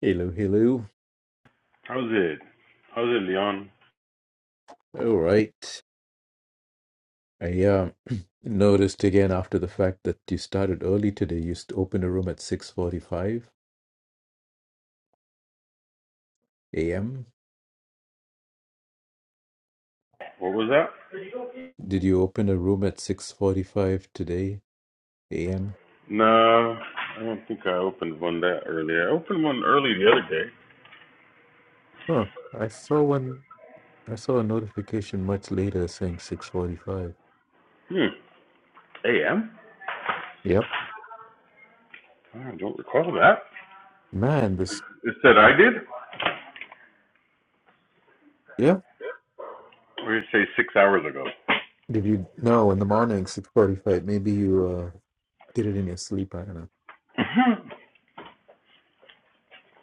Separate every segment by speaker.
Speaker 1: Hello, hello.
Speaker 2: How's it? How's it, Leon?
Speaker 1: All right. I uh, noticed again after the fact that you started early today. You st- opened a room at 6:45 a.m.
Speaker 2: What was that?
Speaker 1: Did you open a room at 6:45 today a.m.?
Speaker 2: No, I don't think I opened one that early. I opened one early the other day.
Speaker 1: Huh. I saw one. I saw a notification much later saying 6:45.
Speaker 2: Hmm. A.M.
Speaker 1: Yep.
Speaker 2: I don't recall that.
Speaker 1: Man, this.
Speaker 2: It said I did.
Speaker 1: Yeah.
Speaker 2: Or did it say six hours ago?
Speaker 1: Did you? No, in the morning, 6:45. Maybe you uh, did it in your sleep. I don't know.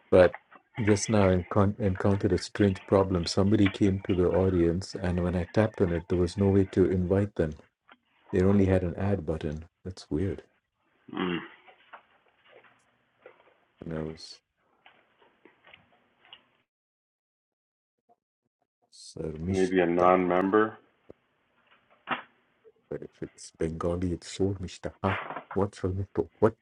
Speaker 1: But just now I encon- encountered a strange problem. Somebody came to the audience, and when I tapped on it, there was no way to invite them. They only had an add button. That's weird.
Speaker 2: hmm.
Speaker 1: And I was Sarmishta.
Speaker 2: Maybe a
Speaker 1: But
Speaker 2: non-member.
Speaker 1: if it's Bengali, it's Sormishta. Huh? What's Sarmishta? What?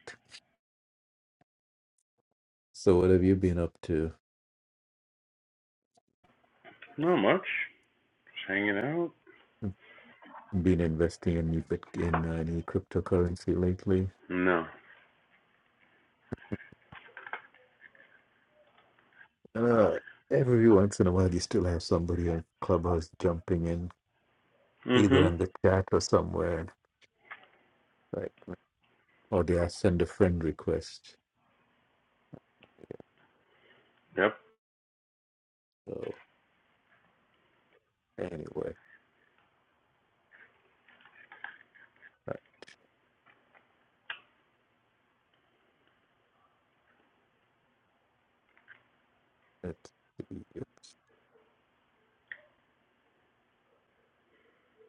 Speaker 1: So, what have you been up to?
Speaker 2: Not much. Just hanging out.
Speaker 1: Been investing in any, bit- in uh, any cryptocurrency lately?
Speaker 2: No.
Speaker 1: Uh, every once in a while, you still have somebody on Clubhouse jumping in, either
Speaker 2: hmm
Speaker 1: in the chat or somewhere. like. or did I send a friend request.
Speaker 2: Yep.
Speaker 1: So anyway, right, let's see. It's-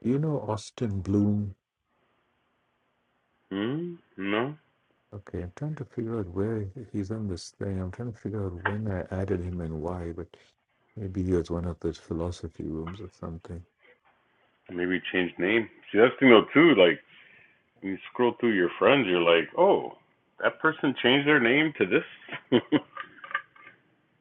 Speaker 1: You know Austin Bloom?
Speaker 2: Mm, no.
Speaker 1: Okay, I'm trying to figure out where he's on this thing. I'm trying to figure out when I added him and why, but maybe he was one of those philosophy rooms or something.
Speaker 2: Maybe change name. See, that's the thing though too. Like when you scroll through your friends, you're like, oh, that person changed their name to this.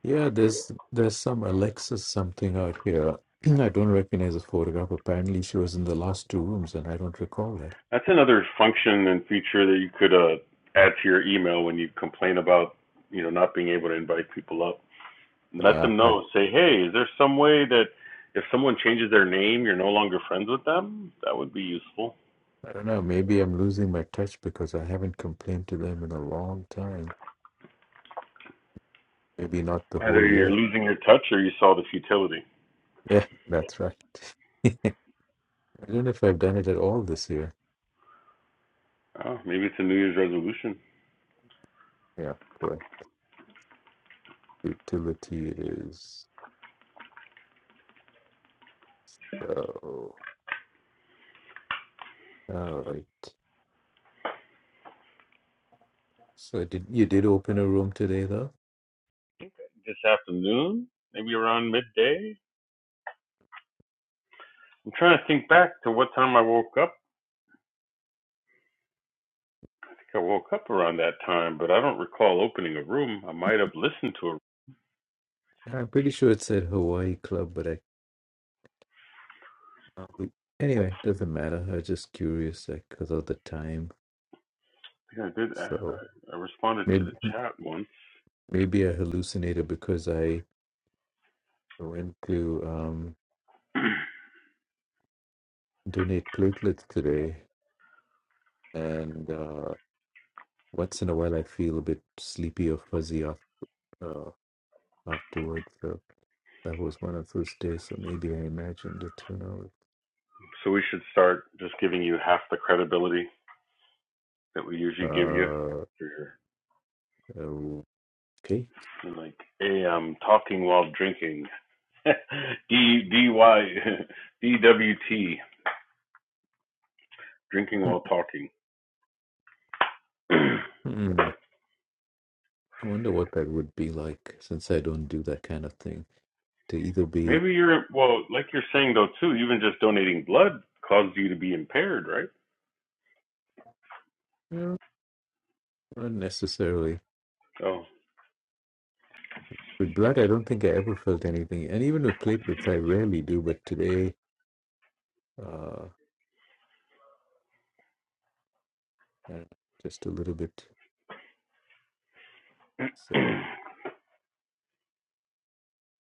Speaker 1: Yeah, there's there's some Alexis something out here. I don't recognize the photograph. Apparently, she was in the last two rooms, and I don't recall that.
Speaker 2: That's another function and feature that you could uh, add to your email when you complain about you know not being able to invite people up. Let
Speaker 1: Uh,
Speaker 2: them
Speaker 1: I,
Speaker 2: know. Say, hey, is there some way that if someone changes their name, you're no longer friends with them? That would be useful.
Speaker 1: I don't know. Maybe I'm losing my touch because I haven't complained to them in a long time. Maybe not the
Speaker 2: Either
Speaker 1: whole
Speaker 2: you're
Speaker 1: year.
Speaker 2: losing your touch or you saw the futility.
Speaker 1: Yeah, that's right. I don't know if I've done it at all this year.
Speaker 2: Oh, maybe it's a New Year's resolution.
Speaker 1: Yeah, correct. Utility is so. All right. So did you did open a room today though?
Speaker 2: This afternoon, maybe around midday. I'm trying to think back to what time I woke up. I think I woke up around that time, but I don't recall opening a room. I might have listened to a
Speaker 1: Yeah, I'm pretty sure it said Hawaii Club, but I can't- anyway, doesn't matter. I was just curious like because of the time.
Speaker 2: I think I did. uh,
Speaker 1: So
Speaker 2: I, I responded to
Speaker 1: maybe
Speaker 2: the chat once.
Speaker 1: maybe I hallucinated because I went to um donate platelets today and uh once in a while I feel a bit sleepy or fuzzy af- uh, afterwards. So that was one of those days. So maybe I imagined it. Who knows?
Speaker 2: So we should start just giving you half the credibility that we usually give you
Speaker 1: Uh,
Speaker 2: for your
Speaker 1: okay.
Speaker 2: for i AM talking while drinking. D D Y D W T drinking while talking.
Speaker 1: Hmm. I wonder what that would be like since I don't do that kind of thing. To either be
Speaker 2: Maybe you're well, like you're saying though too. Even just donating blood causes you to be impaired, right?
Speaker 1: well, not necessarily
Speaker 2: So
Speaker 1: with blood, I don't think I ever felt anything, and even with platelets, I rarely do. But today, uh, I just a little bit. So.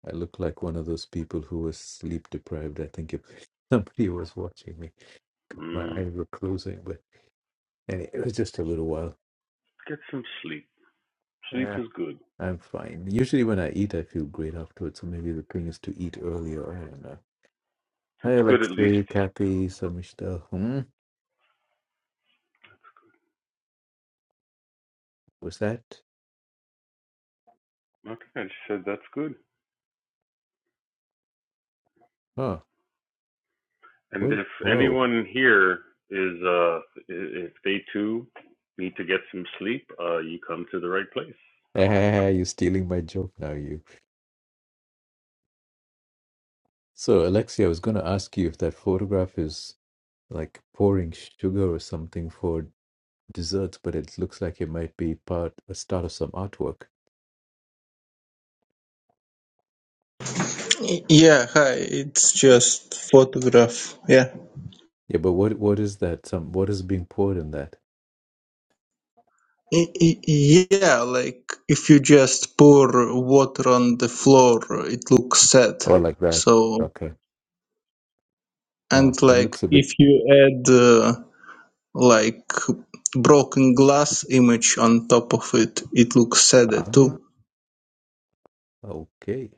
Speaker 1: I look like one of those people who was sleep deprived. I think if somebody was watching me, my
Speaker 2: mm,
Speaker 1: eyes were closing, but and it was just a little while.
Speaker 2: get some sleep. Sleep
Speaker 1: Yeah,
Speaker 2: is good.
Speaker 1: I'm fine. Usually when I eat, I feel great afterwards. So maybe the thing is to eat earlier. I don't know. Hi,
Speaker 2: That's good at least.
Speaker 1: Alexei, Kathy, Samishta. Hmm? Was that?
Speaker 2: Okay, I just said that's good.
Speaker 1: Oh,
Speaker 2: And
Speaker 1: what?
Speaker 2: if
Speaker 1: Whoa.
Speaker 2: anyone here is, uh, if they too need to get some sleep, uh, you come to the right place.
Speaker 1: You're stealing my joke now, you. So, Alexei, I was going to ask you if that photograph is like pouring sugar or something for desserts, but it looks like it might be part a start of some artwork.
Speaker 3: Y- Yeah, hi. It's just photograph. Yeah.
Speaker 1: Yeah, but what what is that? Some what is being poured in that?
Speaker 3: Y- y- Yeah, like if you just pour water on the floor, it looks sad.
Speaker 1: Oh, like that.
Speaker 3: So,
Speaker 1: Okay.
Speaker 3: and
Speaker 1: Oh, it
Speaker 3: like
Speaker 1: looks a bit.
Speaker 3: if you add uh, like broken glass image on top of it, it looks sadder
Speaker 1: Ah,
Speaker 3: too.
Speaker 1: okay.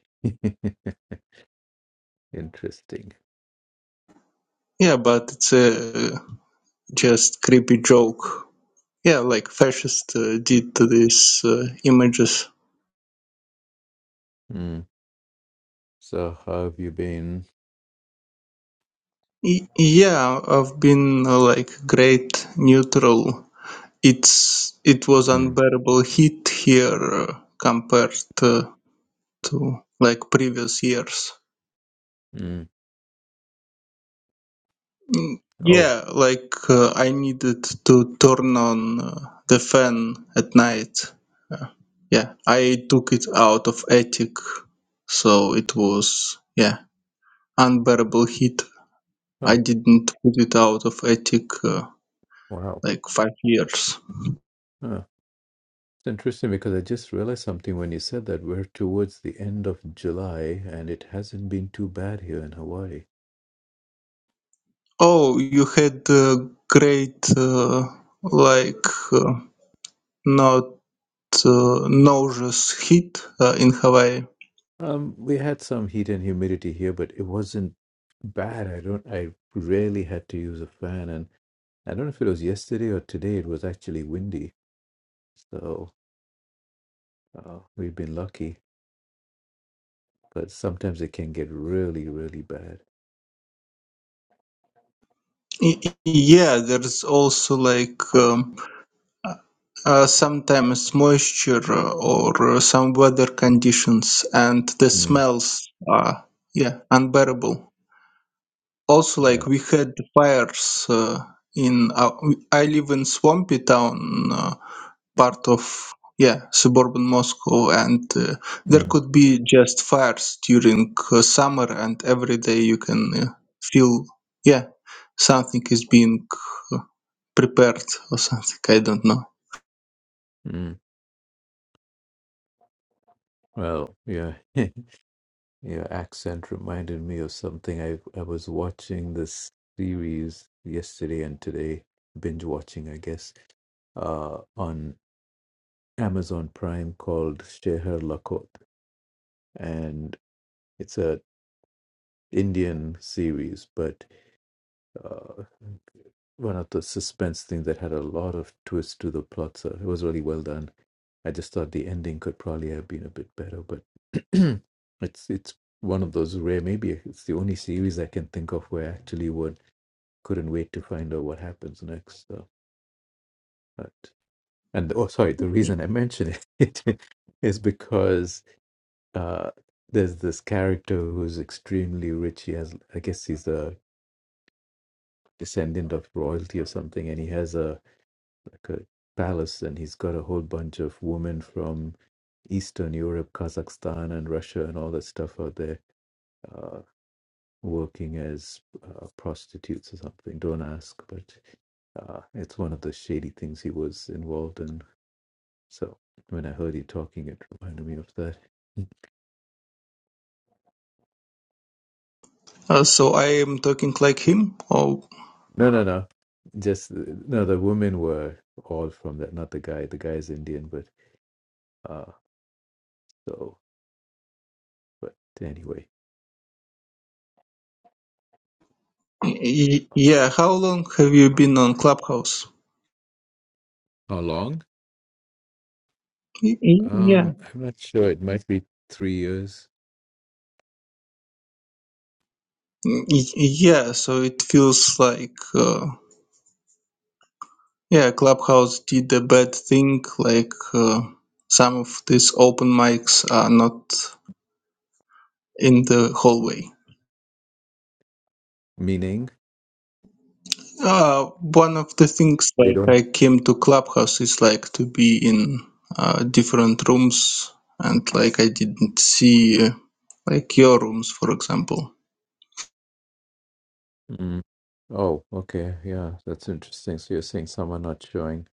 Speaker 1: Interesting.
Speaker 3: Yeah, but it's a just creepy joke. Yeah, like fascists uh, did to these uh, images.
Speaker 1: Mm. So, how have you been?
Speaker 3: Y- Yeah, I've been uh, like great neutral. It's it was
Speaker 1: Mm.
Speaker 3: unbearable heat here uh, compared to, to like previous years.
Speaker 1: Mm.
Speaker 3: Mm,
Speaker 1: Oh,
Speaker 3: Yeah, like uh, I needed to turn on uh, the fan at night. Yeah, I took it out of attic, so it was yeah unbearable heat. I
Speaker 1: oh,
Speaker 3: didn't put it out of attic uh,
Speaker 1: wow.
Speaker 3: like five years.
Speaker 1: Huh. It's interesting because I just realized something when you said that we're towards the end of July and it hasn't been too bad here in Hawaii.
Speaker 3: Oh, you had a great, uh, like, uh, not uh, nauseous heat uh, in Hawaii.
Speaker 1: Um, we had some heat and humidity here, but it wasn't bad. I don't, I rarely had to use a fan, and I don't know if it was yesterday or today, it was actually windy. So, uh, we've been lucky, but sometimes it can get really, really bad.
Speaker 3: Y- y- Yeah, there's also like um, uh, sometimes moisture uh, or uh, some weather conditions, and the
Speaker 1: Mm,
Speaker 3: smells are yeah unbearable. Also,
Speaker 1: yeah.
Speaker 3: like we had fires uh, in our, I live in swampy town, uh, part of yeah suburban Moscow, and uh, there
Speaker 1: Mm,
Speaker 3: could be just fires during uh, summer, and every day you can uh, feel yeah something is being uh, prepared or something. I don't know.
Speaker 1: mm. Well, yeah. Your accent reminded me of something. I I was watching this series yesterday and today, binge watching, I guess, uh, on Amazon Prime called Sheher Lakot, and it's a Indian series, but uh, one of the suspense things that had a lot of twist to the plot. So it was really well done. I just thought the ending could probably have been a bit better, but it's it's one of those rare. Maybe it's the only series I can think of where I actually would couldn't wait to find out what happens next. So, but and oh, sorry, the reason I mention it is because uh, there's this character who's extremely rich. He has, I guess, he's a descendant of royalty or something, and he has a like a palace, and he's got a whole bunch of women from Eastern Europe, Kazakhstan, and Russia, and all that stuff out there uh, working as uh, prostitutes or something. Don't ask, but uh, it's one of the shady things he was involved in. So when I heard you talking, it reminded me of that.
Speaker 3: Uh, so I am talking like him. Oh,
Speaker 1: No, no, no. Just uh, no. The women were all from that. Not the guy. The guy is Indian, but uh. So, but anyway,
Speaker 3: y- y- yeah. How long have you been on Clubhouse?
Speaker 1: how long?
Speaker 3: Y- y- Yeah.
Speaker 1: Um, I'm not sure. It might be three years.
Speaker 3: Y- y- Yeah. So it feels like. Uh, Yeah, Clubhouse did a bad thing. Like uh, some of these open mics are not in the hallway.
Speaker 1: Meaning
Speaker 3: Uh, one of the things
Speaker 1: they
Speaker 3: like
Speaker 1: don't.
Speaker 3: I came to Clubhouse is like to be in uh, different rooms, and like I didn't see uh, like your rooms, for example.
Speaker 1: Mm. Oh, okay. Yeah, that's interesting. So you're saying some are not showing.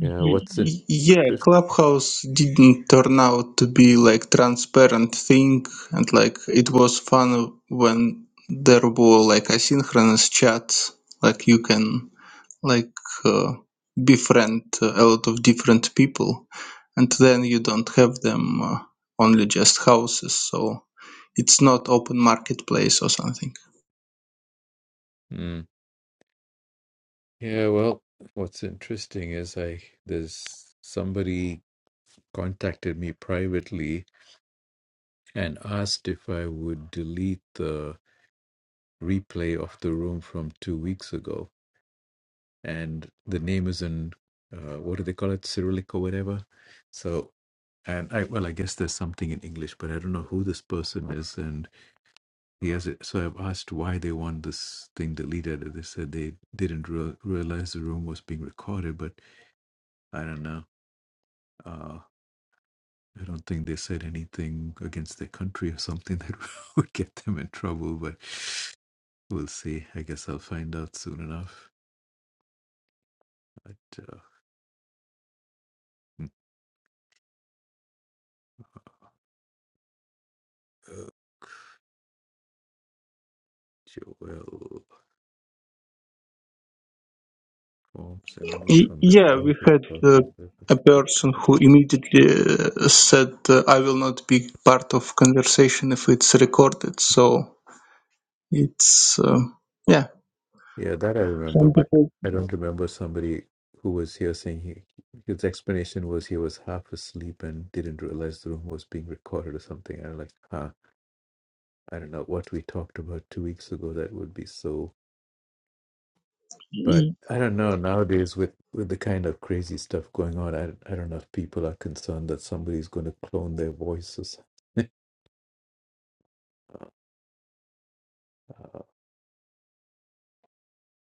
Speaker 1: Yeah.
Speaker 3: Y-
Speaker 1: What's in?
Speaker 3: y- Yeah, Clubhouse didn't turn out to be like transparent thing, and like it was fun when there were like asynchronous chats, like you can like uh, befriend uh, a lot of different people, and then you don't have them uh, only just houses, so it's not open marketplace or something.
Speaker 1: Mm. Yeah. Well, what's interesting is I there's somebody contacted me privately and asked if I would delete the replay of the room from two weeks ago, and the name is in uh, what do they call it, Cyrillic or whatever. So, and I well, I guess there's something in English, but I don't know who this person is, and he has it. So I've asked why they want this thing deleted. and They said they didn't re- realize the room was being recorded, but I don't know. Uh, I don't think they said anything against their country or something that would get them in trouble, but we'll see. I guess I'll find out soon enough. But, uh, hmm. Joel forms emanate
Speaker 3: Y-
Speaker 1: from the
Speaker 3: Yeah,
Speaker 1: clouds
Speaker 3: we
Speaker 1: of
Speaker 3: had
Speaker 1: cloud.
Speaker 3: uh, a person who immediately uh, said, uh, "I will not be part of conversation if it's recorded." So it's uh, yeah,
Speaker 1: Yeah, that I remember,
Speaker 3: some
Speaker 1: but
Speaker 3: people.
Speaker 1: I don't remember somebody who was here saying he, his explanation was he was half asleep and didn't realize the room was being recorded or something. And I'm like, huh, I don't know what we talked about two weeks ago. That would be so. But
Speaker 3: y-
Speaker 1: I don't know nowadays with, with the kind of crazy stuff going on. I, I don't know if people are concerned that somebody's going to clone their voices.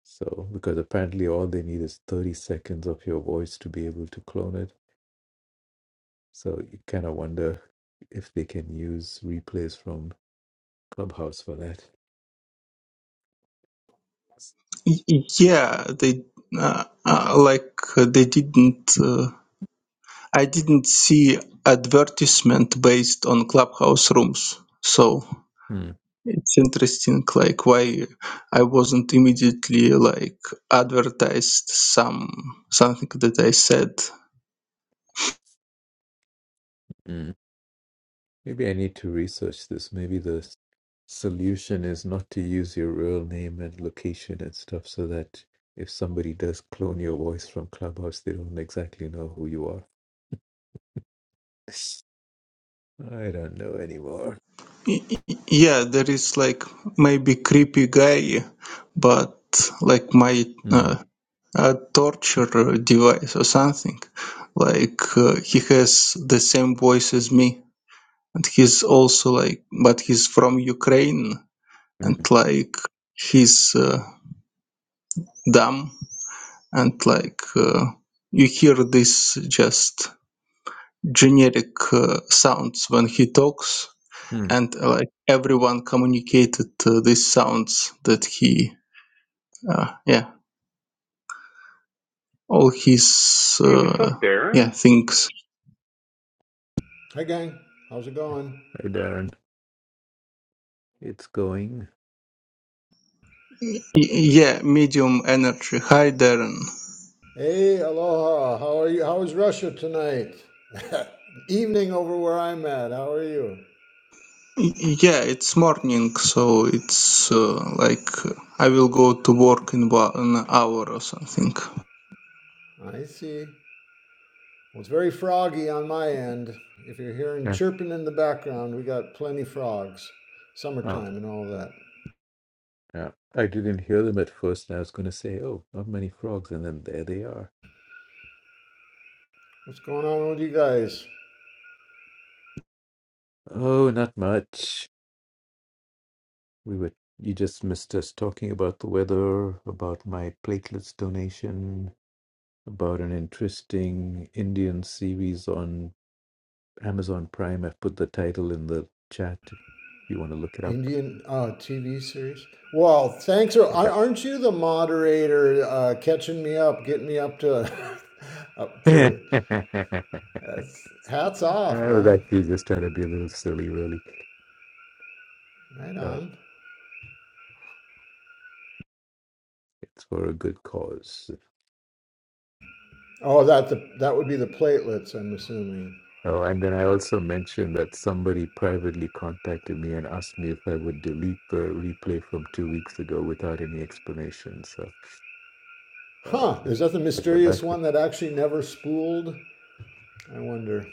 Speaker 1: So, because apparently all they need is 30 seconds of your voice to be able to clone it. So, you kind of wonder if they can use replays from Clubhouse for that.
Speaker 3: y- Yeah, they uh, uh, like uh, they didn't. Uh, I didn't see advertisement based on clubhouse rooms. So
Speaker 1: Hmm.
Speaker 3: It's interesting, like why I wasn't immediately like advertised some something that I said.
Speaker 1: hmm. Maybe I need to research this. Maybe the s- solution is not to use your real name and location and stuff so that if somebody does clone your voice from Clubhouse, they don't exactly know who you are. I don't know anymore.
Speaker 3: Y- y- Yeah, there is like maybe creepy guy, but like my
Speaker 1: Hmm.
Speaker 3: uh, uh, torture device or something. Like uh, he has the same voice as me, and he's also like, but he's from Ukraine,
Speaker 1: Hmm.
Speaker 3: and like he's uh, dumb and like uh, you hear this just generic uh, sounds when he talks
Speaker 1: Hmm.
Speaker 3: and uh, like everyone communicated uh, these sounds that he uh, yeah all his
Speaker 2: Hey, what's
Speaker 3: uh,
Speaker 2: up,
Speaker 3: yeah
Speaker 2: Darren?
Speaker 3: things
Speaker 4: Hi, gang. How's it going?
Speaker 1: Hey, Darren. It's going.
Speaker 3: Y- yeah medium energy hi darren
Speaker 4: Hey, aloha. How are you? How is Russia tonight? Evening over where I'm at. How are you?
Speaker 3: Y- yeah it's morning so it's uh, like uh, i will go to work in about an hour or something
Speaker 4: I see. Well, it's very froggy on my end. If you're hearing chirping in the background, we got plenty frogs.
Speaker 1: Yeah.
Speaker 4: Summertime and all that.
Speaker 1: Yeah, I didn't hear them at first, and I was going to say, "Oh, not many frogs," and then there they are.
Speaker 4: What's going on with you guys?
Speaker 1: Oh, not much. We were you just missed us talking about the weather, about my platelets donation, about an interesting Indian series on Amazon Prime. I've put the title in the chat if you want to look it up.
Speaker 4: Indian uh, TV series? Well, thanks. For, ar- aren't you the moderator uh, catching me up, getting me up to up to? That's, hats off,
Speaker 1: I was
Speaker 4: man.
Speaker 1: actually just trying to be a little silly, really.
Speaker 4: Right
Speaker 1: Uh,
Speaker 4: on.
Speaker 1: it's for a good cause.
Speaker 4: Oh, that the, that would be the platelets. I'm assuming.
Speaker 1: Oh, and then I also mentioned that somebody privately contacted me and asked me if I would delete the replay from two weeks ago without any explanation. So, uh,
Speaker 4: Huh?
Speaker 1: if
Speaker 4: Is that the
Speaker 1: I would
Speaker 4: mysterious
Speaker 1: like,
Speaker 4: one that actually never spooled? I wonder.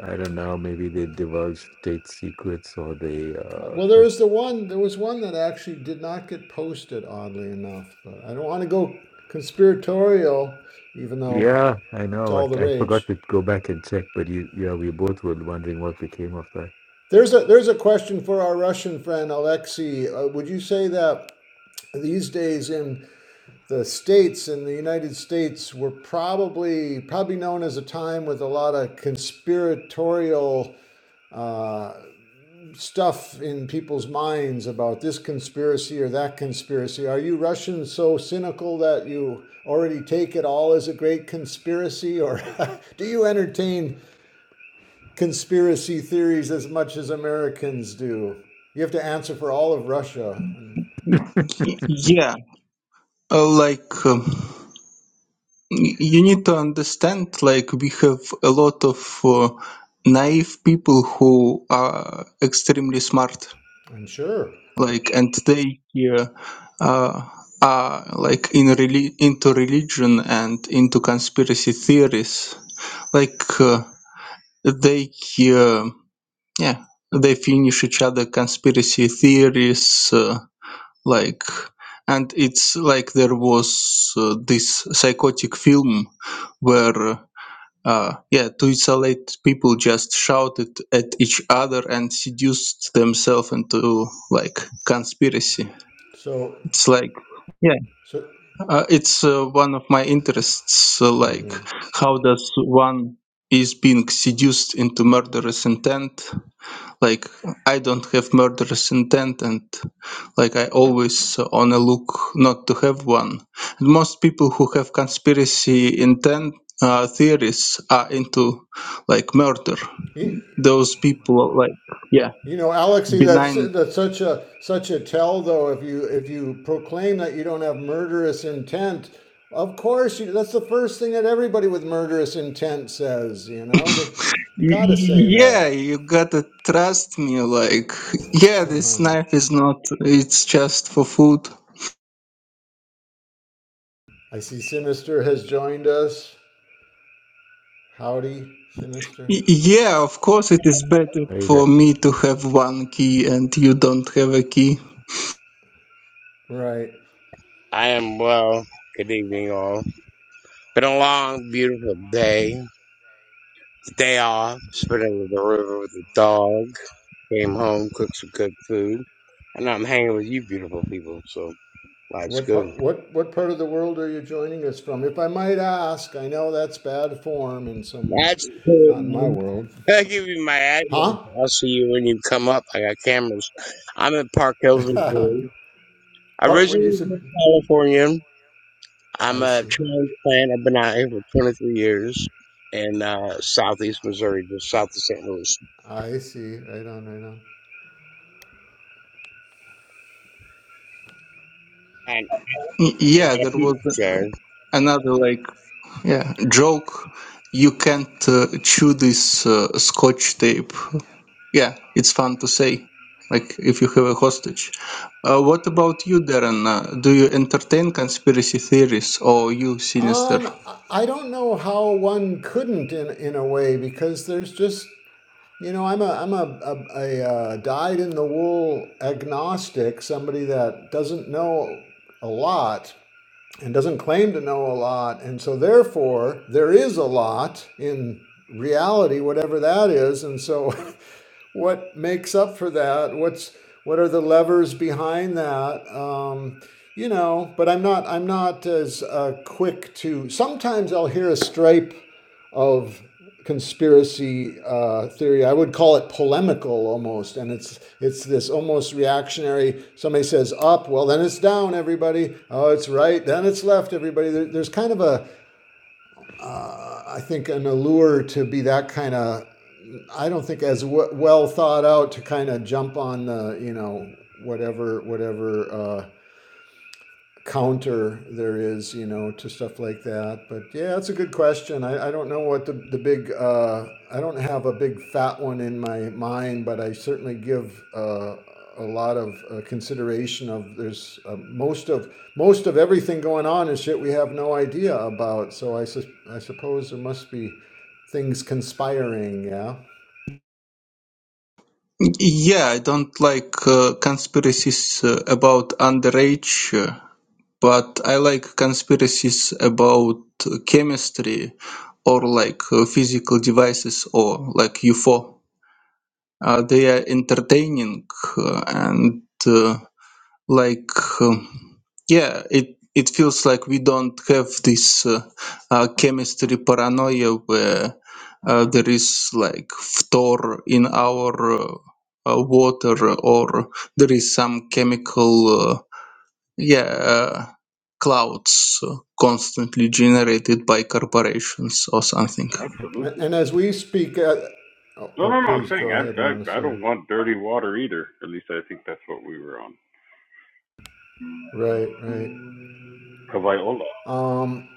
Speaker 1: I don't know, maybe they divulged state secrets or they, uh,
Speaker 4: Well, there
Speaker 1: said-
Speaker 4: was the one. There was one that actually did not get posted. Oddly enough, but I don't want to go conspiratorial, even though
Speaker 1: yeah, I
Speaker 4: it's
Speaker 1: know. I,
Speaker 4: all the
Speaker 1: I forgot
Speaker 4: rage.
Speaker 1: to go back and check, but you, yeah, we both were wondering what became of that.
Speaker 4: There's a there's a question for our Russian friend Alexei. Uh, would you say that these days in the states in the United States were probably probably known as a time with a lot of conspiratorial stuff in people's minds about this conspiracy or that conspiracy. Are you Russians so cynical that you already take it all as a great conspiracy or do you entertain conspiracy theories as much as Americans do? You have to answer for all of Russia. I'm
Speaker 3: Y- yeah uh, like um, you need to understand like we have a lot of uh, naive people who are extremely smart
Speaker 4: sure.
Speaker 3: like and they uh, uh, are like in reli- into religion and into conspiracy theories like uh, they uh, yeah they finish each other conspiracy theories uh, like and it's like there was uh, this psychotic film where uh, yeah, to isolate people just shouted at each other and seduced themselves into like conspiracy.
Speaker 4: So
Speaker 3: It's like yeah,
Speaker 4: so
Speaker 3: uh, it's uh, one of my interests. So like,
Speaker 4: mhm.
Speaker 3: how does one is being seduced into murderous intent like i don't have murderous intent and like i always on a look not to have one and most people who have conspiracy intent uh, theories are into like murder those people are, like yeah
Speaker 4: You know, Alexi, that's
Speaker 3: benign
Speaker 4: that's such a such a tell though. If you if you proclaim that you don't have murderous intent, of course you, that's the first thing that everybody with murderous intent says. You know, they they gotta say
Speaker 3: Y- yeah
Speaker 4: that.
Speaker 3: you gotta trust me like yeah this knife is not it's just for food
Speaker 4: I see Sinister has joined us. Howdy, Sinister.
Speaker 3: Y- yeah of course it is better
Speaker 1: Right
Speaker 3: for
Speaker 1: there,
Speaker 3: me to have one key and you don't have a key
Speaker 4: Right.
Speaker 5: I am well. Good evening, all. Been a long, beautiful day. Day off. Spent it at the river with the dog. Came home, cooked some good food, and I'm hanging with you, beautiful people. So life's
Speaker 4: What
Speaker 5: good.
Speaker 4: part what what part of the world are you joining us from? If I might ask, I know that's bad form in some
Speaker 5: That's good,
Speaker 4: not in my
Speaker 5: man.
Speaker 4: world.
Speaker 5: I'll give you my address.
Speaker 4: Huh?
Speaker 5: I'll see you when you come up. I got cameras. I'm in Park Hills, Missouri.
Speaker 4: part what you
Speaker 5: Originally
Speaker 4: said
Speaker 5: from California. I'm
Speaker 4: I
Speaker 5: a
Speaker 4: see.
Speaker 5: transplant. I've been out here for 23 years in uh, southeast Missouri, just south of St. Louis.
Speaker 4: I see. Right on, right on.
Speaker 3: Y-
Speaker 5: I got
Speaker 3: Yeah,
Speaker 5: a
Speaker 3: there was
Speaker 5: pizza chair.
Speaker 3: another like yeah joke. You can't uh, chew this uh, scotch tape. Yeah, it's fun to say. Like if you have a hostage. Uh, what about you, Darren? Uh, do you entertain conspiracy theories, or you sinister?
Speaker 4: Um, I I don't know how one couldn't in in a way because there's just you know I'm a I'm a a, a uh, dyed in the wool agnostic, somebody that doesn't know a lot, and doesn't claim to know a lot. And so, therefore, there is a lot in reality, whatever that is. And so, what makes up for that? What's what are the levers behind that? Um, you know, but I'm not I'm not as uh, quick to. Sometimes I'll hear a stripe of conspiracy uh, theory. I would call it polemical almost, and it's it's this almost reactionary. Somebody says up, well then it's down, everybody. Oh, it's right, then it's left, everybody. There, there's kind of a, uh, I think, an allure to be that kind of. I don't think as w- well thought out to kind of jump on the you know whatever whatever. Uh, counter there is, you know, to stuff like that. But yeah, that's a good question. I, I don't know what the, the big, uh, I don't have a big fat one in my mind, but I certainly give uh, a lot of uh, consideration of there's uh, most of most of everything going on is shit we have no idea about. So I, sus I suppose there must be things conspiring, yeah.
Speaker 3: Y- Yeah, I don't like uh, conspiracies uh, about underage. uh, but I like conspiracies about chemistry or like uh, physical devices or like UFO. Uh, they are entertaining uh, and uh, like um, yeah, it it feels like we don't have this uh, uh, chemistry paranoia where uh, there is like phtor in our uh, uh, water or there is some chemical. uh, yeah, uh, clouds uh, constantly generated by corporations or something.
Speaker 4: And,
Speaker 2: Absolutely.
Speaker 4: and as we speak, uh, oh,
Speaker 2: No,
Speaker 4: oh,
Speaker 2: no, no. I'm
Speaker 4: please go
Speaker 2: saying I,
Speaker 4: ahead, Mona.
Speaker 2: I, I don't
Speaker 4: Sorry.
Speaker 2: want dirty water either. At least I think that's what we were on.
Speaker 4: Right, right.
Speaker 2: Kavaiola.
Speaker 4: Um,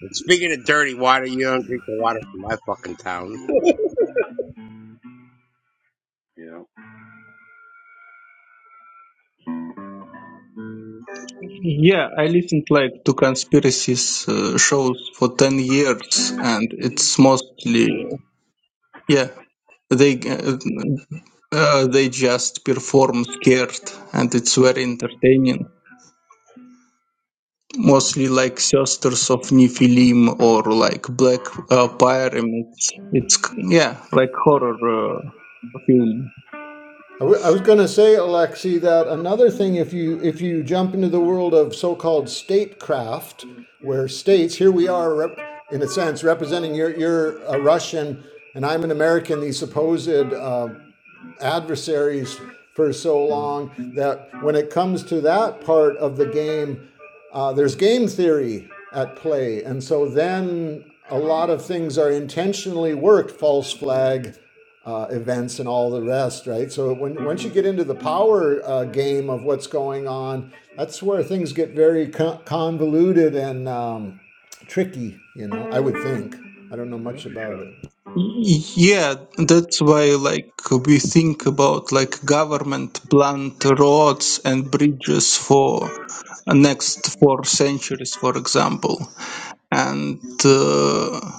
Speaker 5: And speaking of dirty water, you don't drink the water from my fucking town.
Speaker 2: Yeah.
Speaker 3: Yeah, I listened like to conspiracies uh, shows for 10 years and it's mostly yeah, they uh, uh, they just perform scared and it's very entertaining. Mostly like Sisters of Nephilim or like Black uh, Pyramids. It's yeah, like horror uh, film.
Speaker 4: I w- I was going to say, Alexei, that another thing, if you if you jump into the world of so-called statecraft, where states, here we are, rep, in a sense, representing you're you're a Russian and I'm an American, these supposed uh, adversaries for so long that when it comes to that part of the game, uh, there's game theory at play. And so then a lot of things are intentionally worked, false flag uh, events and all the rest, right? So when, once you get into the power uh, game of what's going on, that's where things get very convoluted and um, tricky, you know, I would think. I don't know
Speaker 2: Yeah,
Speaker 4: much about
Speaker 2: yeah.
Speaker 4: it.
Speaker 3: Yeah, that's why like we think about like government plant roads and bridges for next four centuries, for example. And uh,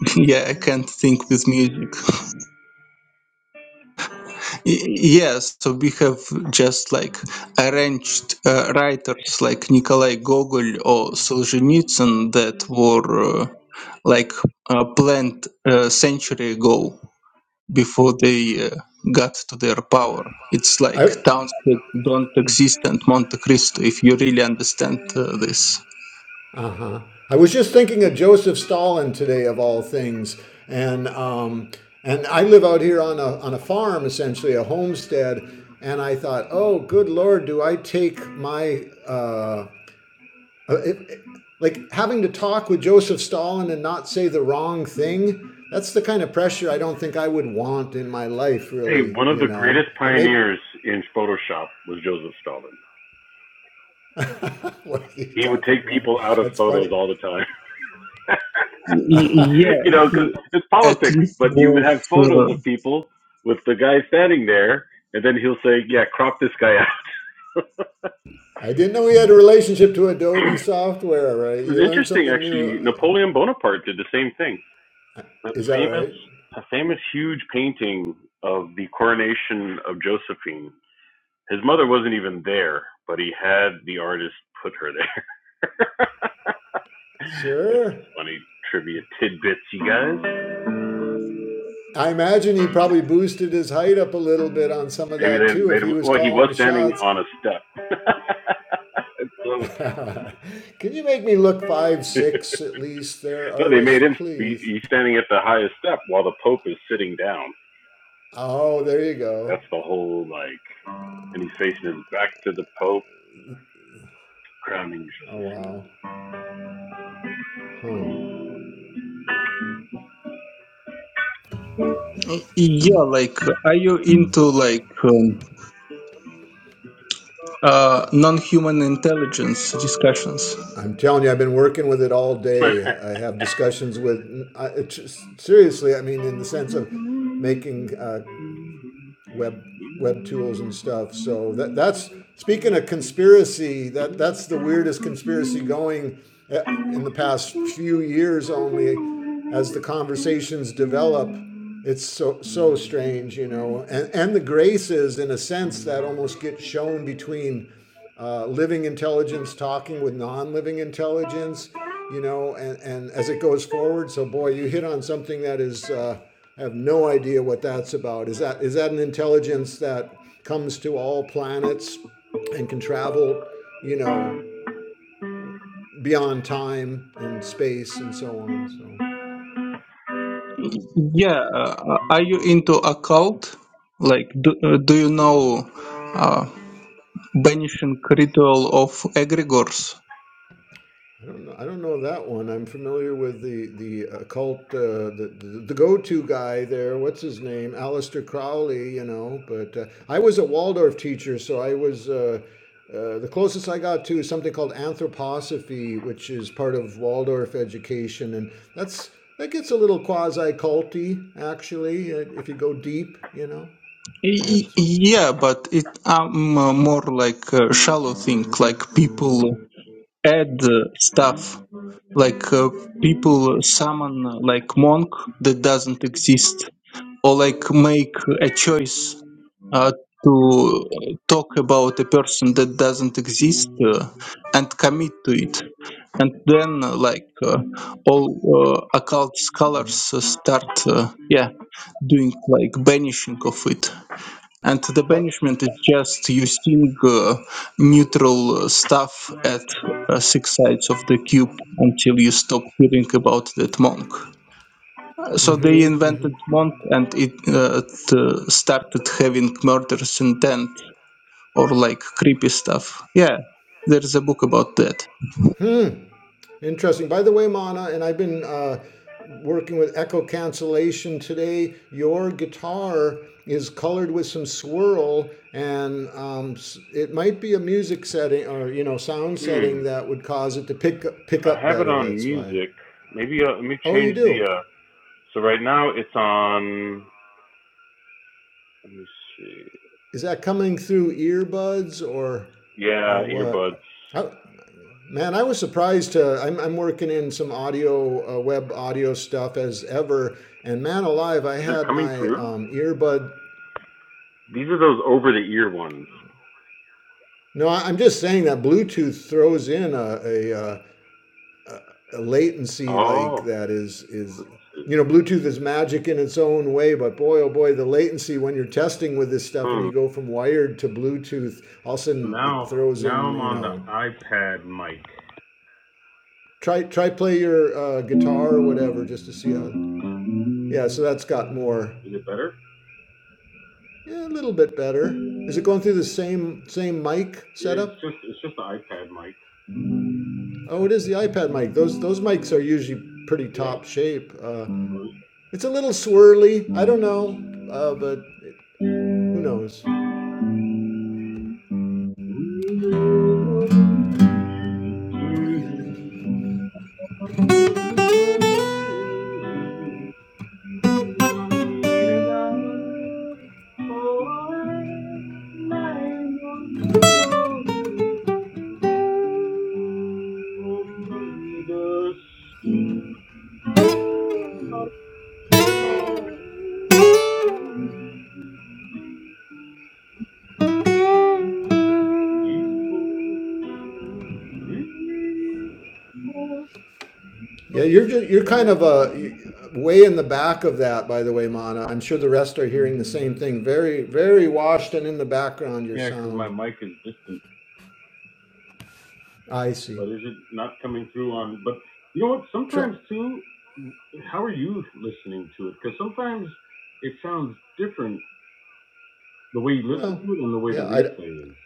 Speaker 3: yeah, I can't think with music. Y- yes, so we have just like arranged uh, writers like Nikolai Gogol or Solzhenitsyn that were uh, like uh, planned a century ago before they uh, got to their power. It's like
Speaker 4: I,
Speaker 3: towns that don't exist and Monte Cristo, if you really understand uh, this.
Speaker 4: Uh-huh. I was just thinking of Joseph Stalin today, of all things, and um, and I live out here on a on a farm, essentially a homestead, and I thought, oh, good lord, do I take my uh, uh, it, it- like having to talk with Joseph Stalin and not say the wrong thing? That's the kind of pressure I don't think I would want in my life,
Speaker 2: Hey,
Speaker 4: really,
Speaker 2: one of
Speaker 4: you
Speaker 2: the
Speaker 4: know.
Speaker 2: greatest
Speaker 4: But maybe
Speaker 2: pioneers in Photoshop was Joseph Stalin.
Speaker 4: what are you
Speaker 2: He would
Speaker 4: talking
Speaker 2: take
Speaker 4: about?
Speaker 2: people out of
Speaker 4: That's
Speaker 2: photos
Speaker 4: funny.
Speaker 2: all the time.
Speaker 3: Y-
Speaker 2: you
Speaker 3: yeah,
Speaker 2: know, because
Speaker 3: he
Speaker 2: it's
Speaker 3: at
Speaker 2: politics.
Speaker 3: least
Speaker 2: But you would
Speaker 3: was.
Speaker 2: have photos
Speaker 3: Uh,
Speaker 2: of people with the guy standing there, and then he'll say, "Yeah, crop this guy out."
Speaker 4: I didn't know he had a relationship to Adobe software, right?
Speaker 2: it's
Speaker 4: You learn
Speaker 2: interesting,
Speaker 4: something new.
Speaker 2: actually. Napoleon Bonaparte did the same thing. That
Speaker 4: Is that
Speaker 2: famous,
Speaker 4: right?
Speaker 2: a famous huge painting of the coronation of Josephine. His mother wasn't even there, but he had the artist put her there. That's
Speaker 4: Sure.
Speaker 2: just funny trivia tidbits, you guys.
Speaker 4: I imagine he probably boosted his height up a little bit on some of
Speaker 2: Maybe
Speaker 4: that
Speaker 2: they
Speaker 4: too,
Speaker 2: made
Speaker 4: if he
Speaker 2: him.
Speaker 4: was
Speaker 2: Well, he was
Speaker 4: calling the
Speaker 2: standing
Speaker 4: shots.
Speaker 2: on a step. so,
Speaker 4: Can you make me look five six at least, there,
Speaker 2: no, they made
Speaker 4: artist,
Speaker 2: him be.
Speaker 4: please?
Speaker 2: He's standing at the highest step while the Pope is sitting down.
Speaker 4: Oh, there you go.
Speaker 2: That's the whole like, and he's facing his back to the Pope, crowning
Speaker 4: Oh
Speaker 2: Josephine.
Speaker 4: wow. Huh.
Speaker 3: yeah, like, are you into like um, uh, non-human intelligence discussions?
Speaker 4: I'm telling you, I've been working with it all day. I have discussions with, I, just- seriously, I mean, in the sense of making uh, web web tools and stuff. So that that's speaking of conspiracy, that that's the weirdest conspiracy going uh, in the past few years only as the conversations develop. It's so so strange, you know. And and the graces in a sense that almost get shown between uh, living intelligence talking with non-living intelligence you know and, and as it goes forward so boy you hit on something that is uh, I have no idea what that's about is that is that an intelligence that comes to all planets and can travel you know beyond time and space and so on so
Speaker 3: Yeah, uh, are you into occult? Like, do, uh, do you know uh, banishing ritual of egregores?
Speaker 4: I don't know. I don't know that one. I'm familiar with the the occult, uh, the, the the go-to guy there. What's his name? Aleister Crowley, you know. But uh, I was a Waldorf teacher, so I was uh, uh, the closest I got to is something called anthroposophy, which is part of Waldorf education, and that's that gets a little quasi-culty actually uh, if you go deep, you know. To
Speaker 3: Y- y-
Speaker 4: answer,
Speaker 3: Yeah, but it um uh, more like a shallow thing. Like people add uh, stuff. Like uh, people summon uh, like monk that doesn't exist, or like make a choice uh, to talk about a person that doesn't exist uh, and commit to it. And then uh, like uh, all uh, occult scholars uh, start uh, yeah doing like banishing of it and the
Speaker 4: but
Speaker 3: banishment is just using uh, neutral uh, stuff at uh, six sides of the cube until you stop hearing about that monk. So they
Speaker 4: mm-hmm, mm-hmm.
Speaker 3: invented monk, and it, uh, it uh, started having murderous intent or like creepy stuff. Yeah, there's a book about that.
Speaker 4: Interesting. By the way, Mana, and I've been uh, working with echo cancellation today. Your guitar is colored with some swirl, and um, it might be a music setting or you know sound
Speaker 2: hmm.
Speaker 4: setting that would cause it to pick up, pick
Speaker 2: I
Speaker 4: up
Speaker 2: have it
Speaker 4: better.
Speaker 2: on
Speaker 4: That's why.
Speaker 2: music. Maybe uh, let me
Speaker 4: Oh, you
Speaker 2: change the.
Speaker 4: do.
Speaker 2: uh So right now it's on. Let me see.
Speaker 4: Is that coming through earbuds or or
Speaker 2: Yeah,
Speaker 4: what?
Speaker 2: earbuds.
Speaker 4: How, Man, I was surprised. Uh, I'm, I'm working in some audio, uh, web audio stuff as ever. And man alive, I
Speaker 2: Is it
Speaker 4: had
Speaker 2: coming
Speaker 4: my
Speaker 2: through?
Speaker 4: um, earbud.
Speaker 2: These are those over the ear ones.
Speaker 4: No, I, I'm just saying that Bluetooth throws in a, a, uh, a latency like
Speaker 2: Oh,
Speaker 4: that is is you know Bluetooth is magic in its own way, but boy oh boy, the latency when you're testing with this stuff and
Speaker 2: Hmm.
Speaker 4: you go from wired to Bluetooth, all of a sudden it
Speaker 2: Now,
Speaker 4: throws
Speaker 2: now
Speaker 4: in
Speaker 2: I'm
Speaker 4: you
Speaker 2: on the
Speaker 4: know
Speaker 2: iPad mic.
Speaker 4: try try play your uh, guitar or whatever just to see how. Yeah, so that's got more
Speaker 2: Is it better?
Speaker 4: Yeah, a little bit better. Is it going through the same same mic
Speaker 2: It's
Speaker 4: setup?
Speaker 2: just, it's just the iPad mic.
Speaker 4: Oh, it is the iPad mic. Those those mics are usually pretty
Speaker 2: Yeah.
Speaker 4: top shape. Uh, it's a little swirly. I don't know, uh, but who knows?
Speaker 2: Mm-hmm. Only
Speaker 4: Yeah, you're just, you're kind of a way in the back of that. By the way, Mana, I'm sure the rest are hearing the same thing. Very very washed and in the background. Your
Speaker 2: Yeah, because my
Speaker 4: sound.
Speaker 2: mic is distant,
Speaker 4: I see.
Speaker 2: but is it not coming through on? But you know what?
Speaker 4: Try,
Speaker 2: Sometimes too, how are you listening to it? Because sometimes it sounds different the way you listen
Speaker 4: well,
Speaker 2: to it and the way the
Speaker 4: yeah. I
Speaker 2: replay is.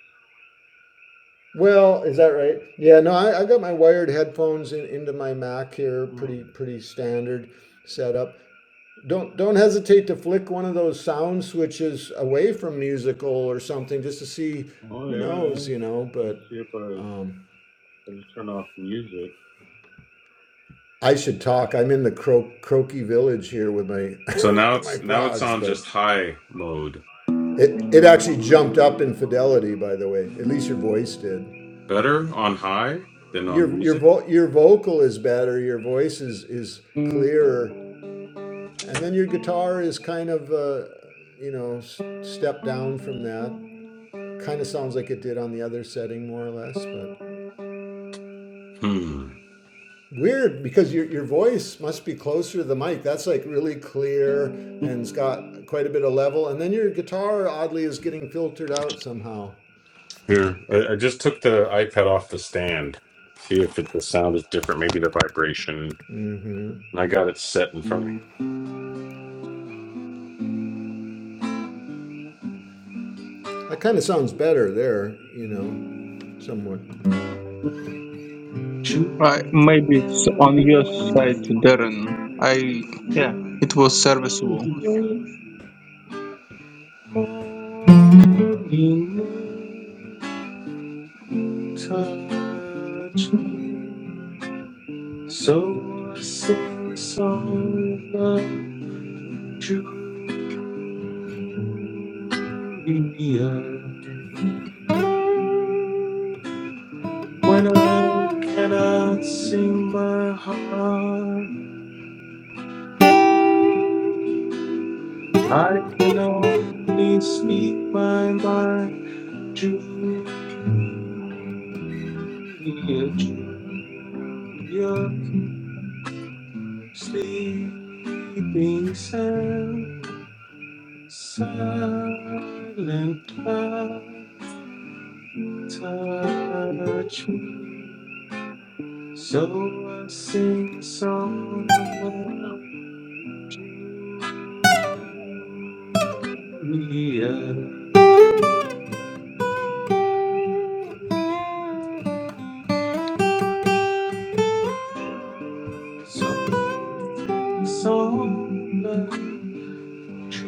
Speaker 4: Well, is that right? Yeah, no, I, I got my wired headphones in, into my Mac here, pretty
Speaker 2: Hmm.
Speaker 4: pretty standard setup. Don't don't hesitate to flick one of those sound switches away from musical or something just to see
Speaker 2: Oh
Speaker 4: who
Speaker 2: yeah,
Speaker 4: knows,
Speaker 2: yeah.
Speaker 4: you know. But
Speaker 2: Let's see if I
Speaker 4: um,
Speaker 2: Let me turn off music.
Speaker 4: I should talk. I'm in the cro- croaky village here with my
Speaker 2: So now
Speaker 4: with my
Speaker 2: it's now it's
Speaker 4: frogs,
Speaker 2: on
Speaker 4: but
Speaker 2: just high mode.
Speaker 4: it it actually jumped up in fidelity. By the way, at least your voice did.
Speaker 2: Better on high than on
Speaker 4: Your your
Speaker 2: music.
Speaker 4: vo- your vocal is better. Your voice is is clearer And then your guitar is kind of, uh, you know, s- step down from that. Kind of sounds like it did on the other setting, more or less. But
Speaker 2: Hmm.
Speaker 4: weird because your your voice must be closer to the mic. That's like really clear and it's got quite a bit of level. And then your guitar oddly is getting filtered out somehow.
Speaker 2: Here, I, I just took the iPad off the stand. See if it, the sound is different. Maybe the vibration.
Speaker 4: hmm
Speaker 2: And I got it set in front of me.
Speaker 4: That kind of sounds better there, you know, somewhat.
Speaker 3: I, maybe it's on your side, Darren. I yeah, it was serviceable.
Speaker 2: Touch me, so I sing the song of Julia. When I cannot sing my heart, I can only speak my mind. Julia, Julia, sleeping sound, silent cloud, touch me. So I sing a song of love, Julia, song, song of love.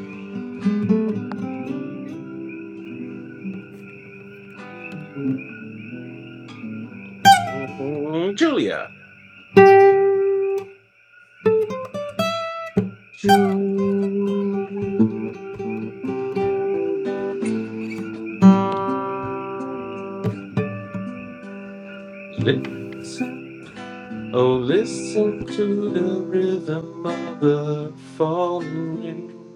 Speaker 2: Mm, Julia. Listen, oh, listen to the rhythm of the falling wind,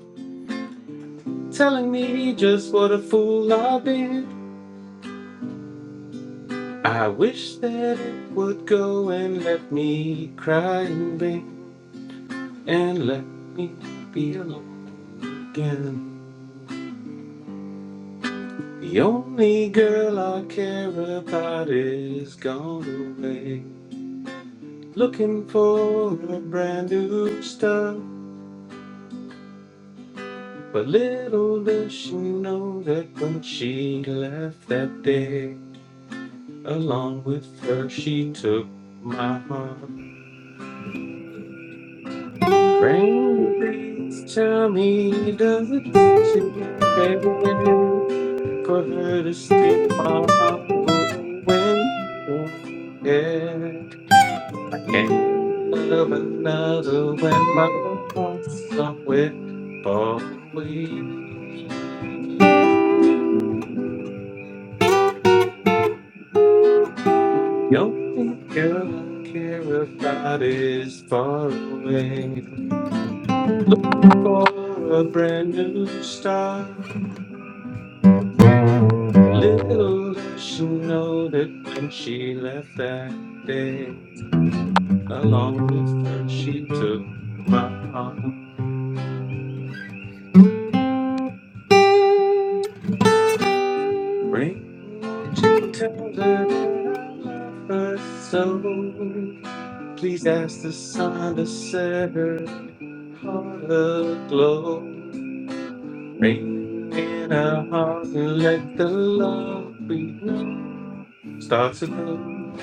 Speaker 2: telling me just what a fool I've been. I wish that it would go and let me cry and bend, and let me be alone again. The only girl I care about is gone away. Looking for a brand new start, but little does she know that when she left that day, along with her she took my heart. Rain, please tell me, does it seem fair for her to steal my heart away? Yeah. I can't love another when my heart's somewhere far away. The only girl I care about is far away. For a brand new start, little does she know that when she left that day, along with her she took my arm. Ring, won't you tell her that I love her so? Please ask the sun to set her heart aglow. Rain in our heart and let the love we know start to grow.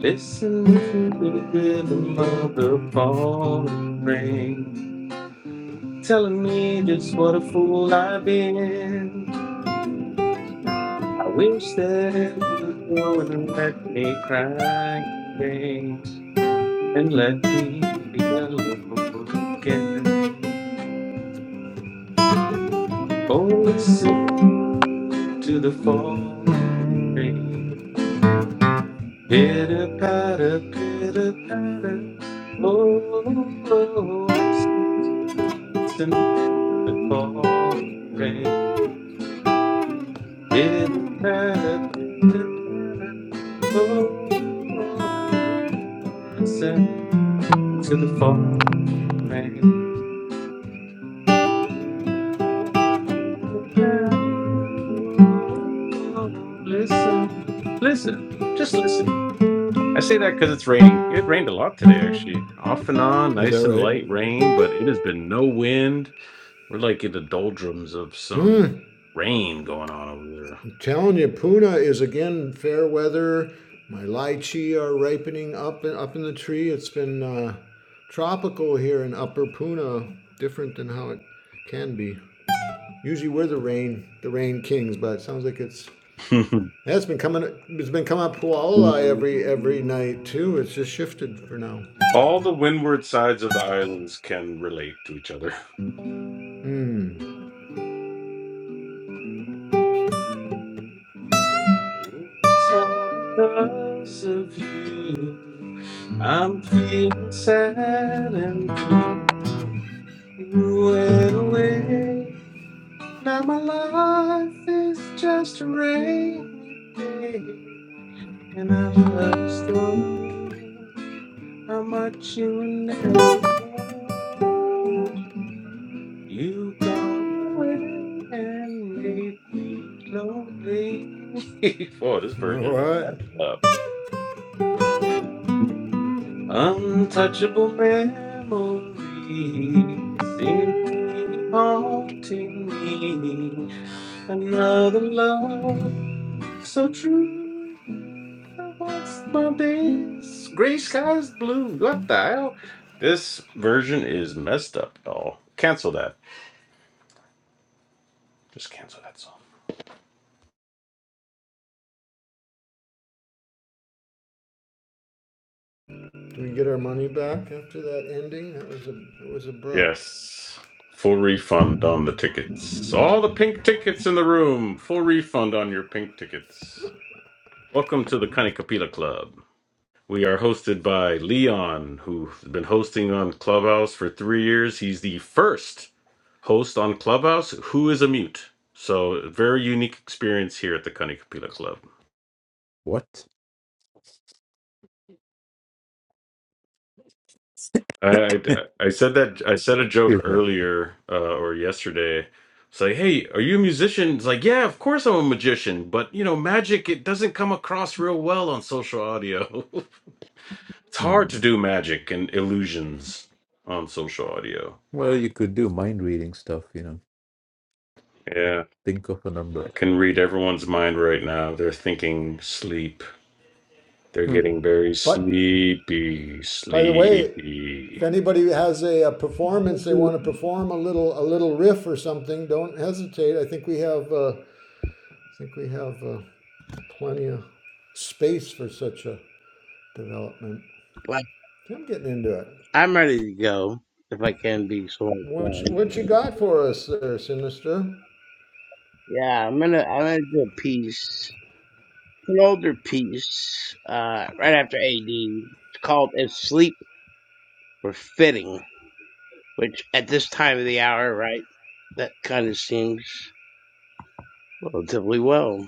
Speaker 2: Listen to the rhythm of the falling rain, telling me just what a fool I've been. I wish that it would go and let me cry in and let me be alone again. Oh, listen to the falling rain. Pitter patter, pitter patter. Oh, oh, listen, listen to the falling rain. Pitter patter, pitter patter. Oh, oh, listen to the falling rain. Pitter patter, oh, oh, listen, listen, just listen. I say that because it's raining. It rained a lot today, actually. Off and on,
Speaker 4: Is
Speaker 2: nice
Speaker 4: that
Speaker 2: and
Speaker 4: right?
Speaker 2: light rain, but it has been no wind. We're like in the doldrums of
Speaker 4: Hmm.
Speaker 2: some rain going on over
Speaker 4: Telling you, Puna is again fair weather. My lychee are ripening up and up in the tree. It's been uh, tropical here in Upper Puna, different than how it can be. Usually we're the rain, the rain kings, but it sounds like it's
Speaker 2: there.
Speaker 4: that's been coming. It's been coming up Puala every every night too. It's just shifted for now.
Speaker 2: All the windward sides of the islands can relate to each other. It's all because of you. I'm feeling sad and blue. You went away. Now my life is just a rainy day. And I just do so how much you will never know. You gone away and made me lonely. Oh, this
Speaker 4: All
Speaker 2: version is
Speaker 4: right.
Speaker 2: messed up. Untouchable memories seem to be haunting me. Another love So true. What's my days? Gray skies blue. What the hell? This version is messed up, y'all. Cancel that. Just cancel that song.
Speaker 4: Do we get our money back after that ending? That was a, it was abrupt.
Speaker 2: Yes. Full refund on the tickets. All the pink tickets in the room. Full refund on your pink tickets. Welcome to the Kanikapila Club. We are hosted by Leon, who's been hosting on Clubhouse for three years. He's the first host on Clubhouse who is a mute. So, very unique experience here at the Cunning Kapila Club.
Speaker 1: What?
Speaker 2: I, I, I said that I said a joke
Speaker 1: Excuse me.
Speaker 2: earlier uh, or yesterday. It's like, hey, are you a musician? It's like, yeah, of course I'm a magician, but you know, magic it doesn't come across real well on social audio. it's hard to
Speaker 1: Hmm.
Speaker 2: do magic and illusions on social audio.
Speaker 1: Well, you could do mind reading stuff, you know.
Speaker 2: Yeah.
Speaker 1: Think of a
Speaker 2: I
Speaker 1: number.
Speaker 2: can read everyone's mind right now. They're thinking sleep. They're
Speaker 1: Hmm.
Speaker 2: getting very
Speaker 4: But
Speaker 2: sleepy,
Speaker 4: By the way, if
Speaker 2: sleepy.
Speaker 4: anybody has a, a performance they want to perform a little a little riff or something, don't hesitate. I think we have uh, I think we have uh, plenty of space for such a development.
Speaker 5: But
Speaker 4: I'm getting into it.
Speaker 5: I'm ready to go if I can be so
Speaker 4: What you,
Speaker 5: inclined.
Speaker 4: what you got for us there, Sinister?
Speaker 5: Yeah, I'm gonna I'm gonna do a piece, an older piece, uh, right after AD. It's called "If Sleep Were Fitting," which at this time of the hour, right, that kind of seems relatively well.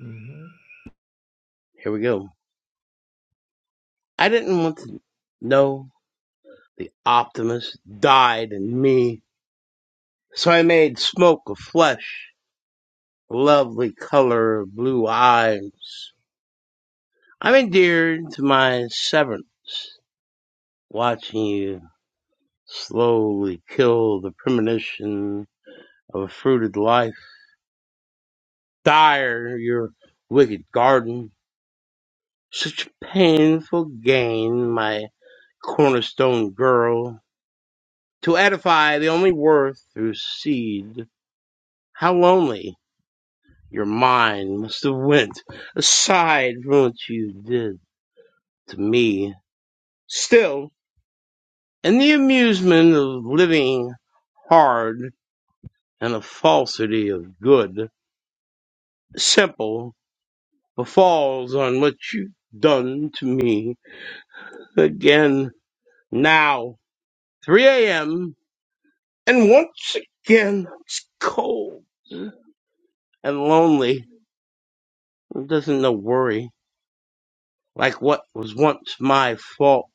Speaker 4: hmm
Speaker 5: Here we go. I didn't want to know the optimist died in me, so I made smoke of flesh lovely color of blue eyes. I'm endeared to my severance, watching you slowly kill the premonition of a fruited life. Dire your wicked garden. Such painful gain, my cornerstone girl. To edify the only worth through seed. How lonely your mind must have went aside from what you did to me. Still, And the amusement of living hard and the falsity of good, simple, befalls on what you've done to me again now. 3 a.m. and once again it's cold and lonely. It doesn't no worry like what was once my fault.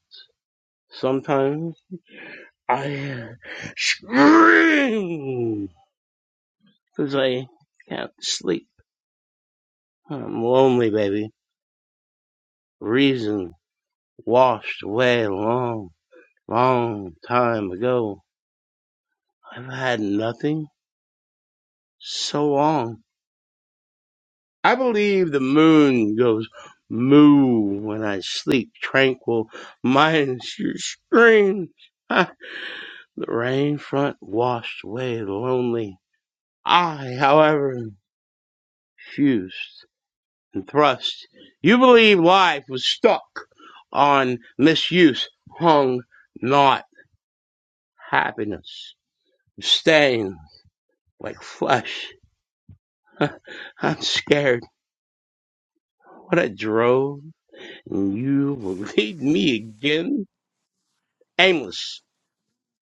Speaker 5: Sometimes I scream because I can't sleep. I'm lonely, baby. Reason. washed away a long, long time ago. I've had nothing so long. I believe the moon goes moo when I sleep tranquil, minus your screams. Ah, the rain front washed away lonely. I, however, fused and thrust. You believe life was stuck on misuse, hung not happiness. Abstain. like flesh. I'm scared. What a drone. And you will lead me again. Aimless.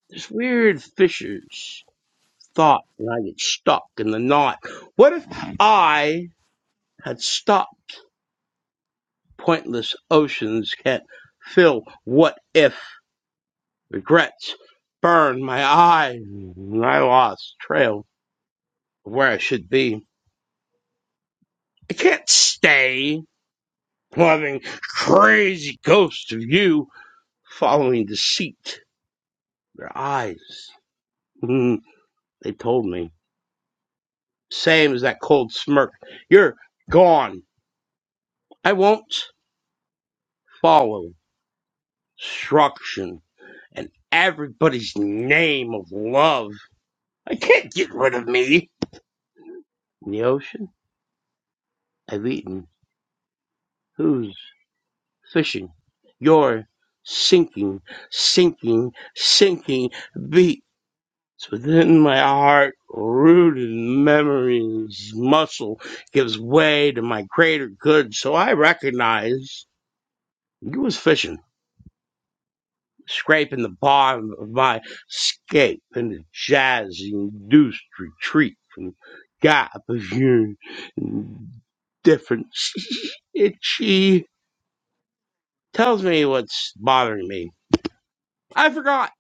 Speaker 5: There's weird fissures. Thought and I get stuck in the knot. What if I had stopped? Pointless oceans can't fill. What if regrets burn my eyes? And I lost trail of where I should be. I can't stay loving crazy ghost of you. following deceit. Their eyes, Mhm. they told me, same as that cold smirk. You're gone. I won't follow instruction and everybody's name of love. I can't get rid of me. In the ocean, I've eaten. Who's fishing? You're sinking, sinking, sinking. Be. It's within my heart, rooted in memories, muscle gives way to my greater good, so I recognize you was fishing, scraping the bottom of my escape in the jazz-induced retreat from gap of your indifference. Itchy tells me what's bothering me. I forgot.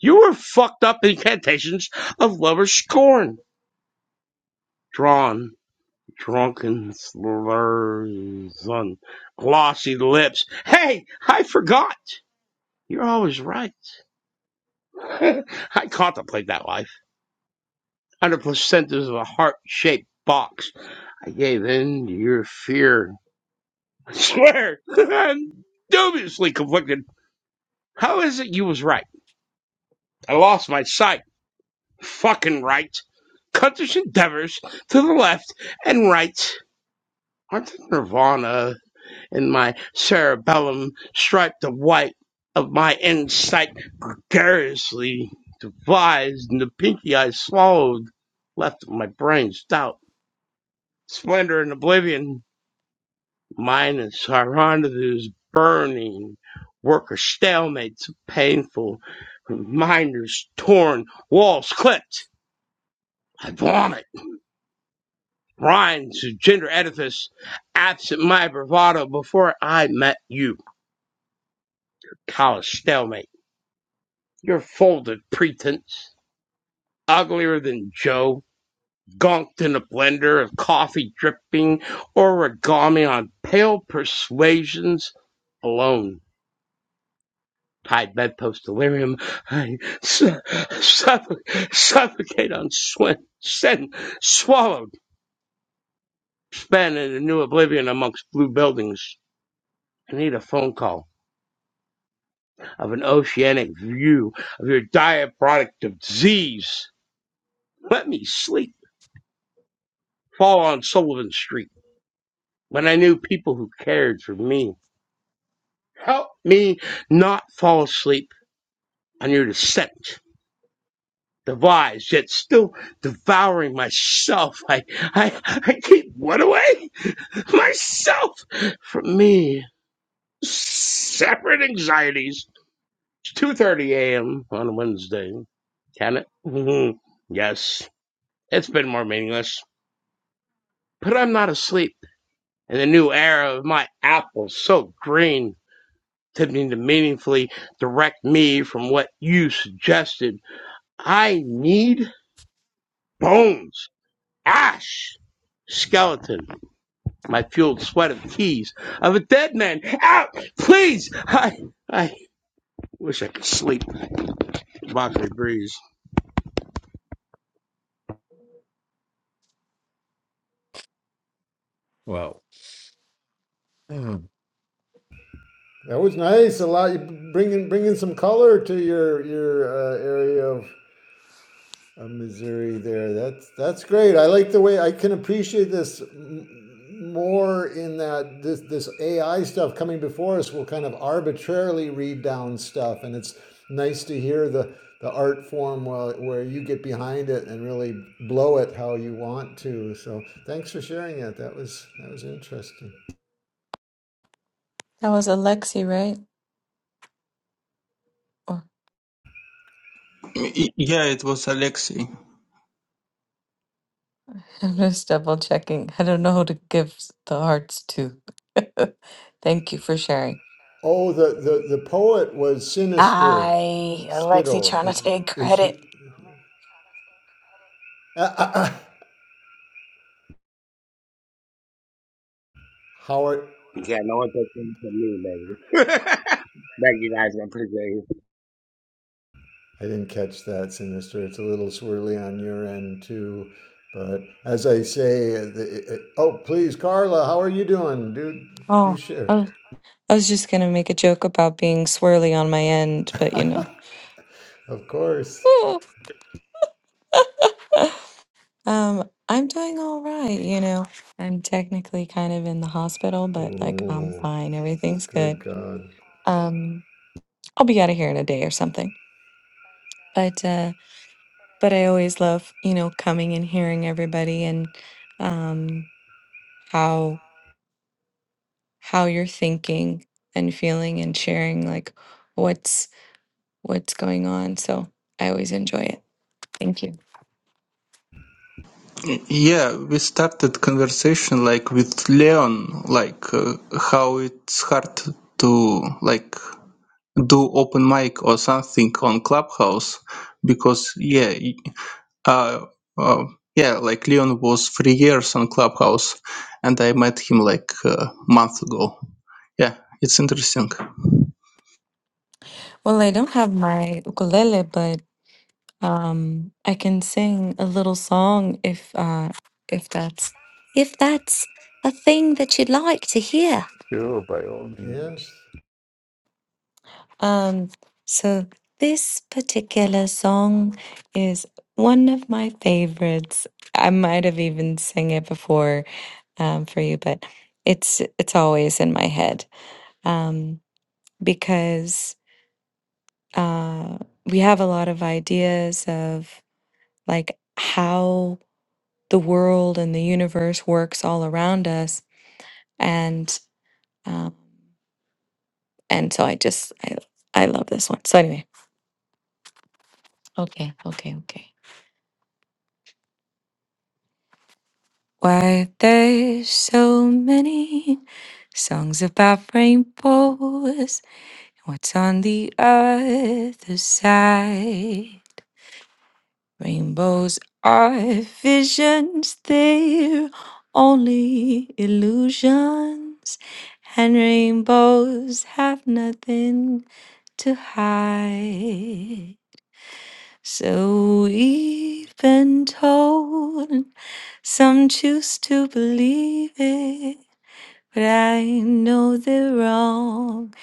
Speaker 5: You were fucked up incantations of lover's scorn, drawn Drunken slurs on glossy lips. Hey, I forgot. You're always right. I contemplate that life. Under placentas of a heart-shaped box, I gave in to your fear. I swear, I'm dubiously conflicted. How is it you was right? I lost my sight. Fucking right. Cuttish endeavors to the left and right. Aren't they nirvana and my cerebellum striped the white of my insight gregariously devised. and the pinky I swallowed left my brain stout. Splendor and oblivion, mine is Hieronymus burning, work of stalemates, painful, reminders torn, walls clipped. I vomit, rhymes to gender edifice, absent my bravado before I met you, college stalemate. Your folded pretense, uglier than Joe, gonked in a blender of coffee dripping origami on pale persuasions alone. Tied bedpost delirium, I su- suffo- suffocate on swin, sen, swallowed, spent in a new oblivion amongst blue buildings. I need a phone call of an oceanic view of your diet product of Z's. Let me sleep. Fall on Sullivan Street when I knew people who cared for me. Help me not fall asleep on your descent. Devised, yet still devouring myself. I, I, I keep what away? Myself from me. Separate anxieties. It's 2.30 a.m. on a Wednesday. Can it? Mm-hmm. yes, it's been more meaningless. But I'm not asleep in the new era of my apple so green. to me to meaningfully direct me from what you suggested. I need bones, ash, skeleton, my fueled sweat of keys of a dead man. Out, please. I, I wish I could sleep. Boxer breeze.
Speaker 1: Wow.
Speaker 4: That was nice. A lot you bringing bringing some color to your your uh, area of uh, Missouri there. That's that's great. I like the way I can appreciate this m- more in that this this AI stuff coming before us will kind of arbitrarily read down stuff, and it's nice to hear the the art form where, where you get behind it and really blow it how you want to. So thanks for sharing that. That was that was interesting.
Speaker 6: That was Alexi, right? Or
Speaker 3: Y- yeah, it was Alexei.
Speaker 6: I'm just double checking. I don't know who to give s- the hearts to. Thank you for sharing.
Speaker 4: Oh, the the, the poet was Sinister
Speaker 6: I, Alexi,
Speaker 4: Spittle.
Speaker 6: trying to take
Speaker 4: Is, is who?
Speaker 6: credit.
Speaker 4: Uh, uh, uh, Howard
Speaker 5: Yeah, no one takes it from me, baby. Thank you guys, I appreciate it.
Speaker 4: I didn't catch that, Sinister. It's a little swirly on your end too. But as I say, the, it, oh, please, Carla, how are you doing? Do, do
Speaker 6: Oh,
Speaker 4: share.
Speaker 6: I I was just gonna make a joke about being swirly on my end, but you know,
Speaker 4: of course.
Speaker 6: Ooh. um, I'm doing all right. You know, I'm technically kind of in the hospital, but like I'm
Speaker 4: Oh,
Speaker 6: fine. Everything's good.
Speaker 4: good God.
Speaker 6: Um, I'll be out of here in a day or something. But uh, but I always love, you know, coming and hearing everybody and um, how how you're thinking and feeling and sharing like what's what's going on. So I always enjoy it. Thank you.
Speaker 3: Yeah, we started conversation like with Leon, like uh, how it's hard to like do open mic or something on Clubhouse because yeah, y- uh, uh, yeah, like Leon was three years on Clubhouse, and I met him like a month ago. Yeah, it's interesting.
Speaker 6: Well, I don't have my ukulele, but um, I can sing a little song if uh, if that's if that's a thing that you'd like to hear.
Speaker 1: Sure, by all
Speaker 4: Yes.
Speaker 1: means.
Speaker 6: Um, so this particular song is one of my favorites. I might have even sang it before um, for you, but it's it's always in my head um, because uh, we have a lot of ideas of like how the world and the universe works all around us, and um, and so I just I I love this one. So anyway, okay, okay, okay. Why there's so many songs about rainbows and what's on the other side? Rainbows are visions, they're only illusions, and rainbows have nothing to hide. So we've been told, and some choose to believe it. But I know the wrong.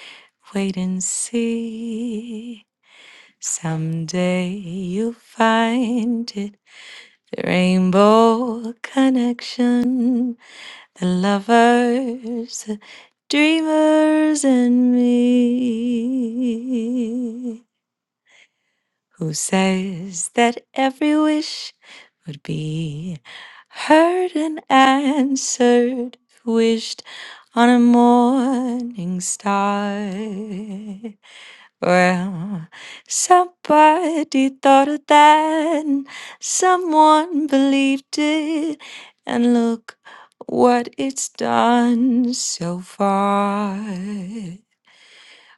Speaker 6: Wait and see. Someday you'll find it. The rainbow connection, the lovers, the dreamers, and me. Who says that every wish would be heard and answered, wished on a morning star? Well, somebody thought of that, and someone believed it, and look what it's done so far.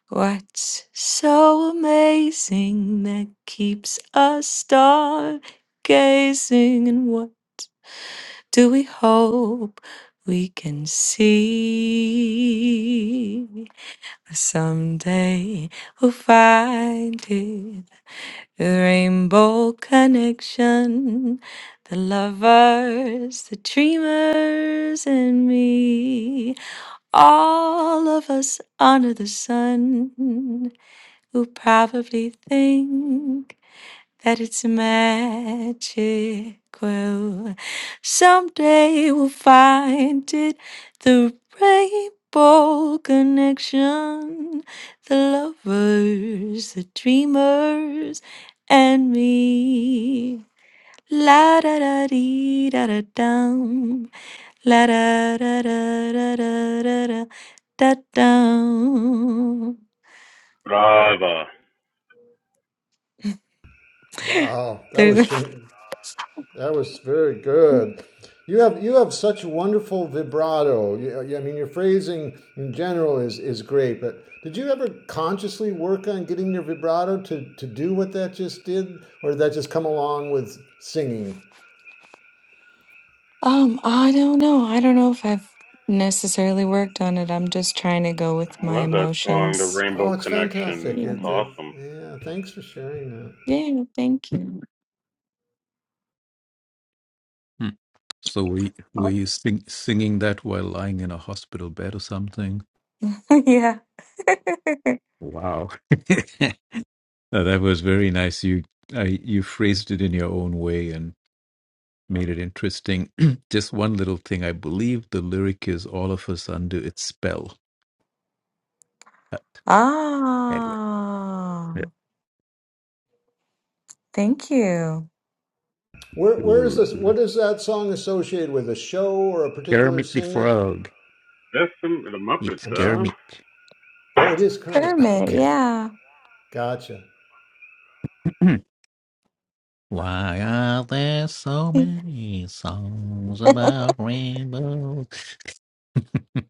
Speaker 6: What's so amazing that keeps us stargazing? And what do we hope we can see? Someday we'll find it. The rainbow connection, the lovers, the dreamers, and me. All of us under the sun who probably think that it's magical. Someday we'll find it the rainbow connection, the lovers, the dreamers, and me. La da da dee da da dum. La da da da da da da da da dum.
Speaker 2: Brava.
Speaker 4: Wow. That was
Speaker 6: There's
Speaker 4: That was very good. You have you have such wonderful vibrato. You, I mean, your phrasing in general is is great. But did you ever consciously work on getting your vibrato to to do what that just did, or did that just come along with singing?
Speaker 6: Um, I don't know. I don't know if I've necessarily worked on it. I'm just trying to go with
Speaker 2: I
Speaker 6: my
Speaker 2: love that song, The
Speaker 6: emotions.
Speaker 2: Rainbow
Speaker 4: Oh, it's
Speaker 2: Connection.
Speaker 4: fantastic!
Speaker 2: That's
Speaker 4: It,
Speaker 6: Yeah.
Speaker 4: it,
Speaker 2: awesome.
Speaker 4: yeah, thanks for sharing that.
Speaker 6: Yeah, thank you.
Speaker 1: Hmm. So we were you sing, singing that while lying in a hospital bed or something?
Speaker 6: yeah.
Speaker 1: Wow, No, that was very nice. You I, you phrased it in your own way and made it interesting. Just one little thing. I believe the lyric is "All of us under its spell." But anyway, yeah.
Speaker 6: ah, thank you.
Speaker 4: Where where is
Speaker 1: Sure.
Speaker 4: this? What is that song associated with? A show or a particular
Speaker 1: Kermit the
Speaker 4: singer?
Speaker 1: Frog.
Speaker 2: That's some the Muppets,
Speaker 1: It's
Speaker 4: I'm sorry.
Speaker 2: huh?
Speaker 1: Kermit.
Speaker 4: Oh, it is Kermit.
Speaker 6: Kermit,
Speaker 1: Yeah.
Speaker 4: Okay,
Speaker 6: yeah.
Speaker 4: gotcha.
Speaker 1: Why are there so many songs about rainbows?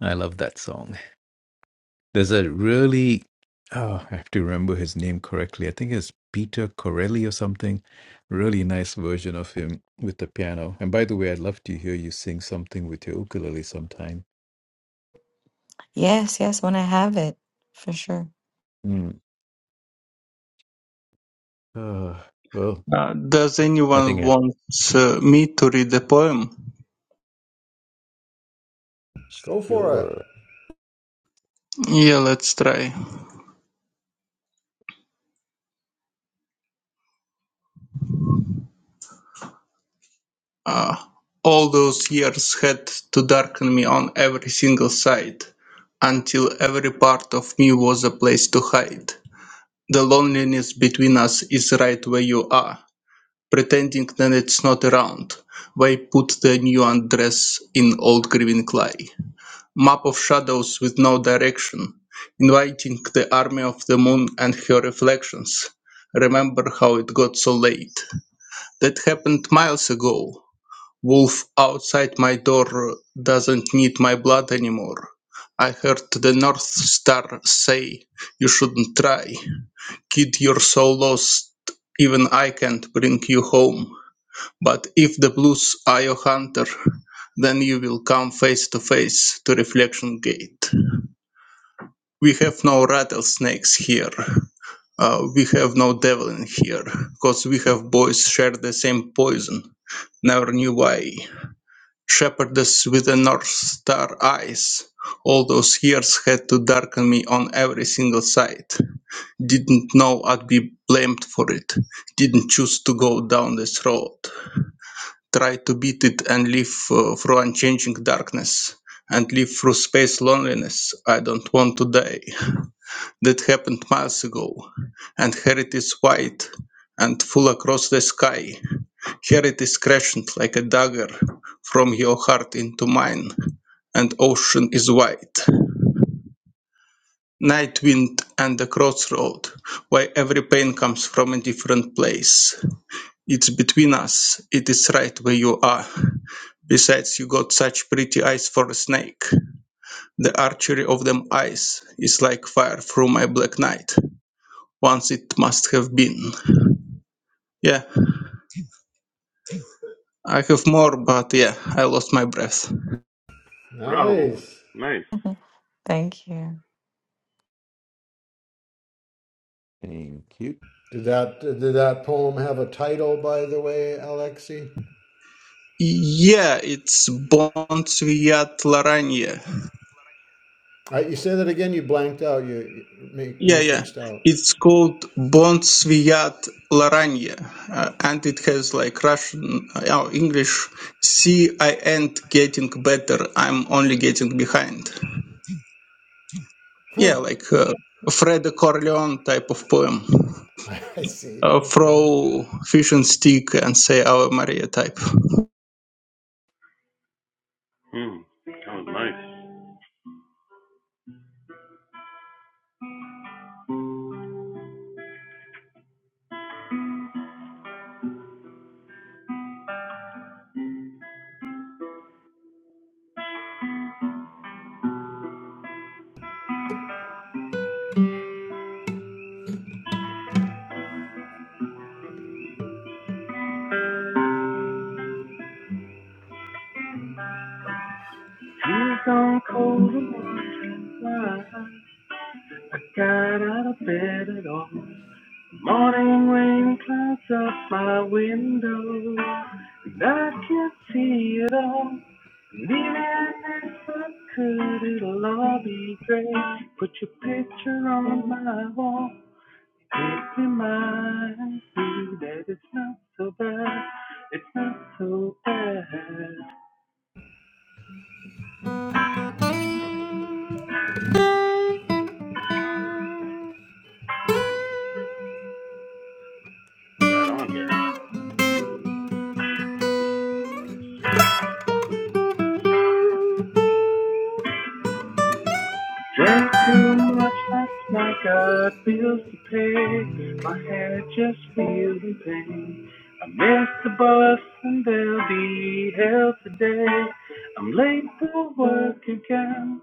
Speaker 1: I love that song. There's a really, oh, I have to remember his name correctly. I think it's Peter Corelli or something. Really nice version of him with the piano. And by the way, I'd love to hear you sing something with your ukulele sometime.
Speaker 6: yes, yes, when I have it, for sure.
Speaker 1: Mm. Uh, well,
Speaker 3: Uh, does
Speaker 1: I think
Speaker 3: anyone
Speaker 1: that's
Speaker 3: want uh, me to read a poem?
Speaker 4: Go for it.
Speaker 1: your
Speaker 3: Yeah, let's try. Uh, all those years had to darken me on every single side, until every part of me was a place to hide. The loneliness between us is right where you are, pretending that it's not around. Why put the new undress in old grieving clay? Map of shadows with no direction, inviting the army of the moon and her reflections. Remember how it got so late. That happened miles ago, Wolf outside my door doesn't need my blood anymore. I heard the North Star say you shouldn't try. Kid, you're so lost, even I can't bring you home. But if the blues are your hunter, then you will come face to face to Reflection Gate. We have no rattlesnakes here. Uh, we have no devil in here, cause we have boys share the same poison. Never knew why. Shepherdess with the North Star eyes all those years had to darken me on every single side. Didn't know I'd be blamed for it. Didn't choose to go down this road. Tried to beat it and live uh, through unchanging darkness and live through space loneliness. I don't want to die. That happened miles ago. And here it is white and full across the sky. Here it is crashed like a dagger from your heart into mine, and ocean is wide. Night wind and a crossroad, why every pain comes from a different place. It's between us, it is right where you are. Besides, you got such pretty eyes for a snake. The archery of them eyes is like fire through my black night. Once it must have been. Yeah, I have more, but yeah, I lost my breath.
Speaker 2: Bravo.
Speaker 4: Nice.
Speaker 2: Nice.
Speaker 6: Thank you.
Speaker 1: Thank you.
Speaker 4: Did that did that poem have a title, by the way, Alexi?
Speaker 3: Yeah, it's Bon Sviat Laranje.
Speaker 4: All right, you say that again. You blanked out. You, you
Speaker 3: Yeah, yeah.
Speaker 4: matrixed out.
Speaker 3: It's called Bon Sviat Laranje, uh, and it has like Russian, uh, oh, English. See, I ain't getting better. I'm only getting behind. Yeah,
Speaker 4: Huh.
Speaker 3: like uh, Fredo Corleone type of poem.
Speaker 4: I see.
Speaker 3: Uh,
Speaker 4: Okay.
Speaker 3: throw fish and stick and say our Maria type.
Speaker 2: Hmm. That was nice. It's on cold and wondering why I got out of bed at all. Morning rain clouds up my window, and I can't see it all. And even if I could, it'll all be great. Put your picture on my wall. It reminds me that it's not so bad. It's not so bad. Right on. Drank too much last night, got bills to pay. My head just feeling pain. I missed the bus and there'll be hell today. I'm late for work again.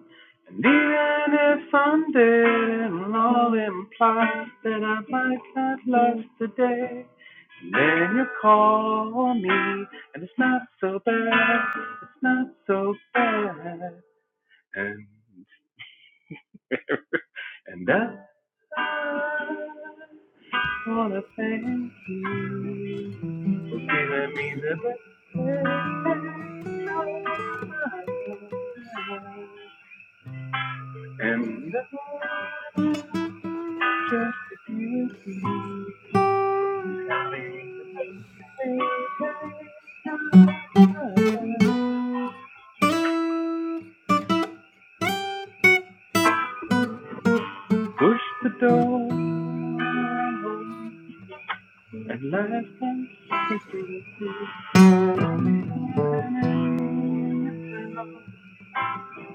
Speaker 2: And even if I'm dead, it'll all imply that I might not last the day. And then you call me, and it's not so bad, it's not so bad. And, and I wanna thank you for giving me the best of my life. And I want just to be with you. Be the pain in my life. Push the door. At last I'm speaking to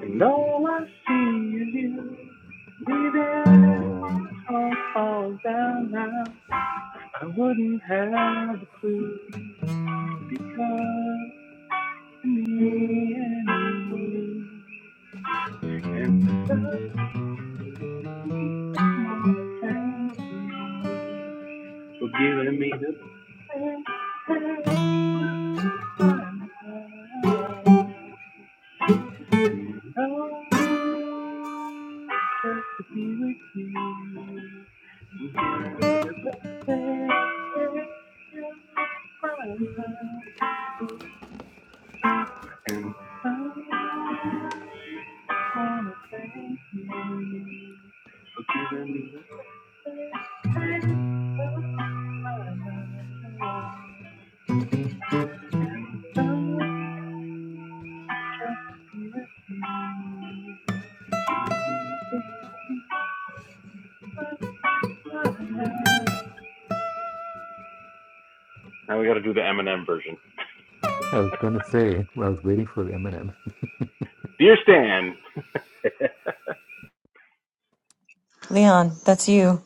Speaker 2: And all I see is you. Leaving it all fall down now. I wouldn't have a clue. Cause to me and me and the more thank you. Thank you. I'm alive. And love just to be with you. You Give me the best day. you find love. I wanna thank you. Now we got to do the Eminem version.
Speaker 1: I was going to say, I was waiting for Eminem.
Speaker 2: Dear Stan,
Speaker 6: Leon, that's you.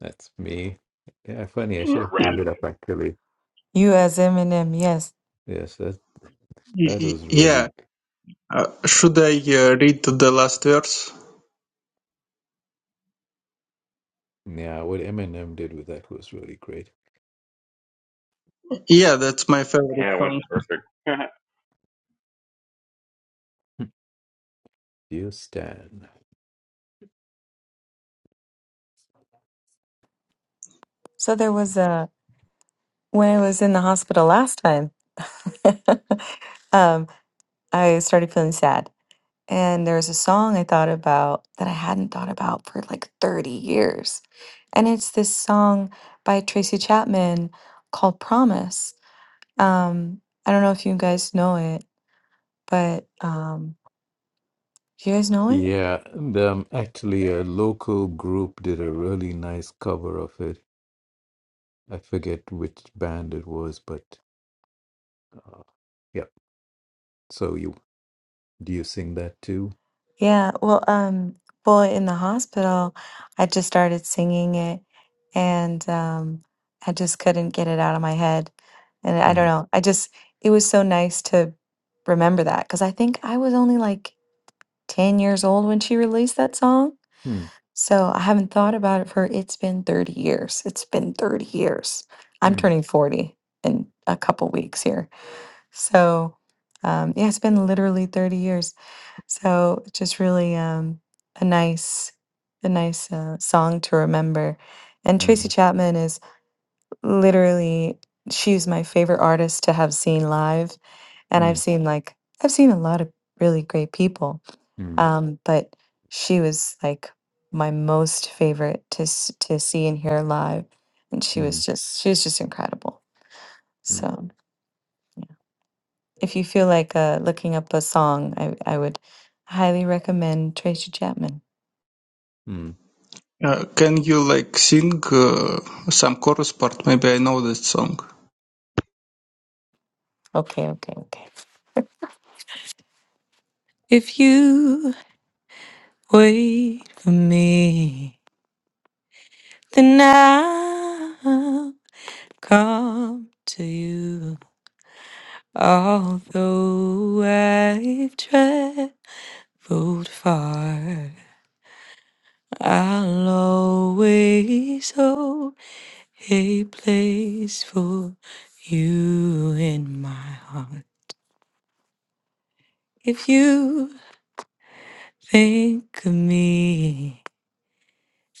Speaker 1: That's me. Yeah, funny. I should have pulled it
Speaker 2: rapping.
Speaker 1: up actually.
Speaker 6: You as Eminem, yes.
Speaker 1: Yes, that
Speaker 3: y-
Speaker 1: that
Speaker 3: y-
Speaker 1: was
Speaker 3: Yeah.
Speaker 1: really.
Speaker 3: Uh,
Speaker 1: Uh,
Speaker 3: should I uh, read the last verse?
Speaker 1: yeah, what Eminem did with that was really great.
Speaker 3: Yeah, that's my favorite
Speaker 2: Yeah, it went
Speaker 3: song.
Speaker 2: perfect.
Speaker 1: You stand.
Speaker 6: So there was a, when I was in the hospital last time. um, I started feeling sad. And there was a song I thought about that I hadn't thought about for like 30 years. And it's this song by Tracy Chapman called Promise. Um, I don't know if you guys know it, but um, do you guys know it?
Speaker 1: Yeah, and, um, actually, a local group did a really nice cover of it. I forget which band it was, but uh, yeah. So you do you sing that too?
Speaker 6: Yeah, well, um, well, in the hospital, I just started singing it and um I just couldn't get it out of my head. And I don't
Speaker 1: Mm,
Speaker 6: know. I just it was so nice to remember that because I think I was only like 10 years old when she released that song.
Speaker 1: mm,
Speaker 6: So I haven't thought about it for it's been 30 years. It's been 30 years. I'm
Speaker 1: mm,
Speaker 6: turning 40 in a couple weeks here. So um yeah, it's been literally 30 years. So it's just really um, a nice, a nice uh, song to remember. And Tracy
Speaker 1: mm,
Speaker 6: Chapman is literally she's my favorite artist to have seen live, and I've
Speaker 1: mm,
Speaker 6: seen like I've seen a lot of really great people,
Speaker 1: mm,
Speaker 6: um, but she was like my most favorite to s- to see and hear live, and she
Speaker 1: mm,
Speaker 6: was just she was just incredible.
Speaker 1: mm,
Speaker 6: So yeah. if you feel like uh, looking up a song, I I would highly recommend Tracy Chapman.
Speaker 1: mm.
Speaker 3: Uh, can you like sing uh, some chorus part? Maybe I know that song.
Speaker 6: Okay, okay, okay. If you wait for me, then I'll come to you. Although I've traveled far, I'll always hold a place for you in my heart. If you think of me,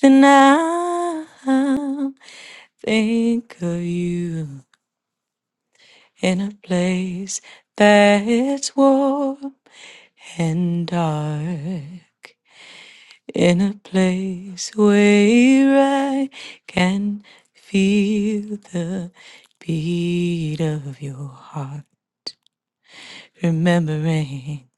Speaker 6: then i Think of you in a place that's warm and dark, in a place where I can feel the beat of your heart, remembering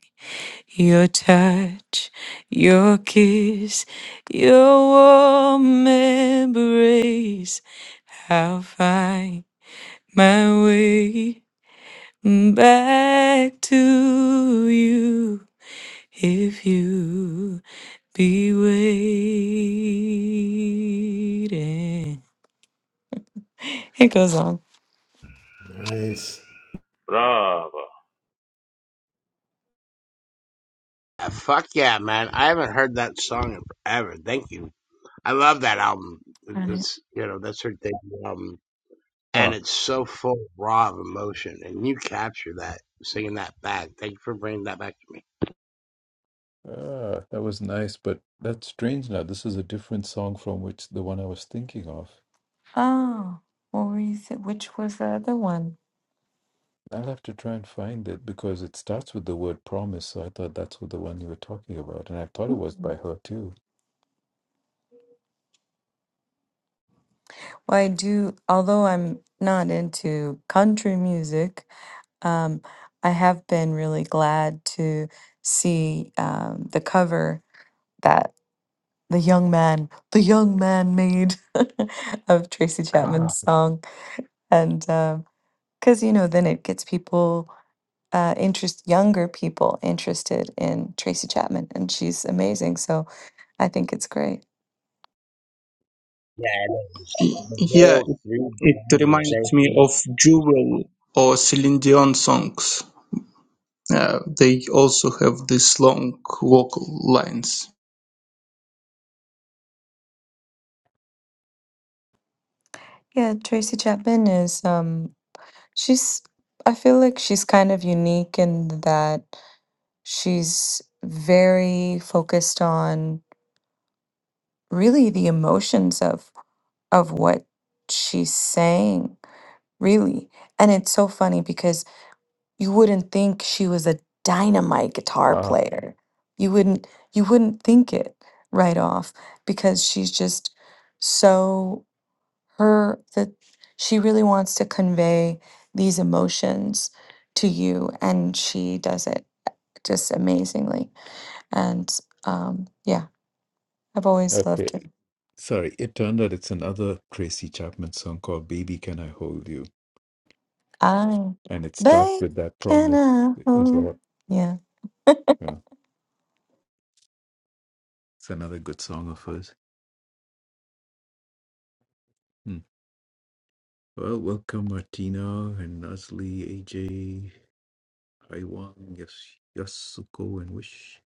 Speaker 6: your touch, your kiss, your warm embrace. I'll find my way back to you if you be waiting. It goes on.
Speaker 4: Nice.
Speaker 2: Bravo.
Speaker 5: Uh, fuck yeah, man! I haven't heard that song in forever. Thank you. I love that album.
Speaker 6: Right.
Speaker 5: That's you know that's her thing. Um,
Speaker 1: Huh.
Speaker 5: and it's so full raw of emotion and you capture that singing that back thank you for bringing that back to me
Speaker 1: Ah, that was nice, but that's strange now. This is a different song from which the one I was thinking of.
Speaker 6: Oh, what were you say? Which was the other one?
Speaker 1: I'll have to try and find it because it starts with the word promise, so I thought that's what the one you were talking about, and I thought it was
Speaker 6: Hmm.
Speaker 1: by her too.
Speaker 6: Well, I do, although I'm not into country music, um, I have been really glad to see um, the cover. that. the young man, the young man made of Tracy
Speaker 1: God.
Speaker 6: Chapman's song. And because, you know, then it gets people, uh, interest, younger people interested in Tracy Chapman. And she's amazing. So I think it's great.
Speaker 5: yeah
Speaker 3: Y-
Speaker 5: the, the
Speaker 3: Yeah,
Speaker 5: whole
Speaker 3: it, it reminds me
Speaker 5: revitalization.
Speaker 3: of Jewel or Celine Dion songs. Uh, they also have these long vocal lines.
Speaker 6: Yeah, Tracy Chapman is, um, she's, I feel like she's kind of unique in that she's very focused on really the emotions of of what she's saying Really. And it's so funny because you wouldn't think she was a dynamite guitar
Speaker 1: Ah,
Speaker 6: player. You wouldn't you wouldn't think it right off because she's just so her that she really wants to convey these emotions to you and she does it just amazingly. And um yeah, I've always
Speaker 1: okay.
Speaker 6: loved her.
Speaker 1: Sorry, it turned out it's another Tracy Chapman song called Baby Can I Hold You,
Speaker 6: I
Speaker 1: and it starts
Speaker 6: bake
Speaker 1: with that
Speaker 6: and
Speaker 1: promise
Speaker 6: I
Speaker 1: is
Speaker 6: hope.
Speaker 1: all.
Speaker 6: Yeah.
Speaker 1: Yeah, it's another good song of hers. Hmm. Well, welcome Martina and Nasli, AJ. Taiwan, yes, yes, go and wish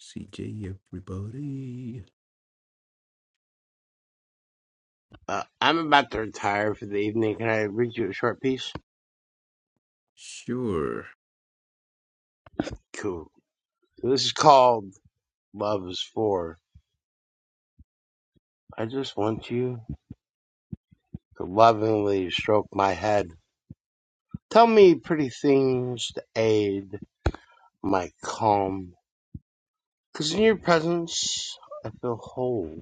Speaker 1: CJ everybody.
Speaker 5: uh, i'm about to retire for the evening can i read you a short piece
Speaker 1: Sure.
Speaker 5: cool so this is called love is for i just want you to lovingly stroke my head tell me pretty things to aid my calm because in your presence i feel whole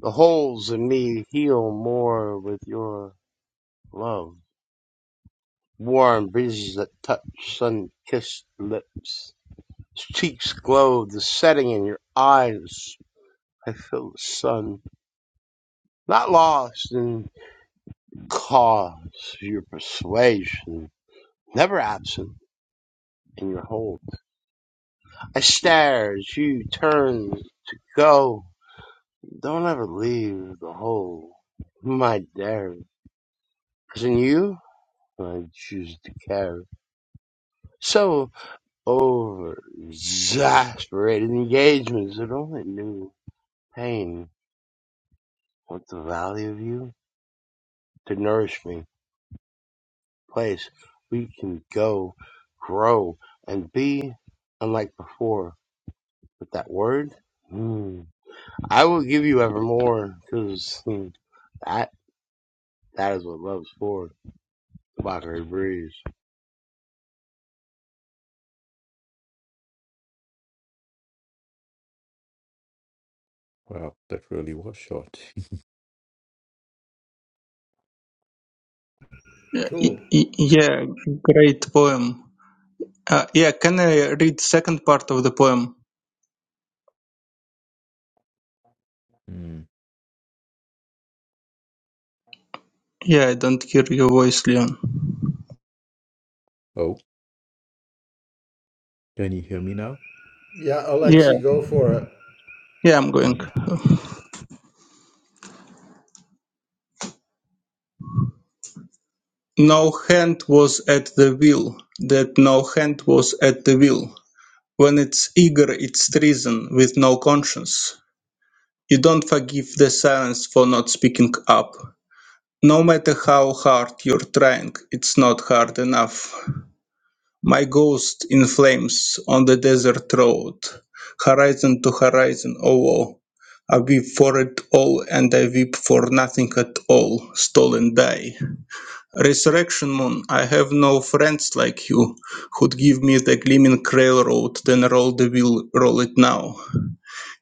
Speaker 5: The holes in me heal more with your love. Warm breezes that touch sun-kissed lips. Cheeks glow, the setting in your eyes. I feel the sun. Not lost in cause, your persuasion. Never absent in your hold. I stare as you turn to go. Don't ever leave the hole. My dare. Cause in you, I choose to care. So over exasperated engagements that only knew pain. What the value of you? To nourish me, place we can go, grow, and be unlike before. But that word, Hmm. I will give you evermore, because that that is what love's for. The Mockery breeze.
Speaker 1: Wow, that really was short.
Speaker 3: Yeah, y-
Speaker 4: Cool.
Speaker 3: y- yeah, great poem. Uh, yeah, can I read second part of the poem?
Speaker 1: Hmm.
Speaker 3: Yeah, I don't hear your voice, Leon.
Speaker 1: Oh, can you hear me now?
Speaker 4: Yeah,
Speaker 3: Yeah,
Speaker 4: Alexi, go for it.
Speaker 3: yeah, I'm going.
Speaker 1: Okay.
Speaker 3: No hand was at the wheel. That no hand was at the wheel. When it's eager it's treason with no conscience. You don't forgive the silence for not speaking up. No matter how hard you're trying, it's not hard enough. My ghost in flames on the desert road. Horizon to horizon, oh woe. I weep for it all and I weep for nothing at all, stolen die. Resurrection moon, I have no friends like you who'd give me the gleaming railroad, then roll the wheel, roll it now.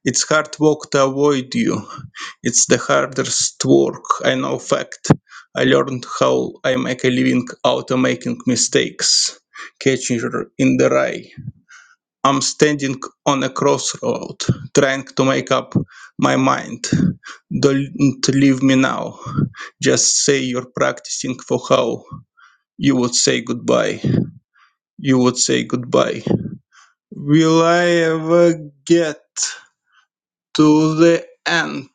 Speaker 3: It's hard work to avoid you. It's the hardest work, I know fact. I learned how I make a living out of making mistakes, catching her in the eye. I'm standing on a crossroad, trying to make up my mind. Don't leave me now. Just say you're practicing for how you would say goodbye. You would say goodbye. Will I ever get? to the end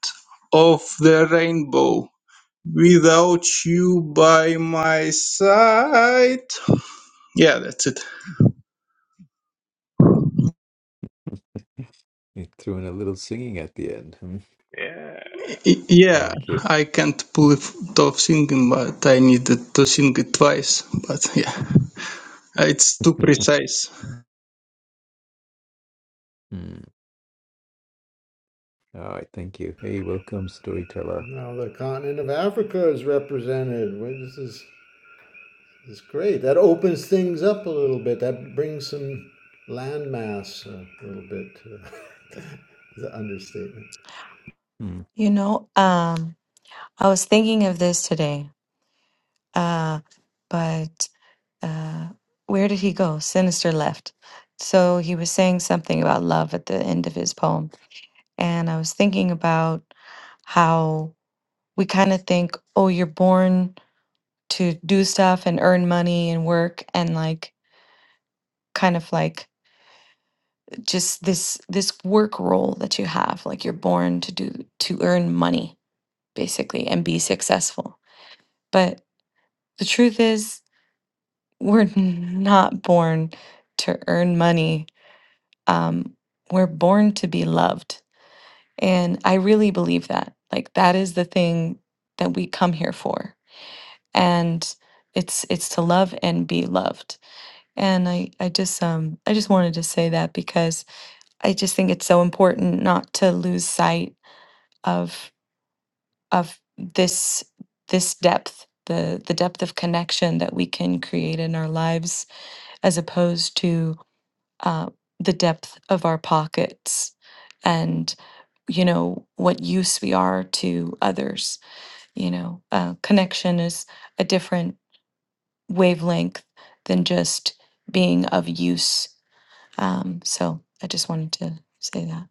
Speaker 3: of the rainbow without you by my side. Yeah, that's it.
Speaker 1: You threw in a little singing at the end. Hmm.
Speaker 2: Yeah,
Speaker 3: Y- Yeah,
Speaker 1: Thank you.
Speaker 3: I can't pull it off singing, but I needed to sing it twice. But yeah, it's too precise.
Speaker 1: Hmm. All right, thank you. Hey, welcome, storyteller.
Speaker 4: Now the continent of Africa is represented. Well, This is this is great. That opens things up a little bit. That brings some landmass a little bit. the understatement.
Speaker 1: Hmm.
Speaker 6: You know, um I was thinking of this today, uh, but uh, where did he go? Sinister left. So he was saying something about love at the end of his poem. And I was thinking about how we kind of think, oh, you're born to do stuff and earn money and work and like kind of like just this this work role that you have like you're born to do to earn money basically and be successful but the truth is we're not born to earn money. Um, we're born to be loved. And I really believe that. Like that is the thing that we come here for. And it's it's to love and be loved. And I, I just um I just wanted to say that because I just think it's so important not to lose sight of of this this depth, the the depth of connection that we can create in our lives as opposed to uh, the depth of our pockets and you know what use we are to others you know uh, connection is a different wavelength than just being of use um, so i just wanted to say that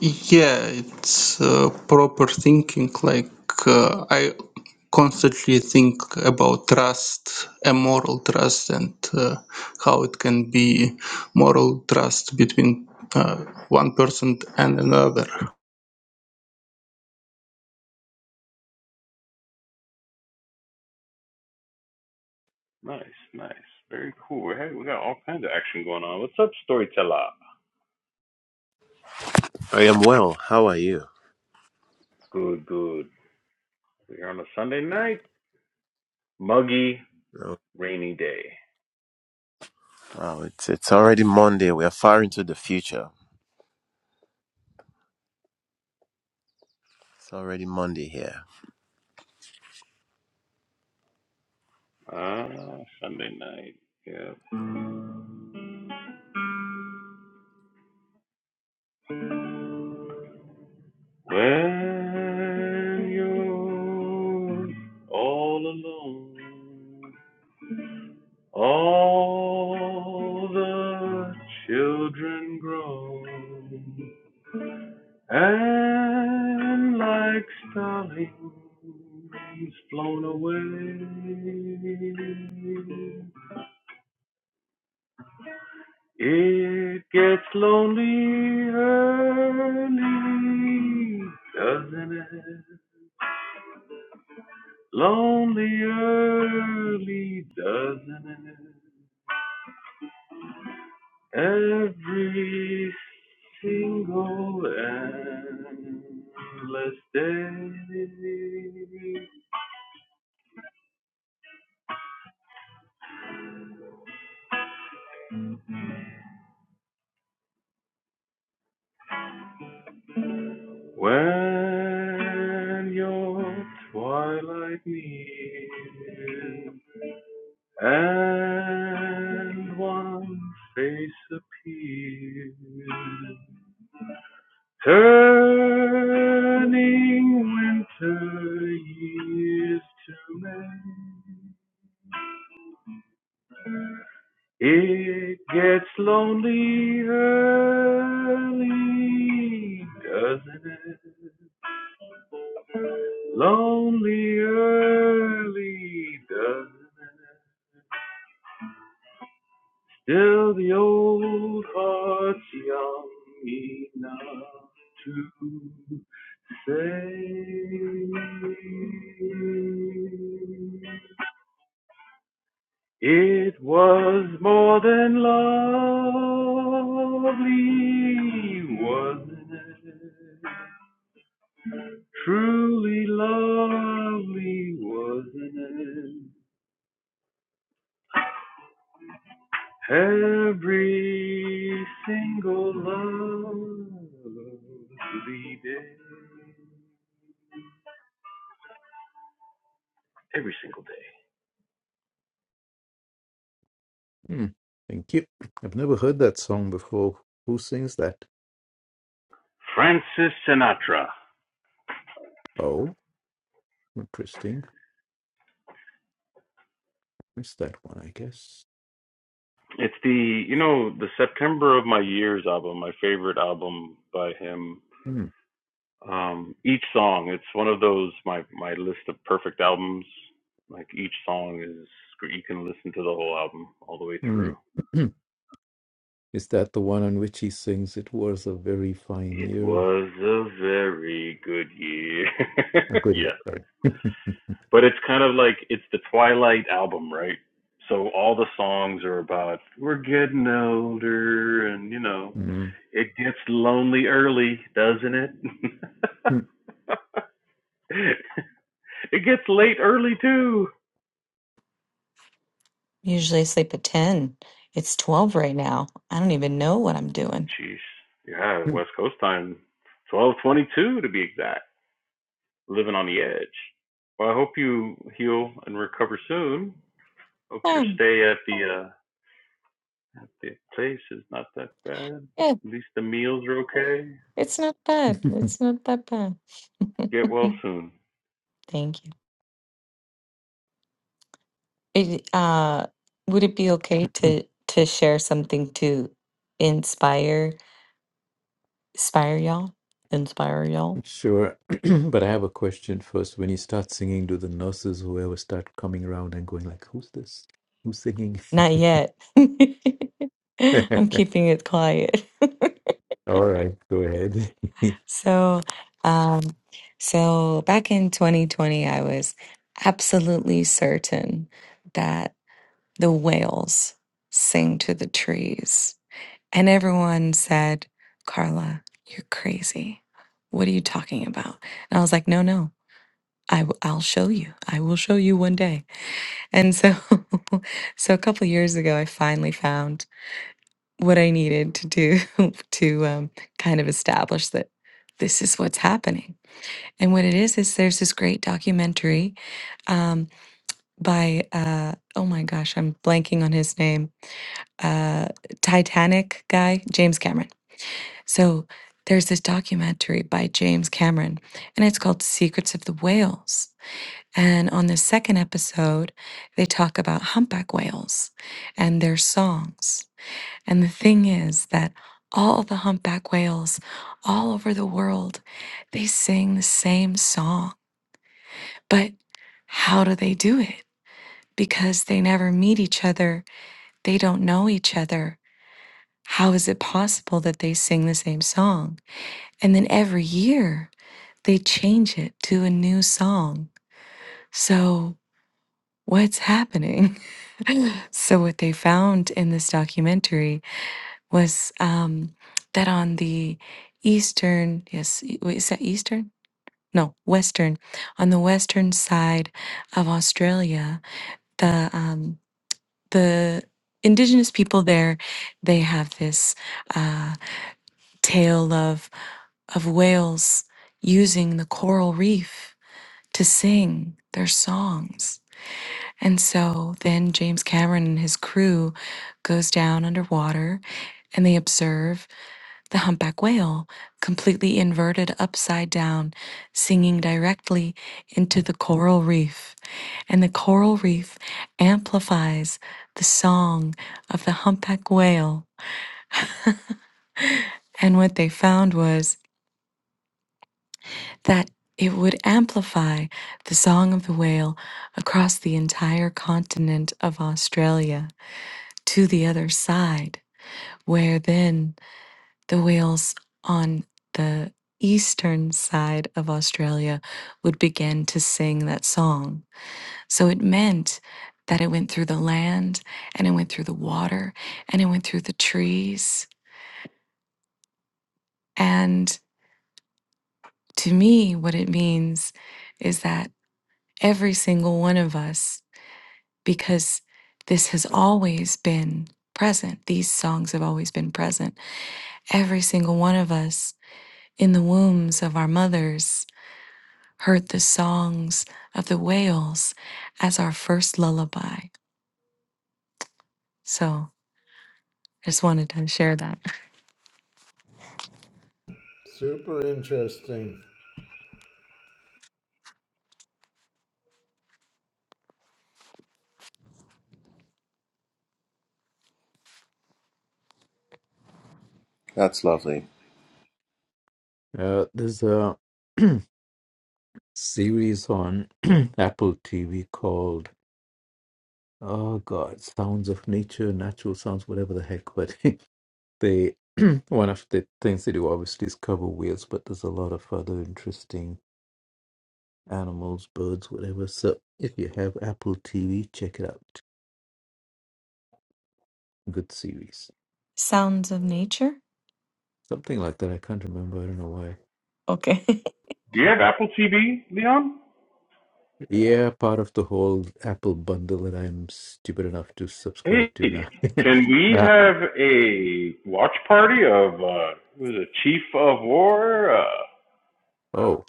Speaker 3: yeah it's uh, proper thinking like uh, i constantly think about trust moral trust and uh, how it can be moral trust between uh, one person and another
Speaker 2: nice, nice, very cool. Hey, we got all kinds of action going on. What's up, storyteller?
Speaker 7: I am well. How are you?
Speaker 2: Good, good. We're on a Sunday night. Muggy,
Speaker 7: Oh,
Speaker 2: rainy day.
Speaker 7: wow, it's it's already Monday. We are far into the future. It's already Monday here.
Speaker 2: Ah, Sunday night. Yeah. When you're all alone, all the children twine, and one face appears. Turning winter years to May. It gets lonely early, doesn't it? Lonely early, doesn't it? Still the old heart's young enough to say. It was more than lovely, wasn't it? Truly lovely, wasn't it? Every single lovely day. Every single day.
Speaker 1: Hmm. Thank you. I've never heard that song before. Who sings that?
Speaker 2: Francis Sinatra.
Speaker 1: Oh, interesting. It's that one, I guess.
Speaker 2: It's the, you know, the September of My Years album, my favorite album by him.
Speaker 1: Hmm.
Speaker 2: um each song it's one of those my my list of perfect albums like each song is you can listen to the whole album all the way
Speaker 1: Hmm.
Speaker 2: through
Speaker 1: Is that the one on which he sings, It was a very fine
Speaker 2: it
Speaker 1: year?
Speaker 2: was a very good year
Speaker 1: A good year,
Speaker 2: yeah
Speaker 1: sorry.
Speaker 2: but it's kind of like it's the twilight album right so all the songs are about we're getting older and you know
Speaker 1: Mm.
Speaker 2: it gets lonely early doesn't it it gets late early too
Speaker 6: Usually I sleep at 10. It's 12 right now. I don't even know what I'm doing.
Speaker 2: Jeez, Yeah, West Coast time, twelve twenty-two to be exact. Living on the edge. Well, I hope you heal and recover soon. Hope your
Speaker 6: Yeah,
Speaker 2: stay at the uh, at the place is not that bad.
Speaker 6: yeah,
Speaker 2: At least the meals are okay.
Speaker 6: it's not bad. It's not that bad.
Speaker 2: Get well soon.
Speaker 6: Thank you. It, uh, would it be okay to to share something to inspire inspire y'all? Inspire y'all?
Speaker 1: sure. but I have a question first. When you start singing, do the nurses, whoever, start coming around and going like, Who's this? Who's singing?
Speaker 6: Not yet.
Speaker 1: All
Speaker 6: I'm keeping it quiet.
Speaker 1: right, go ahead.
Speaker 6: So, um, so back in 2020, I was absolutely certain that the whales sing to the trees. And everyone said, Carla, you're crazy. What are you talking about? And I was like, no, no. I w- I'll show you. I will show you one day. And so, so a couple years ago, I finally found what I needed to do to um, kind of establish that this is what's happening. And what it is is there's this great documentary um, by uh, oh my gosh, I'm blanking on his name. Uh, Titanic guy, James Cameron. So there's this documentary by James Cameron, and it's called Secrets of the Whales And on the second episode, they talk about humpback whales and their songs. And the thing is that all the humpback whales all over the world, they sing the same song. But how do they do it? Because they never meet each other, they don't know each other. How is it possible that they sing the same song? And then every year, they change it to a new song. So, what's happening? So, what they found in this documentary was um, that on the eastern, yes, e- wait, is that eastern? No, western. On the western side of Australia, the um, the indigenous people there, they have this uh, tale of of whales using the coral reef to sing their songs And so then James Cameron and his crew goes down underwater and they observe the humpback whale completely inverted upside down singing directly into the coral reef and the coral reef amplifies the song of the humpback whale and what they found was that it would amplify the song of the whale across the entire continent of Australia to the other side where then the whales on the eastern side of Australia would begin to sing that song. So it meant that it went through the land and it went through the water and it went through the trees. And to me, what it means is that every single one of us, because this has always been present, these songs have always been present, every single one of us in the wombs of our mothers heard the songs of the whales as our first lullaby. So I just wanted to share that.
Speaker 4: Super interesting.
Speaker 7: That's lovely.
Speaker 1: uh, there's a series on Apple TV called, oh God, Sounds of Nature, Natural Sounds, whatever the heck, but They one of the things they do obviously is cover whales, but there's a lot of other interesting animals, birds, whatever. So if you have Apple TV, check it out. Good series.
Speaker 6: Sounds of nature?
Speaker 1: Something like that. I can't remember. I don't know why.
Speaker 6: Okay.
Speaker 2: Do you have Apple TV, Leon?
Speaker 1: Yeah, part of the whole Apple bundle that I'm stupid enough to
Speaker 2: Hey,
Speaker 1: subscribe to now.
Speaker 2: can we
Speaker 1: nah.
Speaker 2: have a watch party of uh, was it Chief of War? Uh,
Speaker 1: Oh.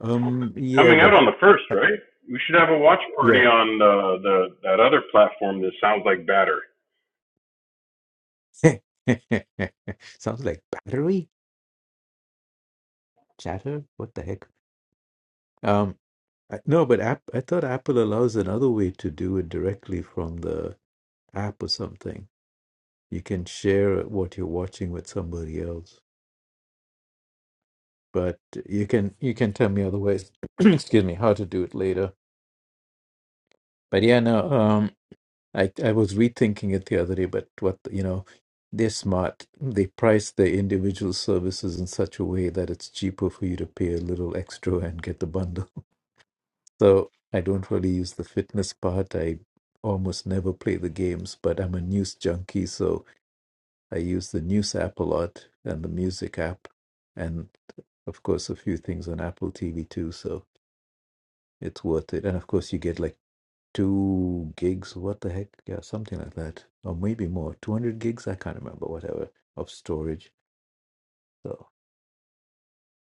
Speaker 1: Um yeah,
Speaker 2: Coming out
Speaker 1: but
Speaker 2: on the first, right? We should have a watch party
Speaker 1: yeah.
Speaker 2: on the, the that other platform that sounds like batter.
Speaker 1: Sounds like battery? Chatter? What the heck? Um, I, no, but app, I thought Apple allows another way to do it directly from the app or something. You can share what you're watching with somebody else, but you can you can tell me otherwise. excuse me, how to do it later. But yeah, no, um, I I was rethinking it the other day, but what you know, they're smart. They price their individual services in such a way that it's cheaper for you to pay a little extra and get the bundle. So I don't really use the fitness part. I almost never play the games, but I'm a news junkie, so I use the news app a lot and the music app, and of course a few things on Apple TV too. So it's worth it. And of course you get like two gigs. What the heck? Yeah, something like that, or maybe more. Two hundred gigs. I can't remember. Whatever of storage. So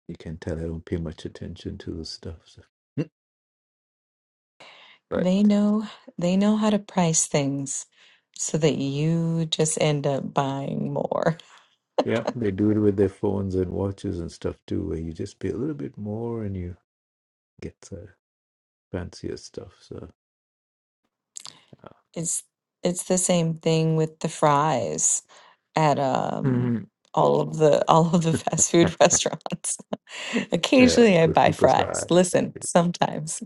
Speaker 1: you can tell I don't pay much attention to the stuff. So. Mm. Right.
Speaker 6: they know they know how to price things so that you just end up buying more.
Speaker 1: Yeah, they do it with their phones and watches and stuff too, where you just pay a little bit more and you get the fancier stuff. So, yeah,
Speaker 6: It's it's the same thing with the fries at um
Speaker 1: Mhm.
Speaker 6: all of the all of the fast food restaurants.
Speaker 1: yeah,
Speaker 6: Occasionally I
Speaker 1: good
Speaker 6: buy
Speaker 1: super
Speaker 6: fries.
Speaker 1: side.
Speaker 6: Listen, sometimes.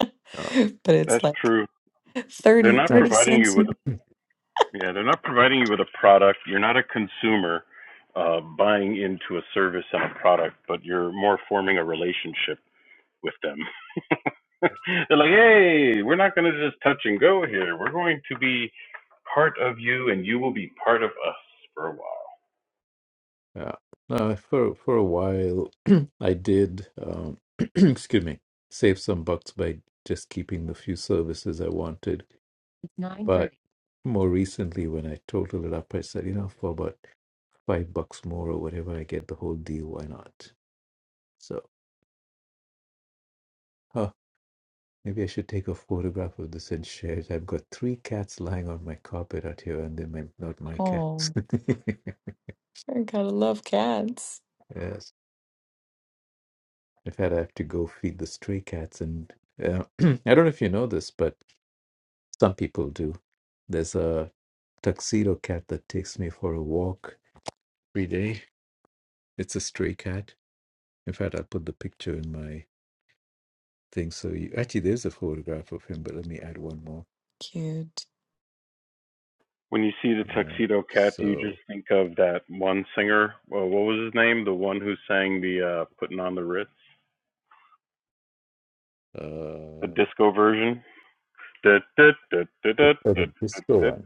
Speaker 1: Yeah,
Speaker 6: but it's
Speaker 2: That's
Speaker 6: like
Speaker 2: true. They're
Speaker 6: Thirty
Speaker 2: not
Speaker 1: yeah.
Speaker 6: 30
Speaker 2: providing you
Speaker 6: cents.
Speaker 2: with a yeah. They're not providing you with a product. You're not a consumer uh, buying into a service and a product, but you're more forming a relationship with them. they're like, hey, we're not going to just touch and go here. We're going to be part of you, and you will be part of us for a while.
Speaker 1: yeah. No, for for a while, I did. Um, excuse me, save some bucks by just keeping the few services I wanted. It's nine But thirty. more recently, when I totaled it up, I said, you know, for about five bucks more or whatever, I get the whole deal. Why not? So. Maybe I should take a photograph of this and share it. I've got three cats lying on my carpet out here, and they're not my cats.
Speaker 6: Oh, I gotta love cats.
Speaker 1: yes. In fact, I have to go feed the stray cats. And uh, I don't know if you know this, but some people do. There's a tuxedo cat that takes me for a walk every day. It's a stray cat. In fact, I'll put the picture in my thing. So you actually, there's a photograph of him, but let me add one more.
Speaker 6: Cute.
Speaker 2: When you see the
Speaker 1: Yeah.
Speaker 2: Tuxedo Cat, do you just
Speaker 1: So
Speaker 2: think of that one singer? Well, what was his name? The one who sang the uh, "Putting on the Ritz," the
Speaker 1: uh,
Speaker 2: disco version. That was
Speaker 1: the, oh, the disco one.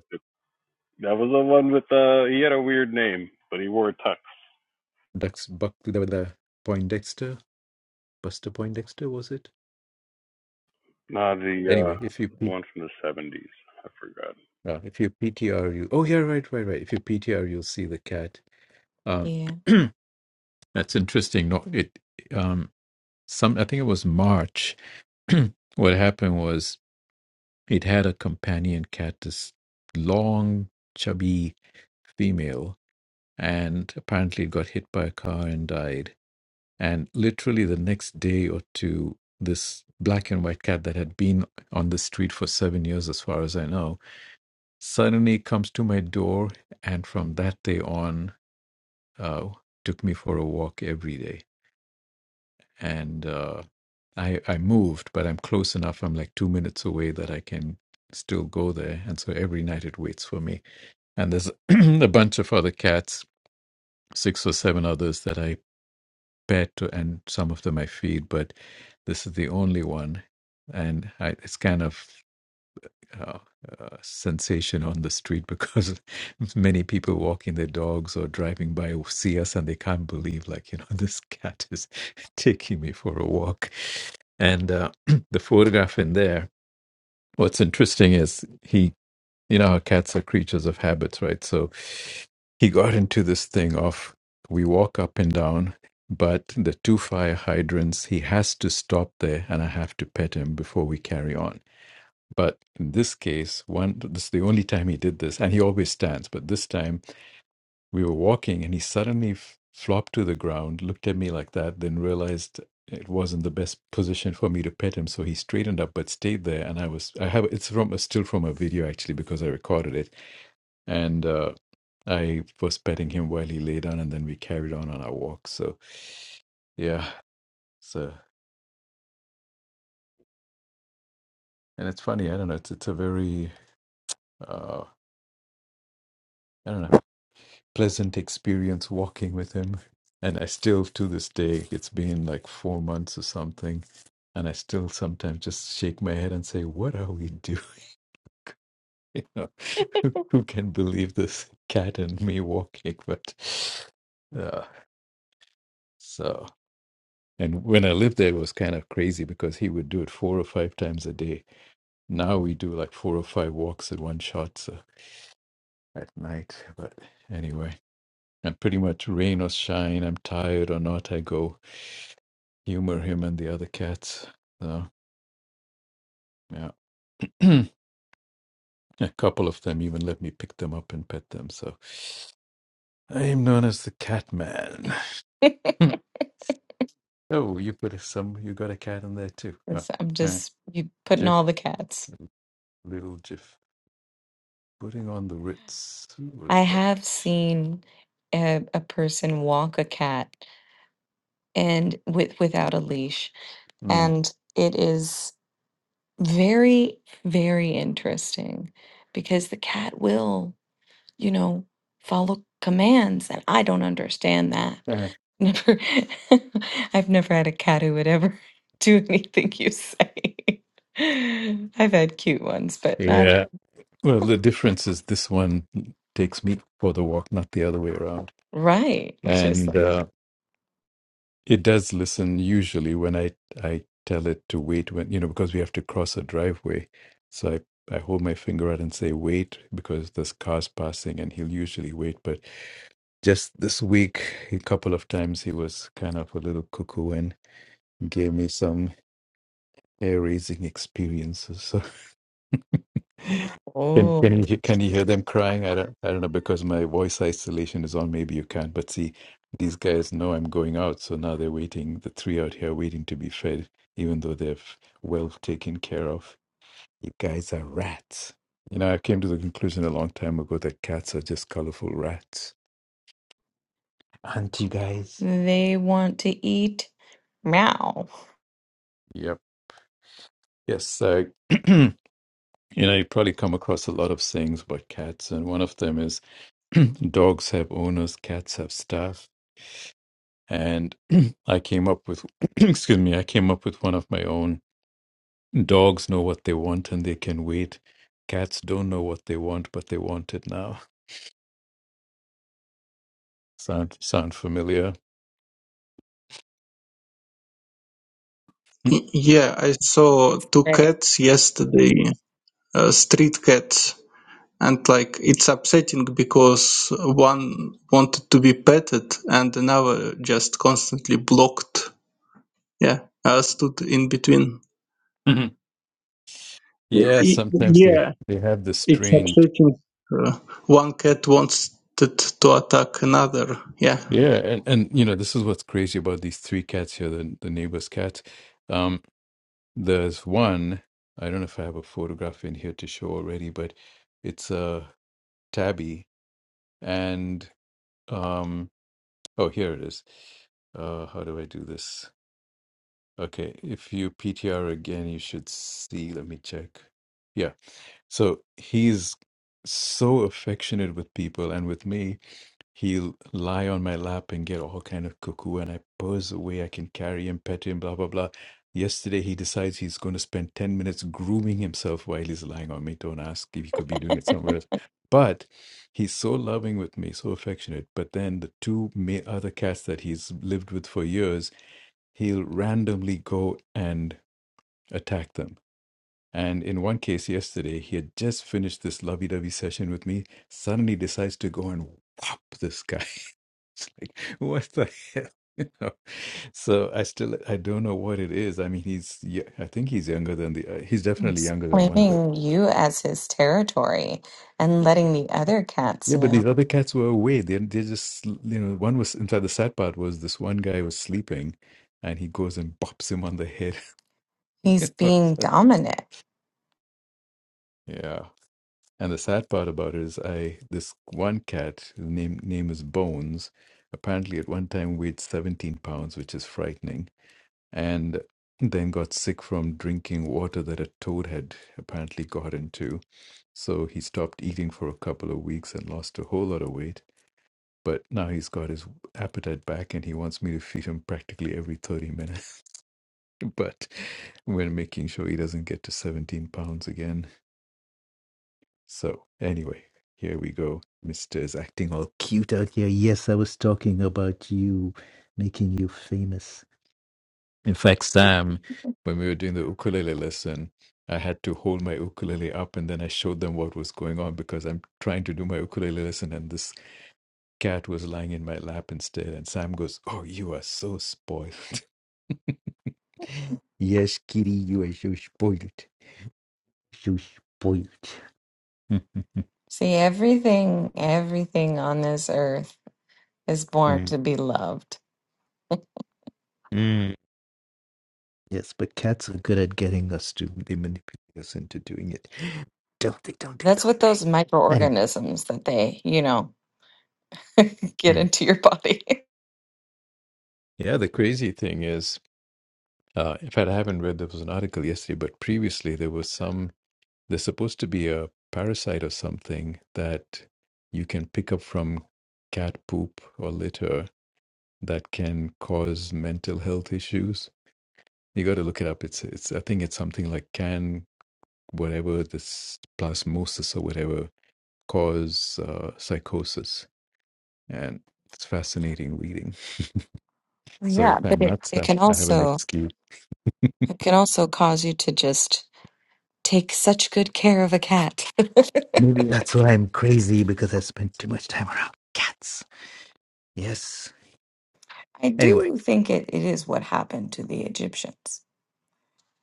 Speaker 2: the one with uh he had a weird name, but he wore a tux.
Speaker 1: Dux Buck the, the Poindexter, Buster Poindexter was it?
Speaker 2: Nah, the uh,
Speaker 1: Anyway, if you P,
Speaker 2: one from the '70s. I forgot.
Speaker 1: uh, if you PTR you oh yeah right right right if you PTR you'll see the cat. Um,
Speaker 6: Yeah.
Speaker 1: that's interesting. No, it um some I think it was March. what happened was it had a companion cat, this long chubby female, and apparently it got hit by a car and died And literally the next day or two, this black and white cat that had been on the street for seven years, as far as I know, suddenly comes to my door. And from that day on, uh, took me for a walk every day. And uh, I, I moved, but I'm close enough. I'm like two minutes away that I can still go there. And so every night it waits for me. And there's a bunch of other cats, six or seven others that I pet, and some of them I feed, but this is the only one. And I, it's kind of uh, a sensation on the street because many people walking their dogs or driving by will see us and they can't believe, like, you know, this cat is taking me for a walk. And uh, the photograph in there, what's interesting is he you know how cats are creatures of habits, right? So he got into this thing of we walk up and down, but the two fire hydrants, he has to stop there and I have to pet him before we carry on. But in this case, one this is the only time he did this, and he always stands, but this time we were walking and he suddenly f- flopped to the ground, looked at me like that, then realized it wasn't the best position for me to pet him so he straightened up but stayed there and i was i have it's from a still from a video actually because i recorded it and uh, I was petting him while he lay down, and then we carried on on our walk. So, yeah, so and it's funny. I don't know. It's it's a very uh, I don't know pleasant experience walking with him, and I still to this day. It's been like four months or something. And I still sometimes just shake my head and say, "What are we doing? You know, who, who can believe this cat and me walking?" But uh, so And when I lived there, it was kind of crazy because he would do it four or five times a day. Now we do like four or five walks at one shot so at night. But anyway, and pretty much rain or shine, I'm tired or not, I go humor him and the other cats. So, yeah. a couple of them even let me pick them up and pet them. So I am known as the cat man. oh, you put some, you got a cat in there too. Huh.
Speaker 6: 'Cause I'm
Speaker 1: Huh.
Speaker 6: just you putting
Speaker 1: Jif,
Speaker 6: all the cats.
Speaker 1: little Jif. Putting on the Ritz. Who
Speaker 6: I
Speaker 1: was
Speaker 6: have
Speaker 1: that?
Speaker 6: seen a, a person walk a cat and with without a leash,
Speaker 1: Mm.
Speaker 6: and it is very, very interesting because the cat will. you know, follow commands. And I don't understand that.
Speaker 1: Uh,
Speaker 6: Never, I've never had a cat who would ever do anything you say. I've had cute ones, but not
Speaker 1: Yeah. Well, the difference is this one takes me for the walk, not the other way around.
Speaker 6: right. Which is,
Speaker 1: And uh, it does listen usually when I I tell it to wait when you know because we have to cross a driveway. So I I hold my finger out and say wait because this car's passing, and he'll usually wait. But just this week, a couple of times he was kind of a little cuckoo and gave me some hair raising experiences. So
Speaker 6: like,
Speaker 1: Can
Speaker 6: oh,
Speaker 1: can you he- can you hear them crying? I don't I don't know because my voice isolation is on. Maybe you can't. But see, these guys know I'm going out, so now they're waiting. The three out here waiting to be fed, even though they're f- well taken care of. You guys are rats. You know, I came to the conclusion a long time ago that cats are just colorful rats. Aren't you guys?
Speaker 6: they want to eat meow.
Speaker 1: Yep. Yes. So, you know, you probably come across a lot of sayings about cats, and one of them is dogs have owners, cats have staff. and I came up with excuse me, I came up with one of my own. Dogs know what they want and they can wait. Cats don't know what they want, but they want it now. Sound sound familiar?
Speaker 3: Y- yeah i saw two
Speaker 6: Right.
Speaker 3: cats yesterday uh, street cats and like it's upsetting because one wanted to be petted and another just constantly blocked Yeah, I stood in between. Y-
Speaker 1: yeah, sometimes they
Speaker 3: Yeah,
Speaker 1: they have the
Speaker 3: it's
Speaker 1: strange.
Speaker 3: absolutely Uh, one cat wanted to to attack another. Yeah.
Speaker 1: Yeah, and, and you know this is what's crazy about these three cats here, the the neighbor's cats. Um, there's one. I don't know if I have a photograph in here to show already, but it's a tabby, and um. Oh, here it is. Uh, how do I do this? Okay, if you PTR again, you should see. Let me check. Yeah. So he's so affectionate with people and with me he'll lie on my lap and get all kind of cuckoo and i purrs away i can carry him pet him blah blah blah yesterday he decides he's going to spend 10 minutes grooming himself while he's lying on me don't ask if he could be doing it somewhere else but he's so loving with me so affectionate but then the two ma- other cats that he's lived with for years he'll randomly go and attack them and in one case yesterday he had just finished this lovey-dovey session with me suddenly decides to go and whop this guy It's like, what the hell? You know? So I still I don't know what it is. I mean, he's yeah, I think he's younger than the uh, he's definitely
Speaker 6: Yes.
Speaker 1: younger than one, but
Speaker 6: Claiming you as his territory and letting the other cats
Speaker 1: yeah, but
Speaker 6: know.
Speaker 1: these other cats were away. They they just you know one was in fact the sad part was this one guy was sleeping, and he goes and bops him on the head.
Speaker 6: He's being dominant.
Speaker 1: yeah, and the sad part about it is I this one cat his name name is Bones. Apparently, at one time weighed seventeen pounds, which is frightening and then got sick from drinking water that a toad had apparently got into. So he stopped eating for a couple of weeks and lost a whole lot of weight. But now he's got his appetite back and he wants me to feed him practically every 30 minutes. but we're making sure he doesn't get to 17 pounds again. So, anyway, here we go. Mr. is acting all cute out here. Yes, I was talking about you, making you famous. In fact, Sam, when we were doing the ukulele lesson, I had to hold my ukulele up and then I showed them what was going on because I'm trying to do my ukulele lesson and this cat was lying in my lap instead. And Sam goes, Oh, you are so spoiled. Yes, kitty, you are so spoiled. So spoiled.
Speaker 6: See, everything, everything on this earth is born
Speaker 1: Mm,
Speaker 6: to be loved.
Speaker 1: mm. Yes, but cats are good at getting us to, they manipulate us into doing it. Don't they? Don't they?
Speaker 6: That's
Speaker 1: Don't
Speaker 6: what those
Speaker 1: they? Anyway.
Speaker 6: microorganisms that they, you know, get
Speaker 1: Mm.
Speaker 6: into your body.
Speaker 1: yeah, the crazy thing is Uh, in fact, I haven't read. There was an article yesterday, but previously there was some. There's supposed to be a parasite or something that you can pick up from cat poop or litter that can cause mental health issues. You got to look it up. It's it's. I think it's something like can whatever this plasmosis or whatever cause uh, psychosis, and it's fascinating reading. So if
Speaker 6: yeah, but
Speaker 1: I'm
Speaker 6: it,
Speaker 1: nuts,
Speaker 6: it
Speaker 1: I
Speaker 6: can
Speaker 1: I have an
Speaker 6: also
Speaker 1: excuse.
Speaker 6: It can also cause you to just take such good care of a cat.
Speaker 1: Maybe that's why I'm crazy because I spent too much time around cats. Yes.
Speaker 6: I
Speaker 1: Anyway,
Speaker 6: do think it, it is what happened to the Egyptians,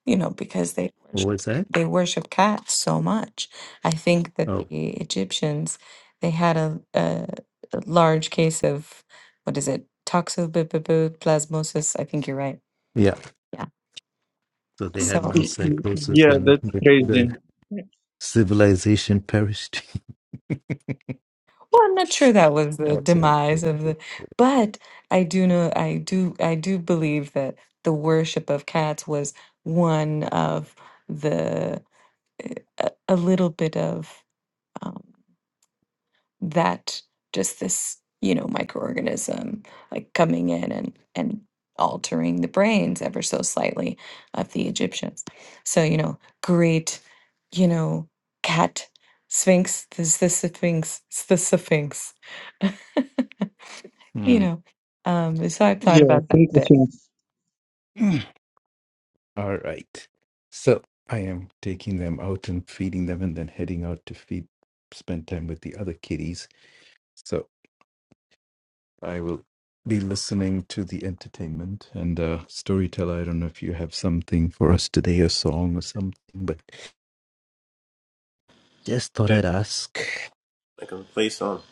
Speaker 6: you know, because they
Speaker 1: what
Speaker 6: worship
Speaker 1: was that?
Speaker 6: they worship cats so much. I think that
Speaker 1: Oh,
Speaker 6: the Egyptians they had a, a, a large case of what is it toxoplasmosis. I think you're right.
Speaker 1: yeah.
Speaker 6: Yeah.
Speaker 1: So they had
Speaker 6: So.
Speaker 1: mass psychosis
Speaker 3: yeah,
Speaker 1: and
Speaker 3: that's
Speaker 1: the,
Speaker 3: crazy.
Speaker 1: the civilization perished.
Speaker 6: Well, I'm not sure that was the
Speaker 1: that's how it
Speaker 6: demise of
Speaker 1: is.
Speaker 6: the, but I do know, I do, I do believe that the worship of cats was one of the eh, a, a little bit of. um, that just this you know microorganism like coming in and and altering the brains ever so slightly of the egyptians so you know great you know cat sphinx this the sphinx it's the sphinx you
Speaker 1: Hmm.
Speaker 6: know um so i've thought
Speaker 3: Yeah,
Speaker 6: about
Speaker 3: it's
Speaker 6: that a bit
Speaker 3: interesting.
Speaker 1: Mm. All right. So I am taking them out and feeding them and then heading out to feed, spend time with the other kitties. So I will be listening to the entertainment and uh storyteller i don't know if you have something for us today a song or something but Just thought
Speaker 7: Yeah,
Speaker 1: I'd ask.
Speaker 7: I can play some.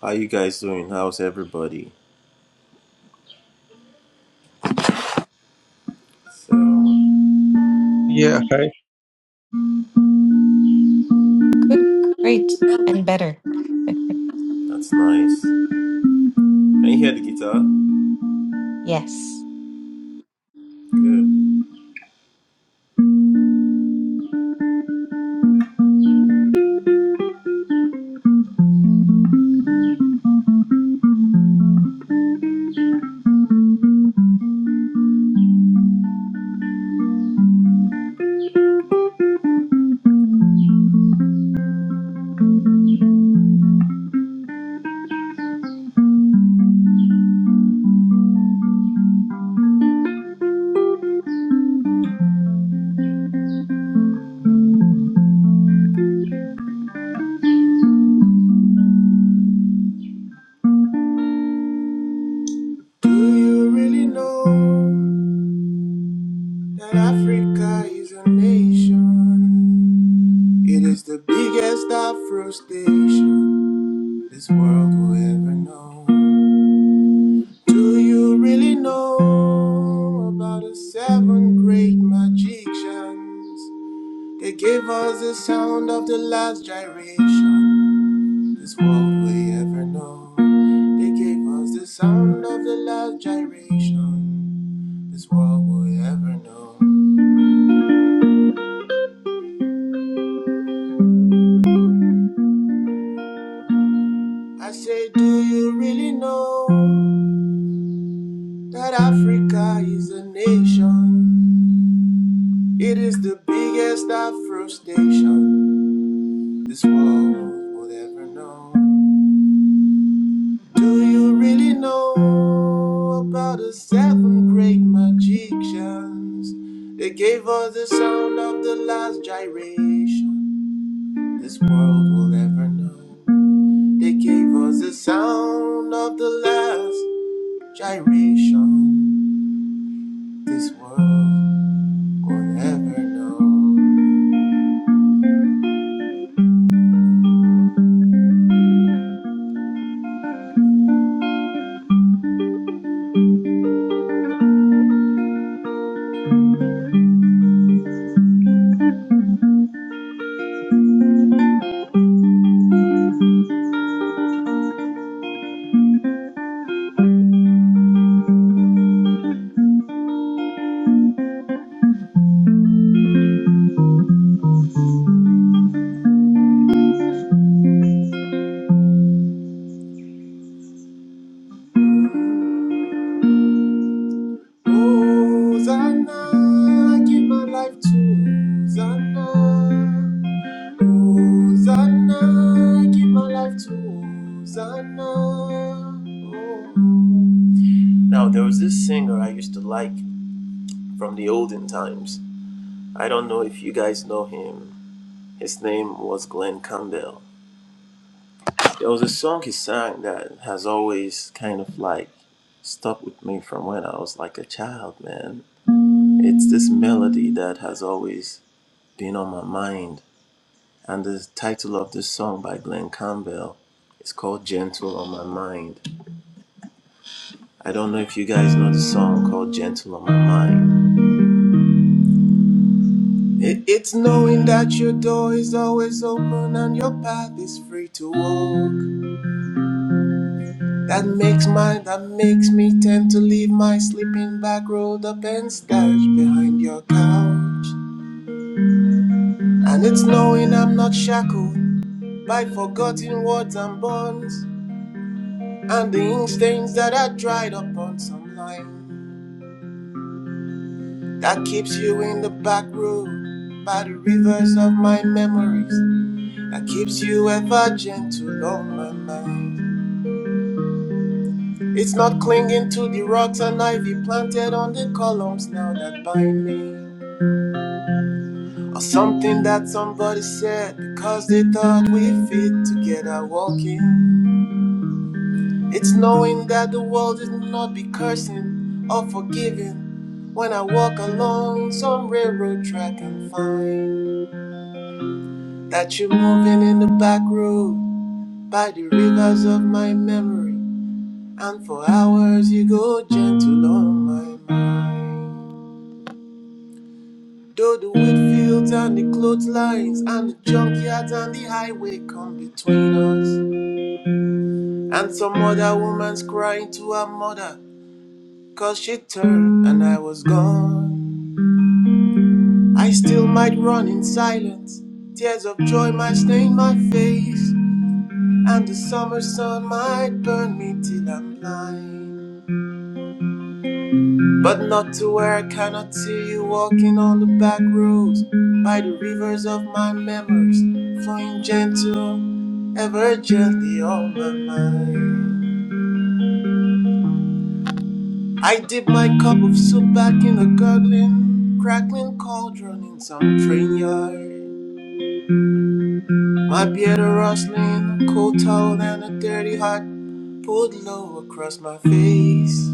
Speaker 7: How you guys doing? How's everybody? So
Speaker 3: Yeah, hi.
Speaker 6: Good, great, and better.
Speaker 7: that's nice. Can you hear the guitar?
Speaker 6: Yes.
Speaker 7: Good. Do you really know that Africa is a nation? It is the biggest Afro station this world will ever know. Do you really know about the seven great magicians? They gave us the sound of the last gyration. This world we ever know. They gave us the sound of the last gyration. This world we ever know. I say, do you really know that Africa is a nation? It is the biggest Afro station. This world will ever know. Do you really know about the seven great magicians? They gave us the sound of the last gyration. This world will ever know. They gave us the sound of the last gyration. This world will ever know. Hosanna, I give my life to Hosanna. Hosanna, give my life to Hosanna. Oh. Now, there was this singer I used to like from the olden times. I don't know if you guys know him. His name was Glenn Campbell. There was a song he sang that has always kind of like stuck with me from when I was like a child, man. It's this melody that has always been on my mind. And the title of this song by Glenn Campbell is called Gentle on My Mind. I don't know if you guys know the song called Gentle on My Mind. It- it's knowing that your door is always open and your path is free to walk. That makes my that makes me tend to leave my sleeping bag rolled up and stashed behind your couch. And it's knowing I'm not shackled by forgotten words and bonds and the ink stains that are dried up on some lines. That keeps you in the back room by the rivers of my memories. That keeps you ever gentle on my mind. It's not clinging to the rocks and ivy planted on the columns now that bind me. Or something that somebody said because they thought we fit together walking. It's knowing that the world is not be cursing or forgiving when I walk along some railroad track and find. That you're moving in the back road by the rivers of my memory, and for hours you go gentle on my mind. Though the wheat fields and the clotheslines and the junkyards and the highway come between us, and some other woman's crying to her mother, cause she turned and I was gone. I still might run in silence, tears of joy might stain my face. And the summer sun might burn me till I'm blind. But not to where I cannot see you walking on the back roads by the rivers of my memories, flowing gentle, ever gently on my mind. I dip my cup of soup back in a gurgling, crackling cauldron in some train yard. My beard a rustling, a cold towel and a dirty hat pulled low across my face.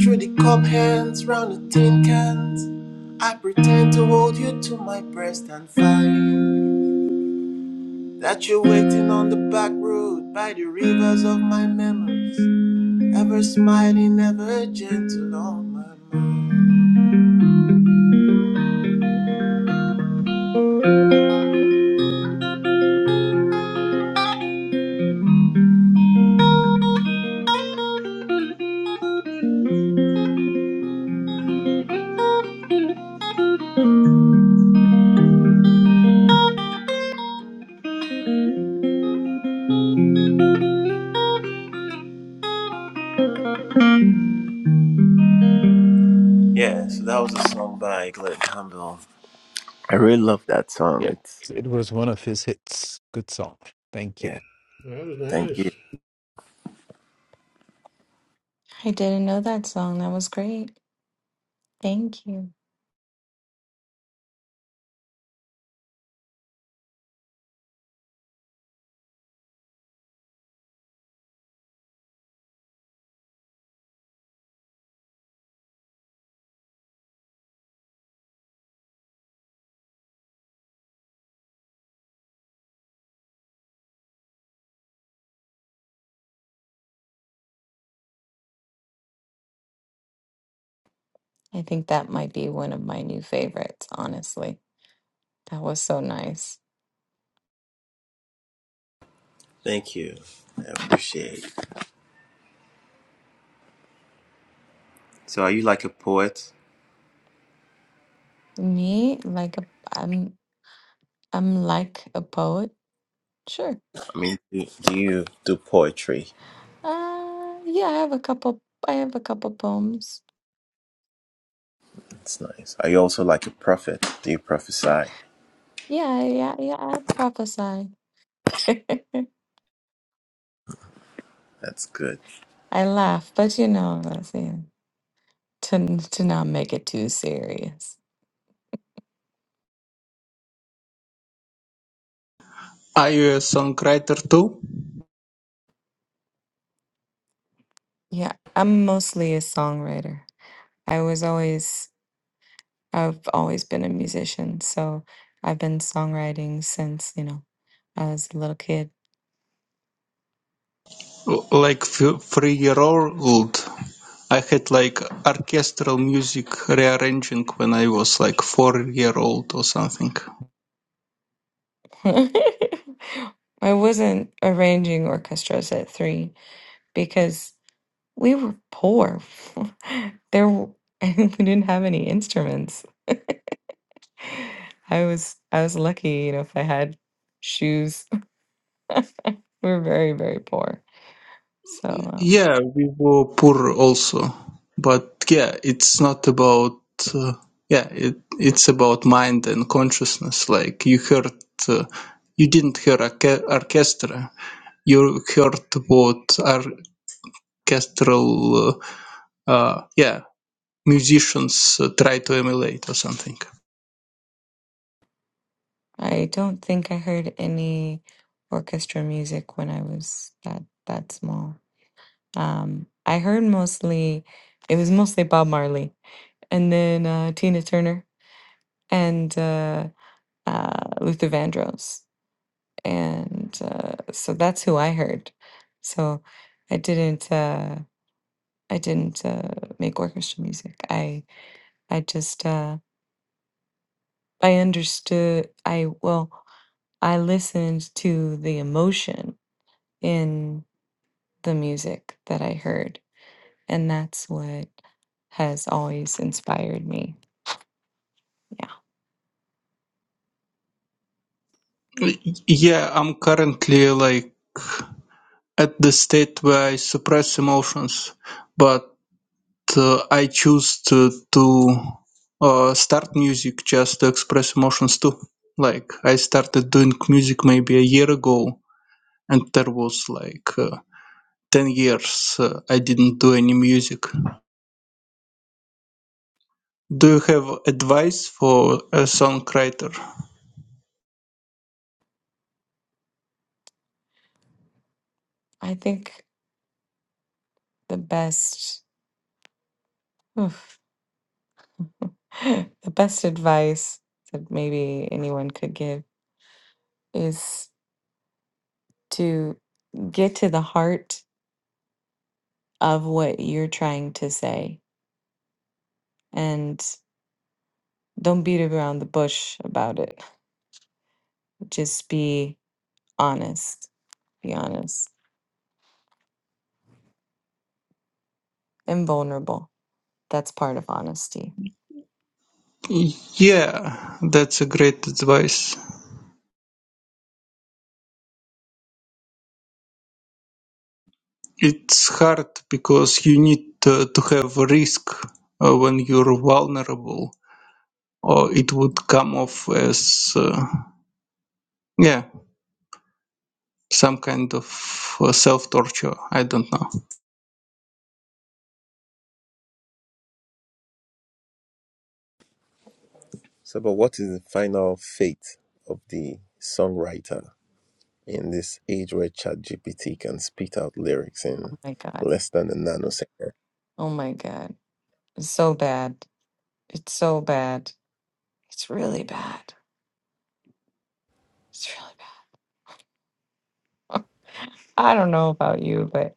Speaker 7: Through the cup hands, round the tin cans, I pretend to hold you to my breast and find that you're waiting on the back road by the rivers of my memories, ever smiling, ever gentle on my mind. Yeah, so that was a song by Glenn Campbell. I really love that song.
Speaker 1: Yes,
Speaker 7: It's
Speaker 1: it was one of his hits. Good song. Thank you.
Speaker 7: yeah,
Speaker 4: That was
Speaker 7: thank you,
Speaker 4: nice.
Speaker 6: I didn't know that song. That was great. Thank you. I think that might be one of my new favorites, honestly. That was so nice.
Speaker 7: thank you, I appreciate. it. So, are you like a poet?
Speaker 6: Me, like a, I'm I'm like a poet. Sure.
Speaker 7: I mean, do, do you do poetry?
Speaker 6: Uh, yeah, I have a couple. I have a couple poems.
Speaker 7: That's nice. Are you also like a prophet? Do you prophesy?
Speaker 6: Yeah, yeah, yeah. I prophesy.
Speaker 7: That's good.
Speaker 6: I laugh, but you know, that's yeah, to to not make it too serious.
Speaker 3: Are you a songwriter too?
Speaker 6: Yeah, I'm mostly a songwriter. I was always, I've always been a musician, so I've been songwriting since you know I was a little kid.
Speaker 3: L- Like f- three year old, I had like orchestral music rearranging when I was like four year old or something.
Speaker 6: I wasn't arranging orchestras at three because We were poor. There, w- we didn't have any instruments. I was I was lucky, you know, if I had shoes. We were very, very poor. So um,
Speaker 3: Yeah, we were poor also, but yeah, it's not about uh, yeah, it it's about mind and consciousness. Like you heard, uh, you didn't hear orche- orchestra. You heard what orchestral uh, uh, yeah musicians uh, try to emulate or something.
Speaker 6: I don't think I heard any orchestra music when I was that that small. Um, I heard mostly it was mostly Bob Marley and then uh, Tina Turner and uh, uh, Luther Vandross. and uh, so that's who I heard. So I didn't uh, I didn't uh, make orchestra music. I I just uh, I understood. I well I listened to the emotion in the music that I heard, and that's what has always inspired me. Yeah,
Speaker 3: Y- Yeah, I'm currently like at the state where I suppress emotions, but uh, I choose to, to uh, start music just to express emotions too. Like I started doing music maybe a year ago, and there was like uh, ten years uh, I didn't do any music. Do you have advice for a songwriter?
Speaker 6: I think the best oof, the best advice that maybe anyone could give is. to get to the heart of what you're trying to say and don't beat around the bush about it. Just be honest, be honest and vulnerable. That's part of honesty.
Speaker 3: Yeah, that's a great advice. It's hard because you need to, to have a risk uh, when you're vulnerable, or it would come off as, uh, yeah, some kind of uh, self torture. I don't know.
Speaker 7: So, but what is the final fate of the songwriter in this age where ChatGPT can spit out lyrics in
Speaker 6: Oh my God.
Speaker 7: less than a nanosecond?
Speaker 6: Oh my God. It's so bad. It's so bad. It's really bad. It's really bad. I don't know about you, but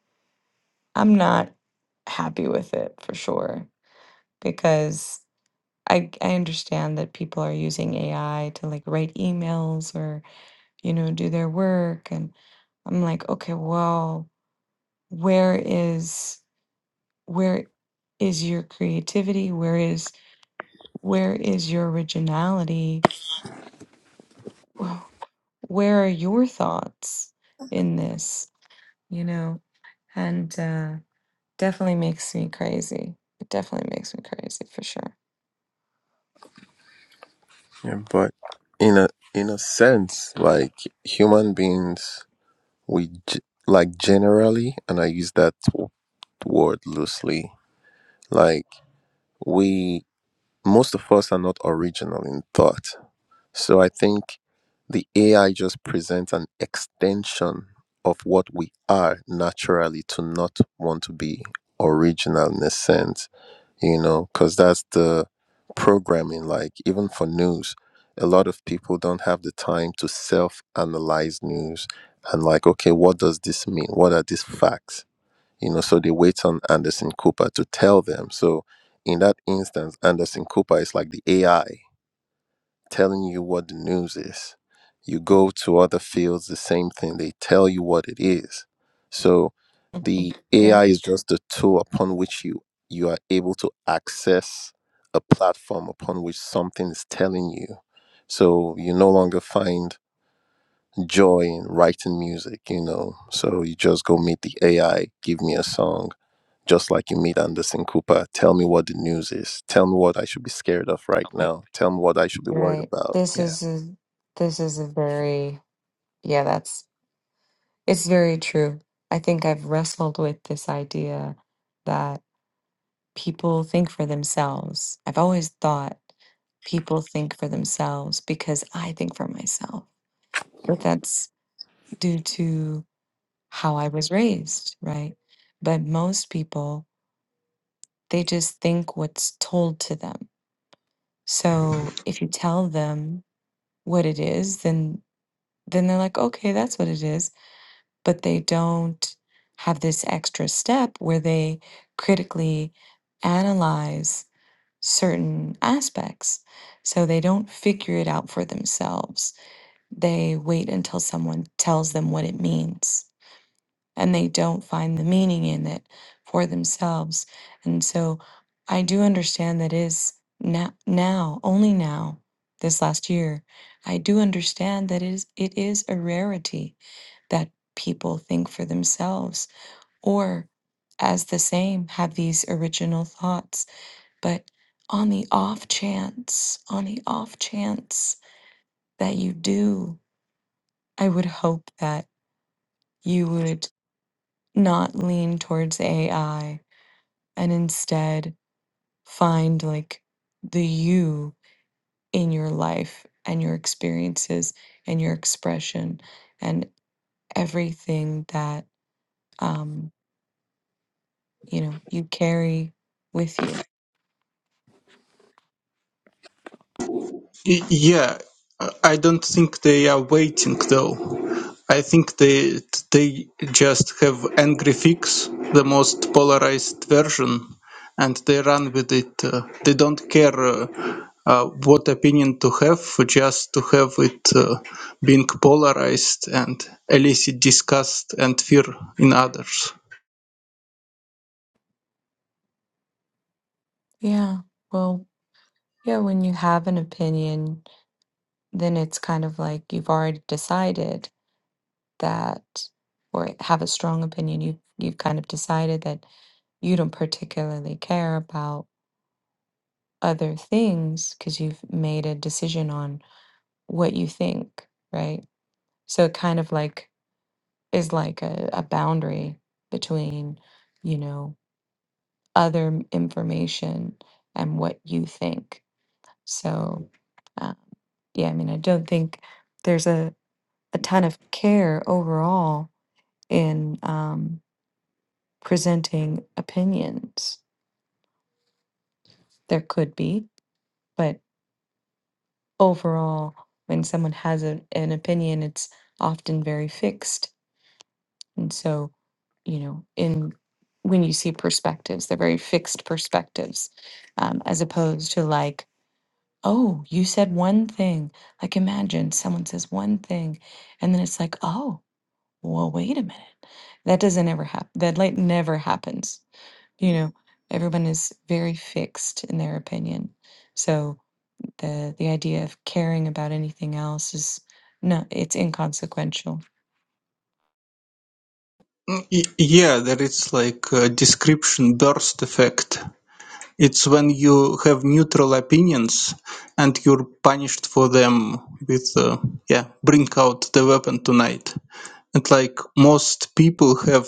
Speaker 6: I'm not happy with it for sure because I I understand that people are using AI to like write emails or, you know, do their work and I'm like, okay, well. where is where is your creativity where is where is your originality Wh- where are your thoughts in this you know and uh definitely makes me crazy it definitely makes me crazy for sure
Speaker 7: Yeah, but in a in a sense, like human beings, we g- like generally, and I use that w- word loosely. Like we, most of us are not original in thought. So I think the AI just presents an extension of what we are naturally to not want to be original in a sense, you know, because that's the programming. Like, even for news, a lot of people don't have the time to self analyze news and, like, okay, what does this mean? What are these facts? You know, so they wait on Anderson Cooper to tell them. So, in that instance, Anderson Cooper is like the AI telling you what the news is. You go to other fields, the same thing. They tell you what it is. So
Speaker 6: Mhm.
Speaker 7: the
Speaker 6: yeah
Speaker 7: AI is just a tool upon which you you are able to access a platform upon which something is telling you. So you no longer find joy in writing music, you know. So you just go meet the AI, give me a song, just like you meet Anderson Cooper. Tell me what the news is. Tell me what I should be scared of right
Speaker 6: Okay.
Speaker 7: now. Tell me what I should be worried
Speaker 6: right
Speaker 7: about.
Speaker 6: this
Speaker 7: Yeah.
Speaker 6: is a this is a very yeah that's it's very true i think i've wrestled with this idea people think for themselves. I've always thought people think for themselves because I think for myself. But that's due to how I was raised, right? But most people, they just think what's told to them. So if you tell them what it is, then then they're like, "Okay, that's what it is." But they don't have this extra step where they critically analyze certain aspects. So they don't figure it out for themselves. They wait until someone tells them what it means and they don't find the meaning in it for themselves. And so I do understand that is now, now only now, this last year, I do understand that is it is a rarity that people think for themselves or as the same have these original thoughts but on the off chance, on the off chance that you do, I would hope that you would not lean towards AI and instead find like the you in your life and your experiences and your expression and everything that um you know you carry with you.
Speaker 3: Y- Yeah, I don't think they are waiting though. I think they they just have angry fix, the most polarized version, and they run with it. Uh, they don't care uh, uh, what opinion to have, just to have it uh, being polarized and elicit disgust and fear in others.
Speaker 6: Yeah. Well, yeah, when you have an opinion, then it's kind of like you've already decided that or have a strong opinion you you've kind of decided that you don't particularly care about other things because you've made a decision on what you think right so it kind of like is like a, a boundary between you know other m- information and what you think so um, yeah i mean i don't think there's a, a ton of care overall in um, presenting opinions. There could be, but overall, when someone has a, an opinion, it's often very fixed. And so, you know, in when you see perspectives, they're very fixed perspectives, um, as opposed to like, oh, you said one thing. Like, imagine someone says one thing, and then it's like, oh, well, wait a minute. That doesn't ever happen. That like never happens you know everyone is very fixed in their opinion so the the idea of caring about anything else is no it's inconsequential
Speaker 3: Y- Yeah, there is like a description burst effect. It's when you have neutral opinions and you're punished for them with, uh, yeah, bring out the weapon tonight and like most people have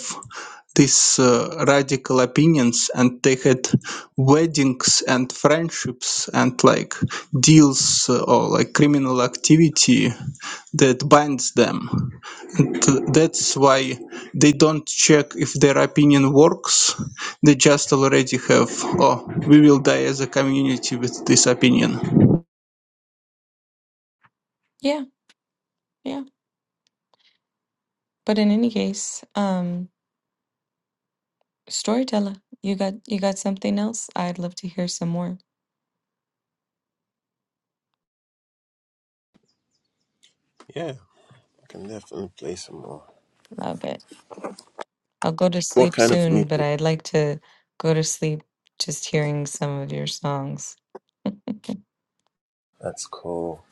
Speaker 3: these uh, radical opinions and they had weddings and friendships and like deals uh, or like criminal activity that binds them and uh, that's why they don't check if their opinion works they just already have oh we will die as a community with this opinion
Speaker 6: yeah yeah but in any case um storyteller you got you got something else i'd love to hear some more
Speaker 7: Yeah, I can definitely play some more.
Speaker 6: love it i'll go to
Speaker 7: What
Speaker 6: sleep
Speaker 7: kind of
Speaker 6: soon but
Speaker 7: music?
Speaker 6: i'd like to go to sleep just hearing some of your songs
Speaker 7: That's cool.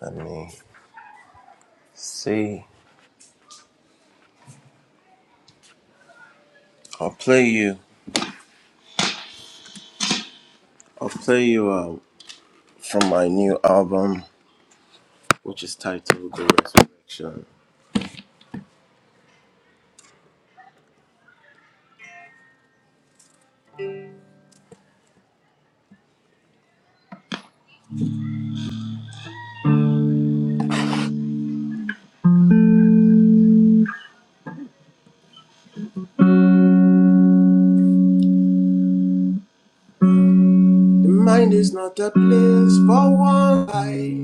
Speaker 7: Let me see. I'll play you. I'll play you uh, from my new album, which is titled The Resurrection. The mind is not a place for one eye.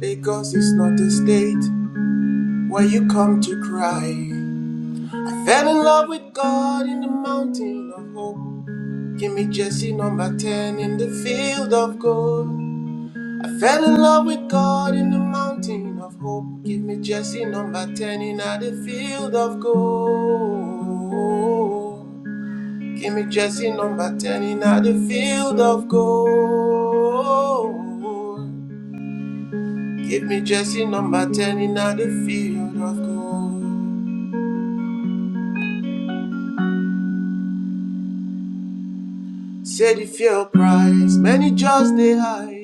Speaker 7: Lagos is not a state where you come to cry. I fell in love with God in the mountain of hope. Give me Jesse number 10 in the field of gold. Fell in love with God in the mountain of hope. Give me Jesse number 10 in a the field of gold. Give me Jesse number 10 in a the field of gold. Give me Jesse number 10 in a the field of gold. Say the fair price, many just they high.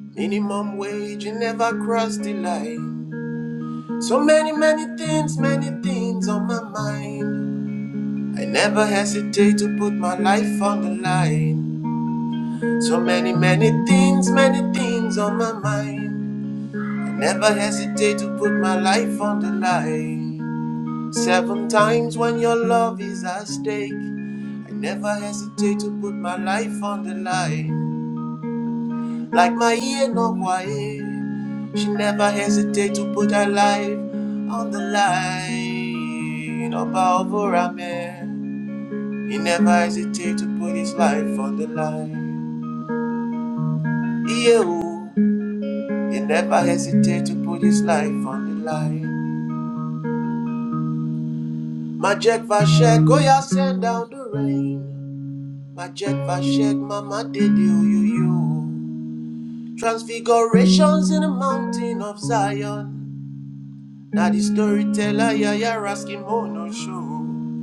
Speaker 7: Minimum wage, you never cross the line. So many, many things, many things on my mind. I never hesitate to put my life on the line. So many, many things, many things on my mind. I never hesitate to put my life on the line. Seven times when your love is at stake. I never hesitate to put my life on the line. Like my ear, no way. She never hesitate to put her life on the line. About He never hesitate to put his life on the line. Yehu, he never hesitated to put his life on the line. Majek Vashek, go ya send down the rain. Majek Vashek, mama did you, you, you. Transfigurations in the mountain of Zion. Now the storyteller, yeah, yeah, asking oh, no show.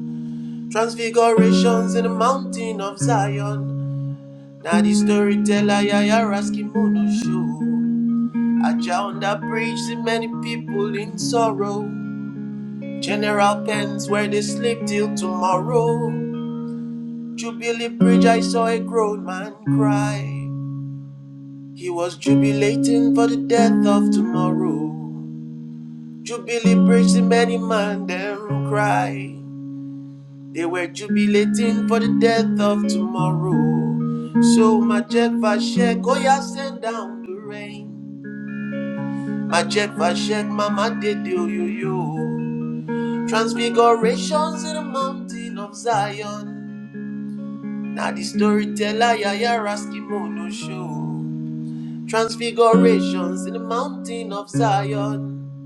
Speaker 7: Transfigurations in the mountain of Zion. Now the storyteller, yeah, yeah, asking oh, no show. A found that bridge see many people in sorrow. General pens where they sleep till tomorrow. Jubilee Bridge, I saw a grown man cry. He was jubilating for the death of tomorrow. Jubilee Bridge, the many man them cry. They were jubilating for the death of tomorrow. So my Jack Vashek, oh yeah, send down the rain. My Jack Vashek, mama did do you you. Transfigurations in the mountain of Zion. Now the storyteller Yayara Skimono show. Transfigurations in the mountain of Zion.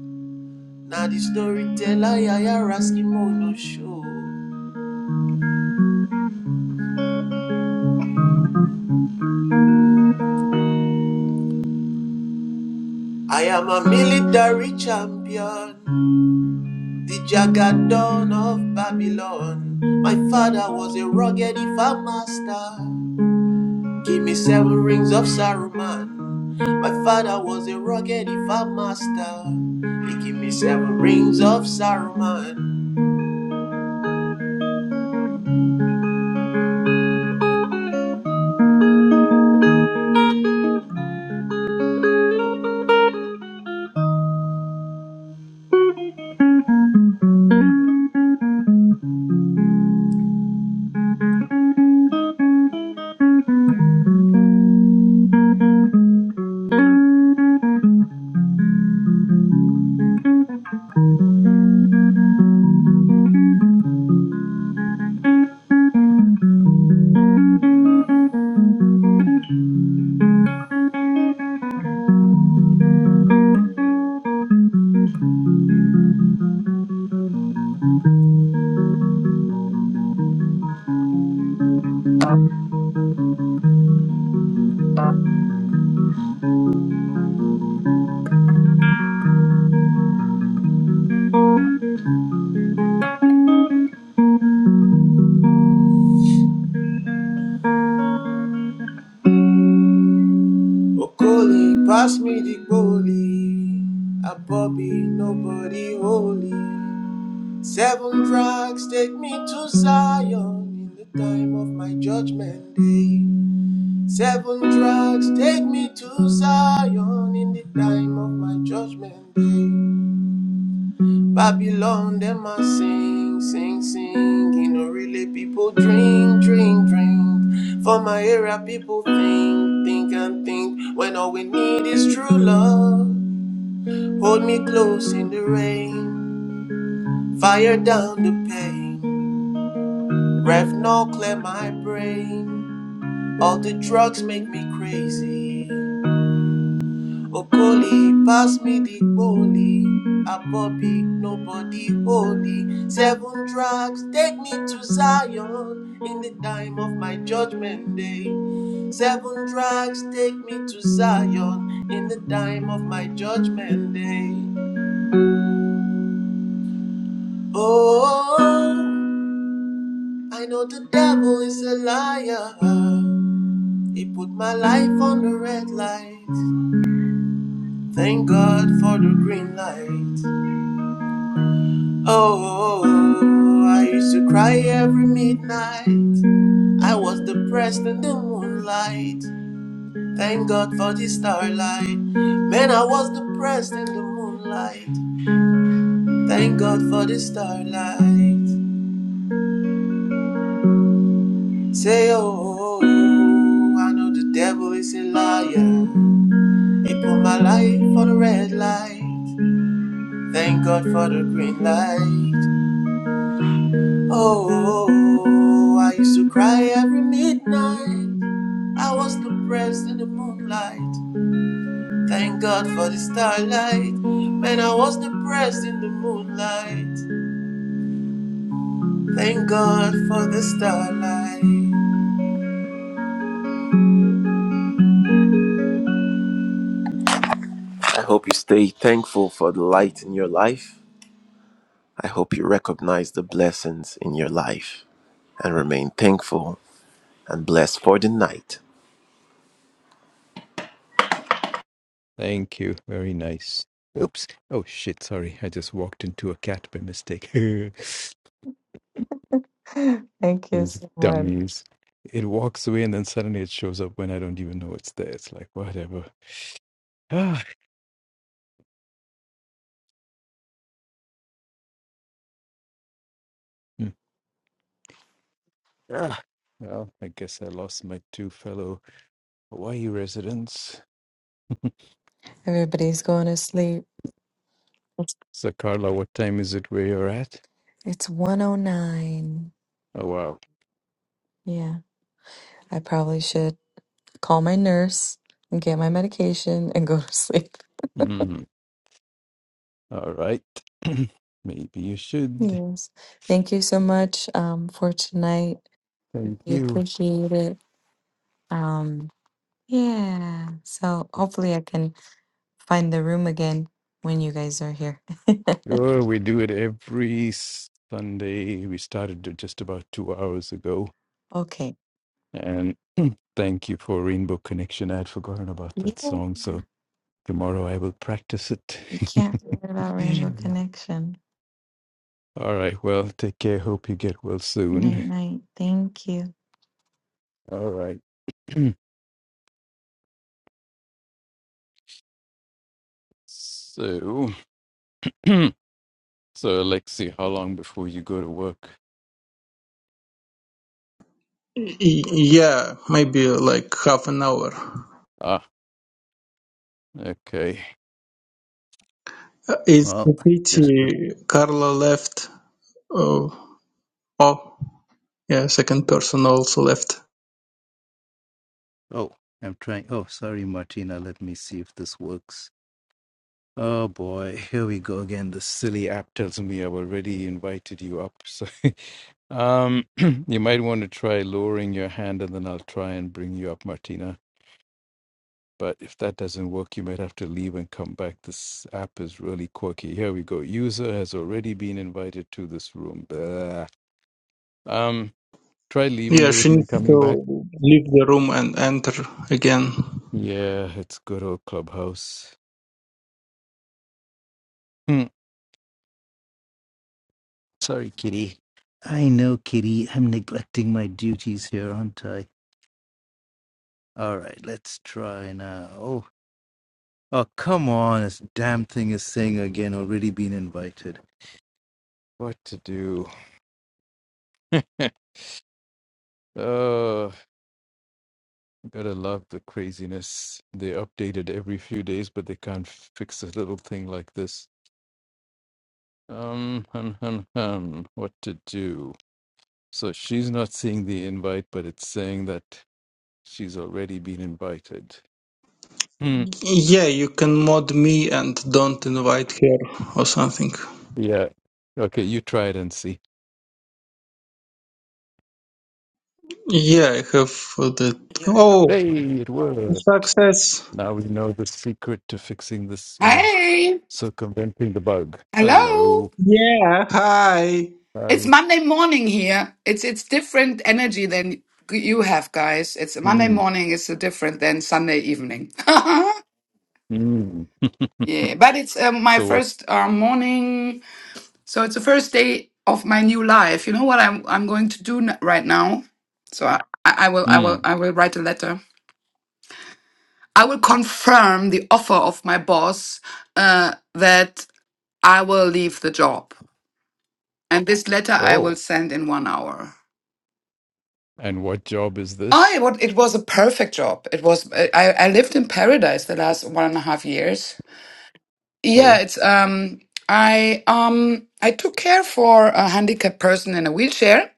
Speaker 7: Now the storyteller Yayara Skimono show. I am a military champion, the Jagadon of Babylon. My father was a rugged if master. Give me seven rings of Saruman. My father was a rugged if master. He gave me seven rings of Saruman. Okoli, pass me the goalie. A Bobby, nobody holy. Seven tracks take me to Zion in the time of my judgment day. Seven tracks take me to Zion in the time of my judgment day. Babylon, them a sing, sing, sing. You know, really people drink, drink, drink. For my era, people think, think and think. When all we need is true love. Hold me close in the rain. Fire down the pain. Rev now clear my brain. All the drugs make me crazy. Okoli, pass me the holy. A Bobby, nobody holy. Seven tracks, take me to Zion in the time of my judgment day. Seven tracks, take me to Zion in the time of my judgment day. Oh, I know the devil is a liar. He put my life on the red light. Thank God for the green light. Oh, I used to cry every midnight. I was depressed in the moonlight. Thank God for the starlight. Man, I was depressed in the moonlight. Thank God for the starlight. Say, oh, I know the devil is a liar. He put my life for the red light. Thank God for the green light. Oh, I used to cry every midnight. I was depressed in the moonlight. Thank God for the starlight. Man, I was depressed in the moonlight. Thank God for the starlight. I hope you stay thankful for the light in your life. I hope you recognize the blessings in your life and remain thankful and blessed for the night.
Speaker 1: Thank you. Very nice. Oops. Oh, shit. Sorry. I just walked into a cat by mistake. These
Speaker 6: thank you so much
Speaker 1: dummies. It walks away and then suddenly it shows up when I don't even know it's there. It's like, whatever. Ah, hmm. ah. Well, I guess I lost my two fellow Hawaii residents.
Speaker 6: everybody's going to sleep
Speaker 1: So, Carla, what time is it where you're at?
Speaker 6: It's 109.
Speaker 1: Oh, wow.
Speaker 6: Yeah. I probably should call my nurse and get my medication and go to sleep.
Speaker 1: Mhm. All right. Maybe you should.
Speaker 6: Yes. Thank you so much um, for tonight.
Speaker 1: Thank
Speaker 6: We
Speaker 1: you.
Speaker 6: appreciate it. Um, yeah. So hopefully I can find the room again when you guys are here.
Speaker 1: Sure, we do it every Sunday. We started just about two hours ago.
Speaker 6: okay.
Speaker 1: And thank you for Rainbow Connection. I had forgotten about that
Speaker 6: Yeah.
Speaker 1: song. So tomorrow I will practice it.
Speaker 6: You can't forget about Rainbow Connection.
Speaker 1: All right. Well, take care. Hope you get well soon.
Speaker 6: Night, night. Thank you.
Speaker 1: All right. so, so Alexi, how long before you go to work?
Speaker 3: Y- yeah maybe like half an hour
Speaker 1: Ah, okay.
Speaker 3: It's
Speaker 1: Well,
Speaker 3: a
Speaker 1: just,
Speaker 3: pity Carla left. Oh, oh, yeah, second person also left.
Speaker 1: oh, I'm trying. Oh, sorry, Martina. Let me see if this works. Oh boy, here we go again. The silly app tells me I've already invited you up. So um you might want to try lowering your hand and then I'll try and bring you up, Martina. But if that doesn't work, you might have to leave and come back. This app is really quirky. Here we go. User has already been invited to this room. Blah. Um try leaving
Speaker 3: Yeah,
Speaker 1: the room
Speaker 3: she
Speaker 1: and
Speaker 3: needs to
Speaker 1: coming back.
Speaker 3: leave the room and enter again.
Speaker 1: Yeah, it's good old clubhouse. Hmm. Sorry, kitty. I know, kitty. I'm neglecting my duties here, aren't I? All right, let's try now. Oh, oh, come on. This damn thing is saying again, already been invited. What to do? oh, gotta love the craziness. They update it every few days, but they can't fix a little thing like this. Um, hum, hum, hum. What to do? So she's not seeing the invite, but it's saying that she's already been invited. Hmm.
Speaker 3: Yeah, you can mod me and don't invite her or something.
Speaker 1: Yeah. Okay, you try it and see.
Speaker 3: Yeah, I have uh, that. Oh,
Speaker 1: Hey, it worked.
Speaker 3: success!
Speaker 1: Now we know the secret to fixing this or
Speaker 8: Hey,
Speaker 1: circumventing the bug.
Speaker 8: hello.
Speaker 1: Hello.
Speaker 3: Yeah, hi!
Speaker 8: It's
Speaker 1: Hi.
Speaker 8: Monday morning here. It's it's different energy than you have, guys. It's Monday
Speaker 1: Mm.
Speaker 8: morning is so different than Sunday evening.
Speaker 1: Mm.
Speaker 8: yeah, but it's um, my
Speaker 1: so what?
Speaker 8: first uh, morning, so it's the first day of my new life. You know what I'm I'm going to do n- right now? So I, I will I will
Speaker 1: Mm.
Speaker 8: I will write a letter. I will confirm the offer of my boss uh, that I will leave the job, and this letter I will
Speaker 1: Oh.
Speaker 8: send in one hour.
Speaker 1: And what job is this?
Speaker 8: I what it was a perfect job. It was I I lived in paradise the last one and a half years. Yeah,
Speaker 1: Oh.
Speaker 8: it's um I um I took care for a handicapped person in a wheelchair,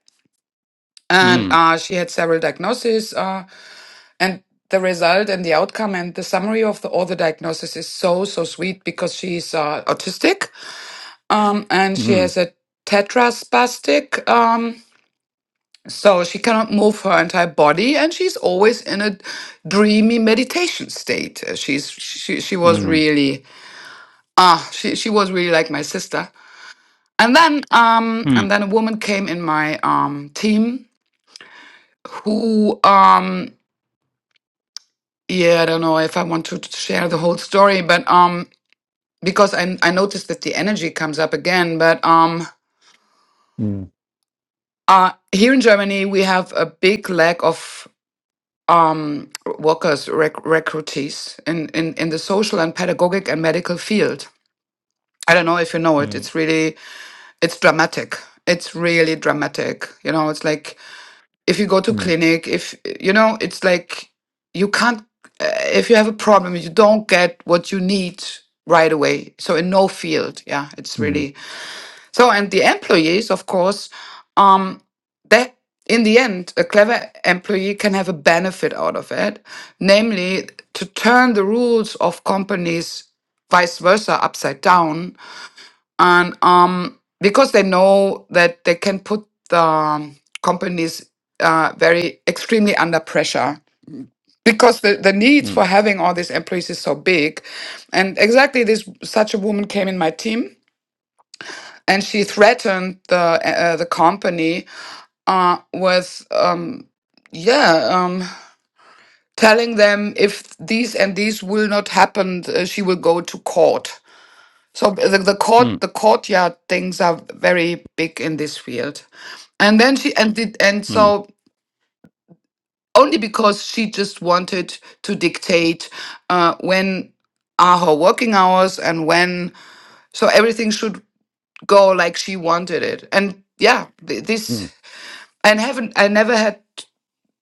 Speaker 8: and
Speaker 1: Mm.
Speaker 8: uh, she had several diagnoses. Uh, and the result and the outcome and the summary of the all the diagnosis is so so sweet because she's uh, autistic. Um, and she
Speaker 1: Mm.
Speaker 8: has a tetraspastic. Um, So she cannot move her entire body, and she's always in a dreamy meditation state. Uh, She's she she was
Speaker 1: Mm.
Speaker 8: really ah she she was really like my sister. And then um and
Speaker 1: Mm.
Speaker 8: then a woman came in my um team who um yeah I don't know if I want to share the whole story, but um because I I noticed that the energy comes up again, but um
Speaker 1: Mm.
Speaker 8: uh here in Germany we have a big lack of um, workers, rec- recruitees in, in, in the social and pedagogic and medical field. I don't know if you know it.
Speaker 1: Mm.
Speaker 8: It's really, it's dramatic. It's really dramatic. You know, it's like if you go to
Speaker 1: Mm.
Speaker 8: clinic, if, you know, it's like you can't, uh, if you have a problem, you don't get what you need right away. So in no field, yeah, it's
Speaker 1: Mm. Mm.
Speaker 8: really so, and the employees, of course, um, they in the end, a clever employee can have a benefit out of it, namely to turn the rules of companies vice versa upside down, and um, because they know that they can put the um, companies uh, very extremely under pressure because the, the needs for having all these employees is so big and exactly this such a woman came in my team and she threatened the uh, the company uh, with um, yeah um, telling them if these and these will not happen, uh, she will go to court. So uh, the, the court the courtyard things are very big in this field, and then she and did and
Speaker 1: Mm. Mm.
Speaker 8: so only because she just wanted to dictate uh, when are her working hours and when so everything should go like she wanted it and yeah th- this and haven't i never had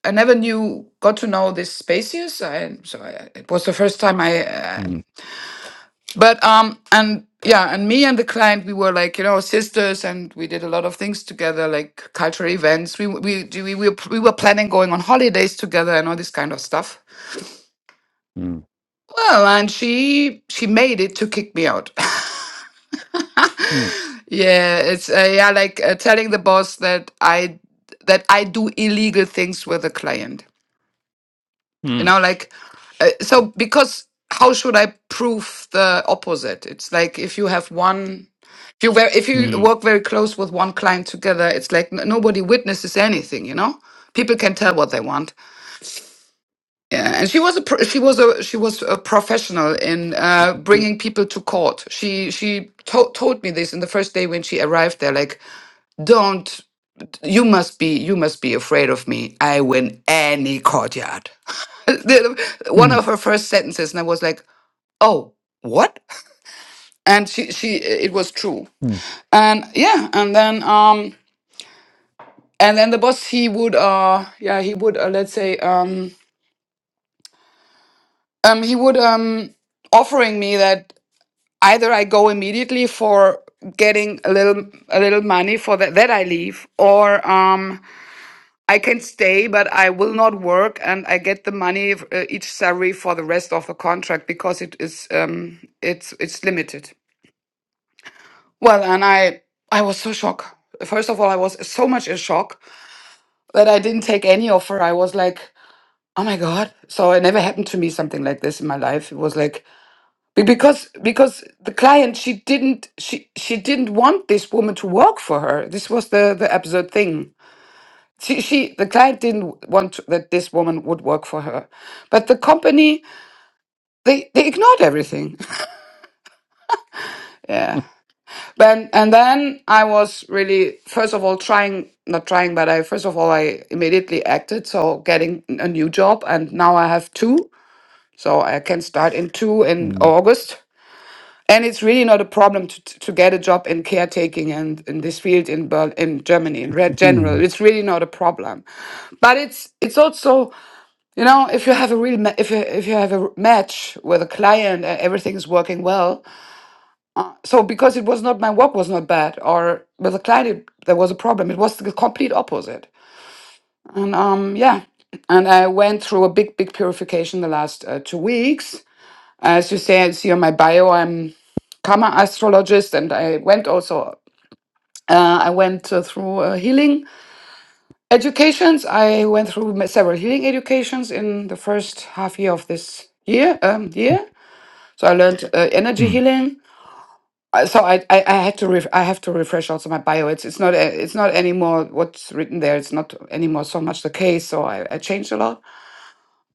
Speaker 8: i never knew got to know this spacious i so I, it was the first time i uh,
Speaker 1: Mm. Mm.
Speaker 8: but um and yeah and me and the client we were like you know sisters and we did a lot of things together like cultural events we we we, we, were- we were planning going on holidays together and all this kind of stuff well and she she made it to kick me out
Speaker 1: Mm. Mm. Mm. Mm. Mm.
Speaker 8: yeah it's uh, yeah like uh, telling the boss that i that i do illegal things with a client you
Speaker 1: Mm.
Speaker 8: know like uh, so because how should i prove the opposite it's like if you have one if you ver- if you work very close with one client together it's like n- nobody witnesses anything you know people can tell what they want yeah and she was a pro- she was a she was a professional in uh bringing people to court she she to- told me this in the first day when she arrived there like don't you must be you must be afraid of me i win any courtyard The- one of her first sentences and i was like oh what and she she it was true and yeah and then um and then the boss he would uh yeah he would uh, let's say um um he would um offering me that either i go immediately for getting a little a little money for that that i leave or um I can stay, but I will not work, and I get the money uh, each salary for the rest of the contract because it is um, it's it's limited. Well, and I I was so shocked. First of all, I was so much in shock that I didn't take any offer. I was like, oh my god! So it never happened to me something like this in my life. It was like be- because because the client she didn't she she didn't want this woman to work for her. This was the the absurd thing She, she the client didn't want to- that this woman would work for her, but the company they they ignored everything. yeah. Then and then I was really first of all trying not trying, but I first of all I immediately acted so getting a new job, and now I have two, so I can start in two in
Speaker 1: Mm.
Speaker 8: August. And it's really not a problem to, to get a job in caretaking and in this field in Berlin, in Germany in re- general. It's really not a problem, but it's it's also You know, if you have a real ma- if you, if you have a match with a client and everything is working well, so because it was not my work was not bad, or with a client it, there was a problem, it was the complete opposite. And um, yeah, and I went through a big big purification the last uh, two weeks. As you say, see on my bio, I'm karma astrologist, and I went also. Uh, I went uh, through uh, healing educations. I went through ma- several healing educations in the first half year of this year. Um, year So I learned uh, energy
Speaker 1: Mm.
Speaker 8: healing. I- So I, I, I had to ref- I have to refresh also my bio. It's it's not a- it's not anymore what's written there. It's not anymore so much the case. So I, I changed a lot.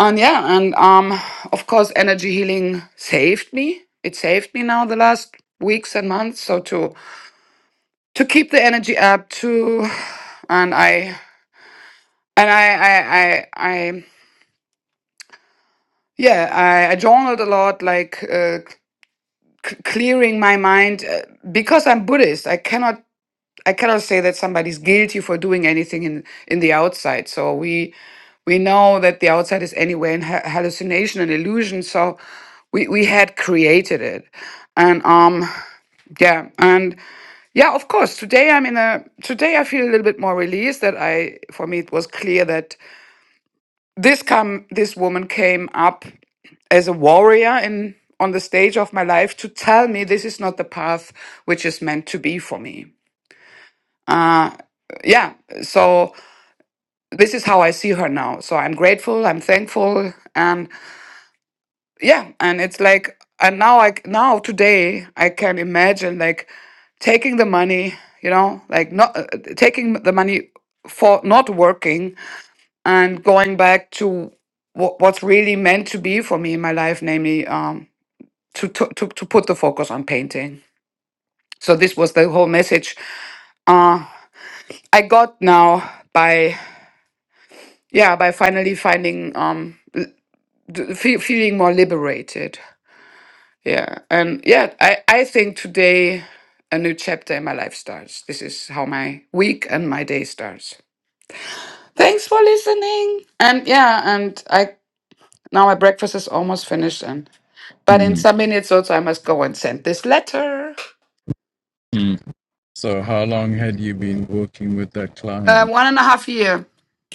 Speaker 8: And yeah, and um, of course, energy healing saved me. It saved me now the last weeks and months. So to to keep the energy up, to and I and I I I, I yeah I, I journaled a lot, like uh, c- clearing my mind uh, because I'm Buddhist. I cannot I cannot say that somebody's guilty for doing anything in in the outside. So we we know that the outside is anyway in ha- hallucination and illusion. So we we had created it, and um yeah and yeah of course today I'm in a today I feel a little bit more released that I for me it was clear that this come this woman came up as a warrior in on the stage of my life to tell me this is not the path which is meant to be for me Uh, yeah so this is how i see her now so i'm grateful i'm thankful and yeah and it's like and now i c- now today i can imagine like taking the money you know like not uh, uh, taking the money for not working and going back to what, what's really meant to be for me in my life namely um to to, to, to put the focus on painting so this was the whole message uh i got now by yeah by finally finding um th- fe- feeling more liberated. Yeah. And yeah, I, I think today a new chapter in my life starts. This is how my week and my day starts. Thanks for listening. And yeah, and I now my breakfast is almost finished and but in
Speaker 1: Mm.
Speaker 8: some minutes also I must go and send this letter.
Speaker 1: Mm. So how long had you been working with that
Speaker 8: Uh,
Speaker 1: client?
Speaker 8: one and a half year.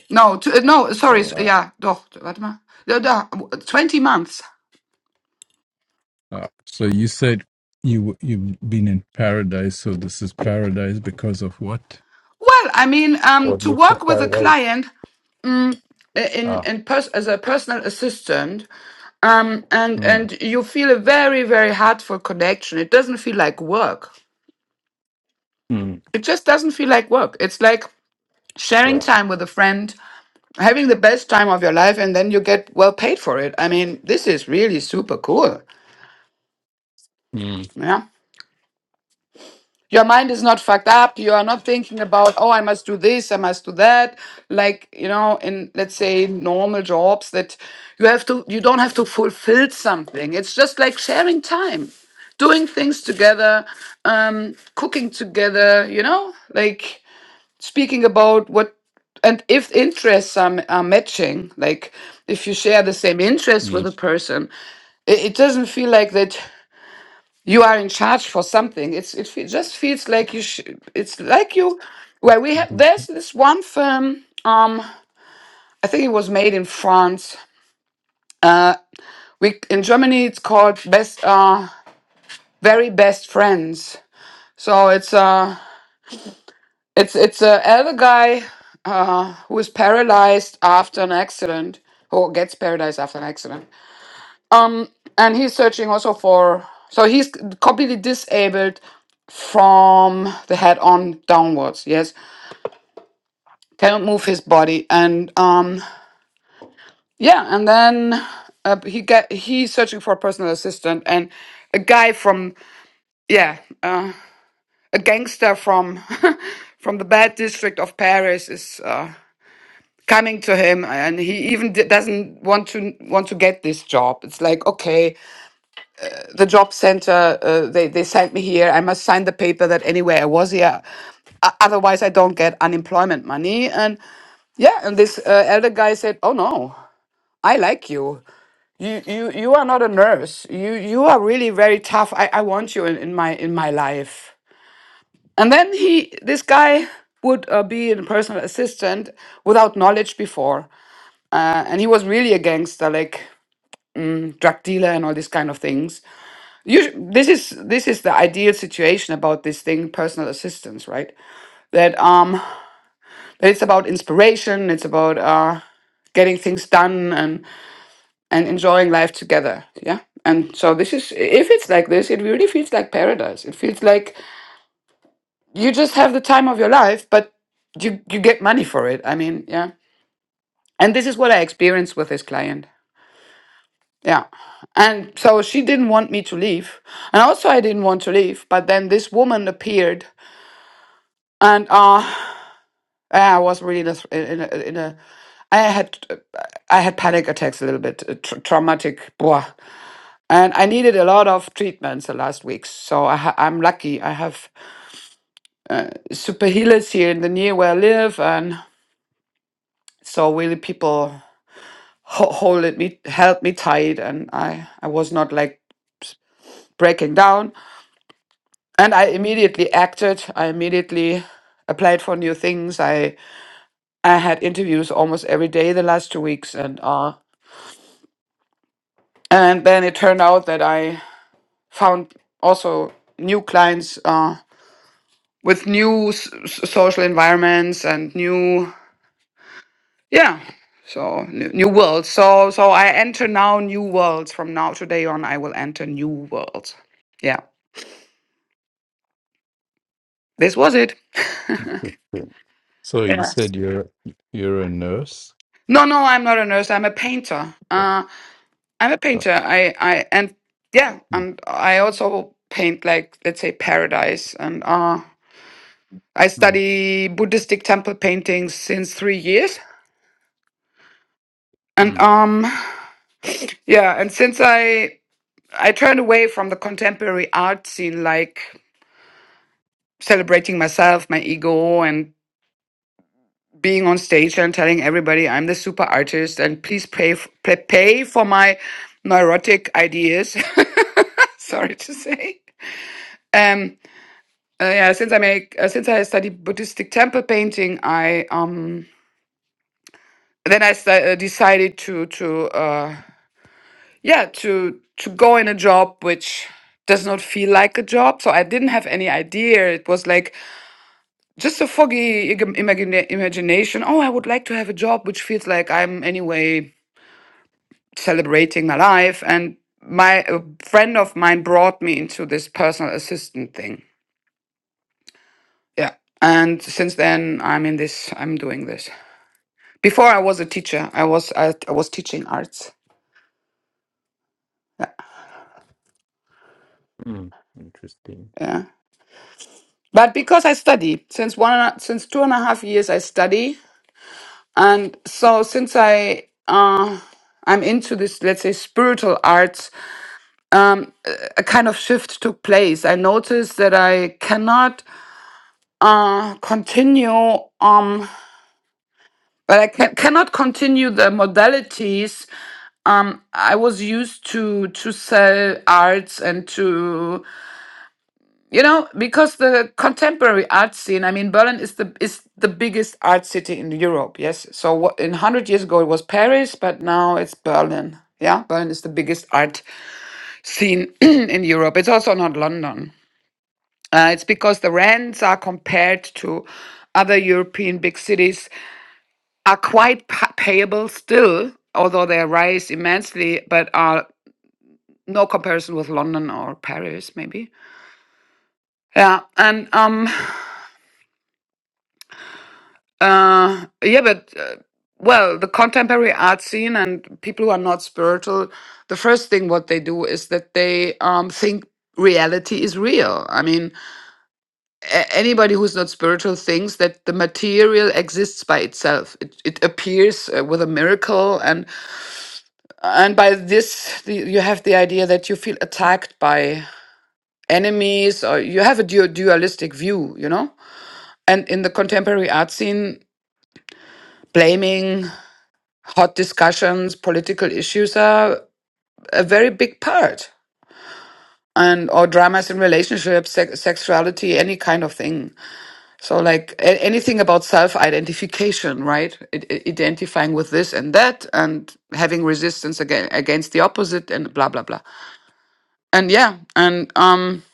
Speaker 8: No, two, uh, no, sorry. s-
Speaker 1: Oh,
Speaker 8: Yeah, doch, warte mal. Ja, da, 20 months.
Speaker 1: Uh, so you said you you've been in paradise, so this is paradise because of what?
Speaker 8: Well, I mean, um,
Speaker 1: What
Speaker 8: to
Speaker 1: makes for
Speaker 8: work with a
Speaker 1: paradise?
Speaker 8: client uh, in,
Speaker 1: Ah,
Speaker 8: in pers- as a personal assistant um and
Speaker 1: mm,
Speaker 8: and you feel a very very heartful connection it doesn't feel like work
Speaker 1: mm,
Speaker 8: it just doesn't feel like work it's like sharing
Speaker 1: Right.
Speaker 8: time with a friend having the best time of your life and then you get well paid for it i mean this is really super cool
Speaker 1: mm,
Speaker 8: yeah Your mind is not fucked up. You are not thinking about, oh, I must do this, I must do that. Like, you know, in let's say normal jobs that you have to, you don't have to fulfill something. It's just like sharing time, doing things together, um, cooking together, you know, like speaking about what and if interests are, are matching like if you share the same interest with a
Speaker 1: mm.
Speaker 8: person it, it doesn't feel like that you are in charge for something. It's it fe- just feels like you. Sh- it's like you.
Speaker 1: I
Speaker 8: Well, we
Speaker 1: can
Speaker 8: have there's this one film. Um, I think it was made in France. Uh, we in Germany it's called Best uh Very Best Friends. So it's uh it's it's a elder guy uh who is paralyzed after an accident who gets paralyzed after an accident. Um, and he's searching also for. So he's completely disabled from the head on downwards. Yes, cannot move his body and um yeah and then uh, he get he's searching for a personal assistant and a guy from yeah uh, a gangster from from the bad district of paris is uh coming to him and he even d- doesn't want to want to get this job it's like okay the job center uh, they they sent me here i must sign the paper that anyway i was here O- otherwise i don't get unemployment money and yeah and this uh, elder guy said oh no I like you. you you you are not a nurse you you are really very tough i i want you in, in my in my life and then he this guy would uh, be a personal assistant without knowledge before uh, and he was really a gangster like drug dealer and all these kind of things you this is this is the ideal situation about this thing personal assistance right that um that it's about inspiration it's about uh getting things done and. and enjoying life together. Yeah. And so this is, if it's like this, it really feels like paradise. It feels like you just have the time of your life, but you, you get money for it. I mean, yeah. And this is what I experienced with this client. Yeah. And so she didn't want me to leave. And also, I didn't want to leave. But then this woman appeared, and uh, I was really in a, in a, in a I had I had panic attacks a little bit, uh, tr- traumatic. blah, and I needed a lot of treatments the last week. So I ha- I'm lucky. I have super healers here in the near where I live, and so really people ho- holded me, held me tight, and I I was not like breaking down. And I immediately acted. I immediately applied for new things. I I had interviews almost every day the last two weeks, and uh, and then it turned out that I found also new clients uh, with new s- s- social environments and new yeah so new, new world so so i enter now new worlds from now today on i will enter new worlds yeah this was it
Speaker 1: So you
Speaker 8: yes
Speaker 1: said you're you're a nurse.
Speaker 8: no no i'm not a nurse i'm a painter uh i'm a
Speaker 1: Oh,
Speaker 8: painter i i and yeah
Speaker 1: mm,
Speaker 8: and i also paint like let's say paradise and uh i
Speaker 1: mm,
Speaker 8: study buddhistic temple paintings since three years and
Speaker 1: mm,
Speaker 8: um yeah and since i i turned away from the contemporary art scene like celebrating myself, my ego, and being on stage and telling everybody I'm the super artist and please pay f- pay pay for my neurotic ideas. Sorry to say. Um. uh, yeah. Since I make uh, since I study Buddhistic temple painting, I um then I st- uh, decided to to uh yeah to to go in a job which does not feel like a job. So I didn't have any idea. It was like just a foggy ig- imagina- imagination. Oh, I would like to have a job which feels like I'm anyway celebrating my life. And my a friend of mine brought me into this personal assistant thing. Yeah, and since then I'm in this. I'm doing this. Before I was a teacher. I was I, I was teaching arts.
Speaker 1: mm. Interesting.
Speaker 8: Yeah, but because I study since one and a- since two and a half years I study, and so since I uh I'm into this let's say spiritual arts um, a kind of shift took place. I noticed that I cannot uh, continue, um, but I ca- cannot continue the modalities. Um, I was used to to sell arts and to you know because the contemporary art scene. I mean, Berlin is the is the biggest art city in Europe. Yes, so what, in hundred years ago it was Paris, but now it's Berlin. Yeah, Berlin is the biggest art scene in Europe. It's also not London. Uh, it's because the rents are compared to other European big cities are quite pa- payable still, although they rise immensely, but are no comparison with London or Paris, maybe. Yeah, and um, uh, yeah, but uh, well, the contemporary art scene and people who are not spiritual, the first thing what they do is that they um think reality is real. I mean, a- anybody who's not spiritual thinks that the material exists by itself it, it appears uh, with a miracle and and by this the, you have the idea that you feel attacked by enemies or you have a du- dualistic view you know and in the contemporary art scene blaming hot discussions political issues are a very big part and or dramas in relationships sex sexuality any kind of thing So, like a- anything about self identification, right? I- I- identifying with this and that, and having resistance again against the opposite, and blah blah blah. And yeah, and um,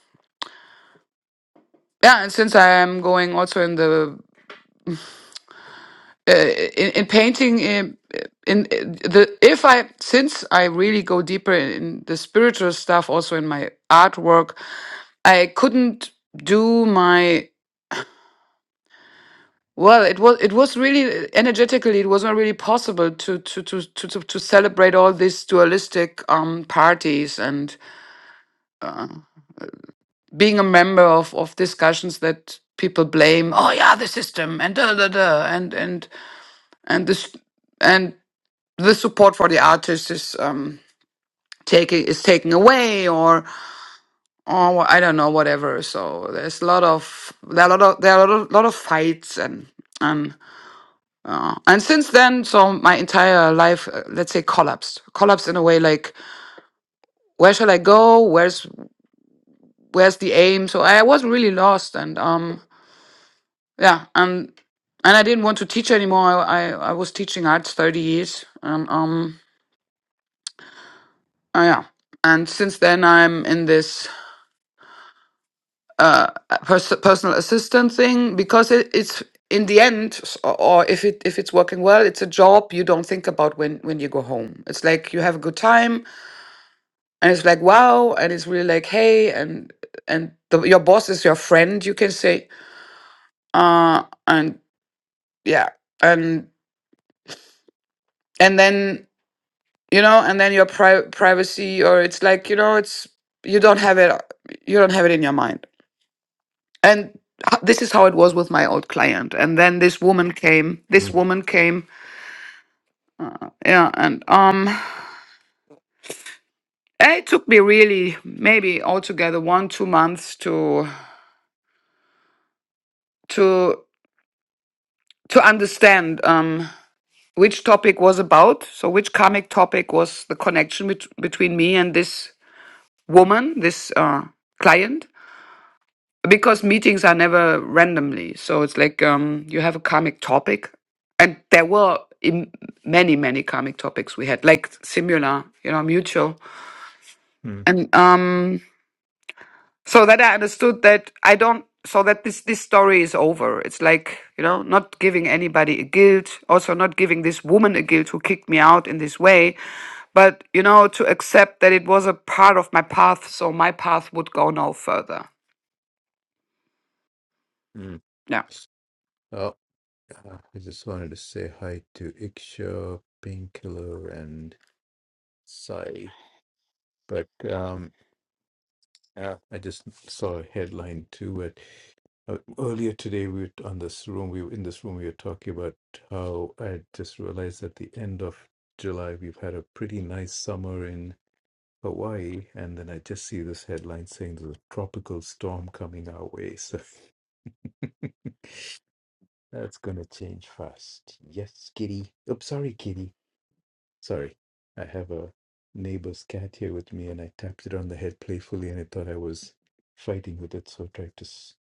Speaker 8: yeah, and since I am going also in the uh, in, in painting in, in uh, the if I since I really go deeper in the spiritual stuff, also in my artwork, I couldn't do my Well, it was it was really energetically it was not really possible to to to to to, to celebrate all these dualistic um parties and being a member of of discussions that people blame oh yeah the system and da da da and and and this and the support for the artist is um taking is taken away or or I don't know whatever so there's a lot of there are a lot of there are a lot of, lot of fights and um, Uh, and since then, so my entire life, uh, let's say, collapsed. Collapsed in a way like, where shall I go? Where's where's the aim? So I was really lost, and um, yeah, and and I didn't want to teach anymore. I I, I was teaching arts thirty years, and um, uh, yeah, and since then I'm in this uh pers- personal assistant thing because it, it's in the end s- or or if it if it's working well it's a job you don't think about when when you go home it's like you have a good time and it's like wow and it's really like hey and and the, your boss is your friend you can say uh and yeah and and then you know and then your pri- privacy or it's like you know it's you don't have it you don't have it in your mind and h- this is how it was with my old client and then this woman came this
Speaker 1: Mm,
Speaker 8: woman came yeah and um it took me really maybe altogether one two months to to to understand um. which topic was about. So, which comic topic was the connection bet- between me and this woman, this uh, client? Because meetings are never randomly. So, it's like um, you have a comic topic, and there were im many, many comic topics we had, like similar, you know, mutual.
Speaker 1: mm,
Speaker 8: And um, so that I understood that I don't so that this this story is over. It's like you know not giving anybody a guilt, also not giving this woman a guilt who kicked me out in this way, but you know to accept that it was a part of my path, so my path would go no further.
Speaker 1: mm.
Speaker 8: Yeah.
Speaker 1: Oh, uh, I just wanted to say hi to Iksha, Painkiller, and Sai. But um, Yeah. I just saw a headline too, but uh, earlier today we were on this room. We were in this room. We were talking about how I just realized at the end of July we've had a pretty nice summer in Hawaii, and then I just see this headline saying there's a tropical storm coming our way. So that's gonna change fast. Yes, kitty. Oops, sorry, kitty. Sorry, I have a neighbor's cat here with me, and I tapped it on the head playfully, and it thought I was fighting with it, so it tried to s-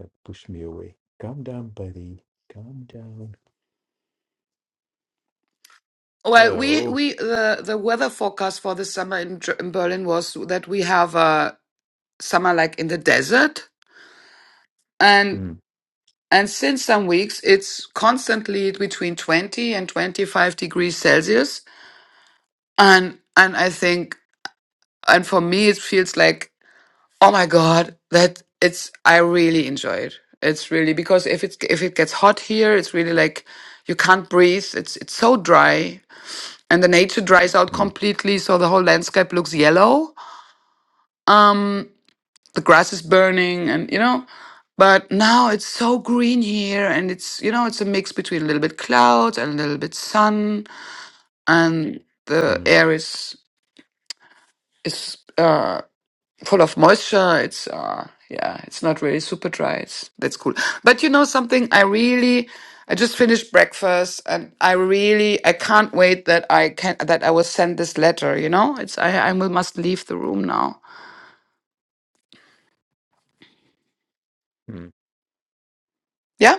Speaker 1: uh, push me away. Calm down, buddy. Calm down.
Speaker 8: Well, we
Speaker 1: So,
Speaker 8: we the the weather forecast for the summer in, Ger- in Berlin was that we have a summer like in the desert, and.
Speaker 1: mm,
Speaker 8: And since some weeks, it's constantly between 20 and 25 degrees Celsius. And, and I think, and for me, it feels like, oh my God, that it's, I really enjoy it. It's really because if it's, if it gets hot here, it's really like you can't breathe. It's, it's so dry and the nature dries out
Speaker 1: mm,
Speaker 8: completely. So the whole landscape looks yellow Um, the grass is burning and you know but now it's so green here and it's you know it's a mix between a little bit clouds and a little bit sun and the
Speaker 1: mm,
Speaker 8: air is is uh full of moisture it's uh yeah it's not really super dry it's that's cool but you know something i really i just finished breakfast and i really i can't wait that i can that i will send this letter you know it's i i will, must leave the room now
Speaker 1: mm.
Speaker 8: yeah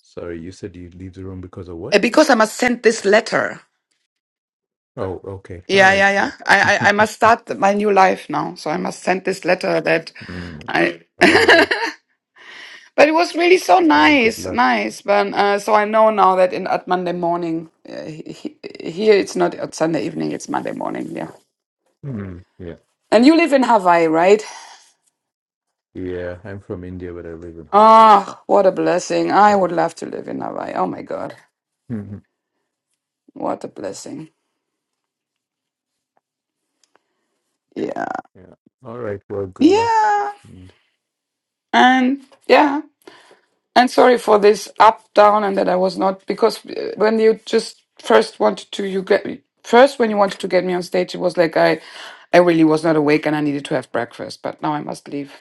Speaker 1: sorry, you said you'd leave the room because of
Speaker 8: Uh,
Speaker 1: what?
Speaker 8: because i must send this letter
Speaker 1: Oh, okay. All
Speaker 8: Yeah, yeah,
Speaker 1: right.
Speaker 8: yeah.
Speaker 1: Yeah.
Speaker 8: I, I, I must start my new life now. So I must send this letter that
Speaker 1: Mm,
Speaker 8: I.
Speaker 1: all right.
Speaker 8: but it was really so
Speaker 1: Oh, good
Speaker 8: nice,
Speaker 1: luck.
Speaker 8: nice. But uh, so I know now that in at Monday morning, uh, he, he- here it's not at Sunday evening, it's Monday morning. Yeah.
Speaker 1: Mm, yeah.
Speaker 8: And you live in Hawaii, right?
Speaker 1: Yeah. I'm from India, but I live in Hawaii.
Speaker 8: Ah, what a blessing. I
Speaker 1: So,
Speaker 8: would love to live in Hawaii. Oh my God. What a blessing. Yeah.
Speaker 1: yeah. All right. Well, good luck.
Speaker 8: Yeah.
Speaker 1: And
Speaker 8: And yeah. And sorry for this up down and that I was not because uh, when you just first wanted to you get first when you wanted to get me on stage it was like I I really was not awake and I needed to have breakfast but now I must leave.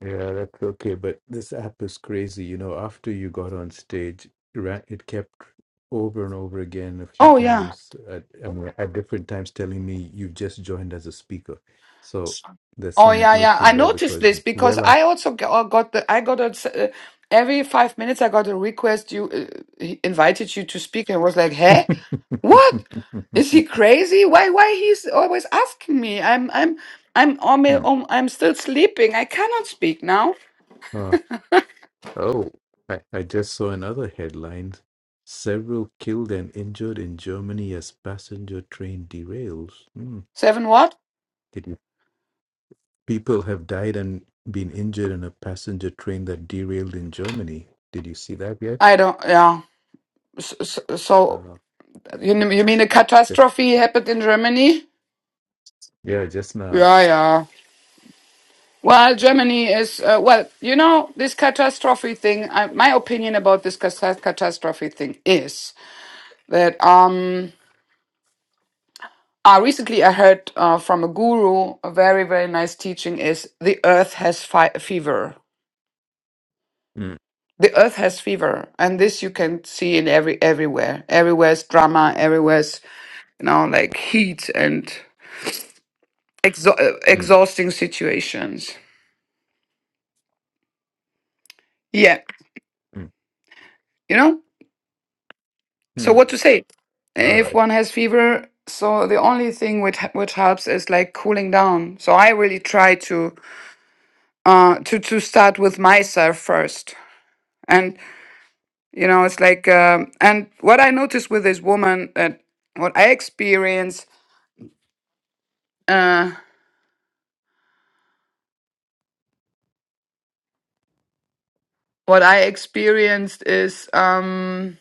Speaker 1: Yeah, that's okay. But this app is crazy. You know, after you got on stage, it ra- it kept over and over again a few
Speaker 8: Oh yeah.
Speaker 1: times at, I mean, at different times telling me you've just joined as a speaker. So there's
Speaker 8: Oh
Speaker 1: some
Speaker 8: yeah, yeah.
Speaker 1: glitch
Speaker 8: I
Speaker 1: in there
Speaker 8: noticed
Speaker 1: because,
Speaker 8: this because
Speaker 1: well,
Speaker 8: I also g- uh, got the I got a s- uh, every five minutes I got a request. You uh, he invited you to speak and was like, "Hey, what is he
Speaker 1: I...
Speaker 8: crazy? Why why he's always asking me? I'm I'm I'm on my-
Speaker 1: Hmm.
Speaker 8: on- I'm still sleeping. I cannot speak now.
Speaker 1: Uh, oh, I, I just saw another headline. Several killed and injured in Germany as passenger train derails. Hmm.
Speaker 8: Seven what?
Speaker 1: People have died and been injured in a passenger train that derailed in Germany. Did you see that yet?
Speaker 8: I don't. Yeah. So, so
Speaker 1: Uh,
Speaker 8: you n- you mean a
Speaker 1: just,
Speaker 8: catastrophe happened in Germany?
Speaker 1: yeah, just now.
Speaker 8: Yeah, yeah. Well,
Speaker 1: Uh,
Speaker 8: Germany is, uh, well, you know, this catastrophe thing, I, my opinion about this cas- catastrophe thing is that um, I recently I heard uh, from a guru, a very, very nice teaching is the earth has fi- fever.
Speaker 1: mm,
Speaker 8: The earth has fever. And this you can see in every, everywhere. Everywhere's drama, everywhere's, you know, like heat and exha- uh,
Speaker 1: mm,
Speaker 8: exhausting situations. Yeah.
Speaker 1: mm,
Speaker 8: You know? so
Speaker 1: mm.
Speaker 8: what to say
Speaker 1: All
Speaker 8: if
Speaker 1: right.
Speaker 8: one has fever so the only thing which which helps is like cooling down so i really try to uh to to start with myself first and you know it's like um and what i noticed with this woman that what i experience uh what i experienced is um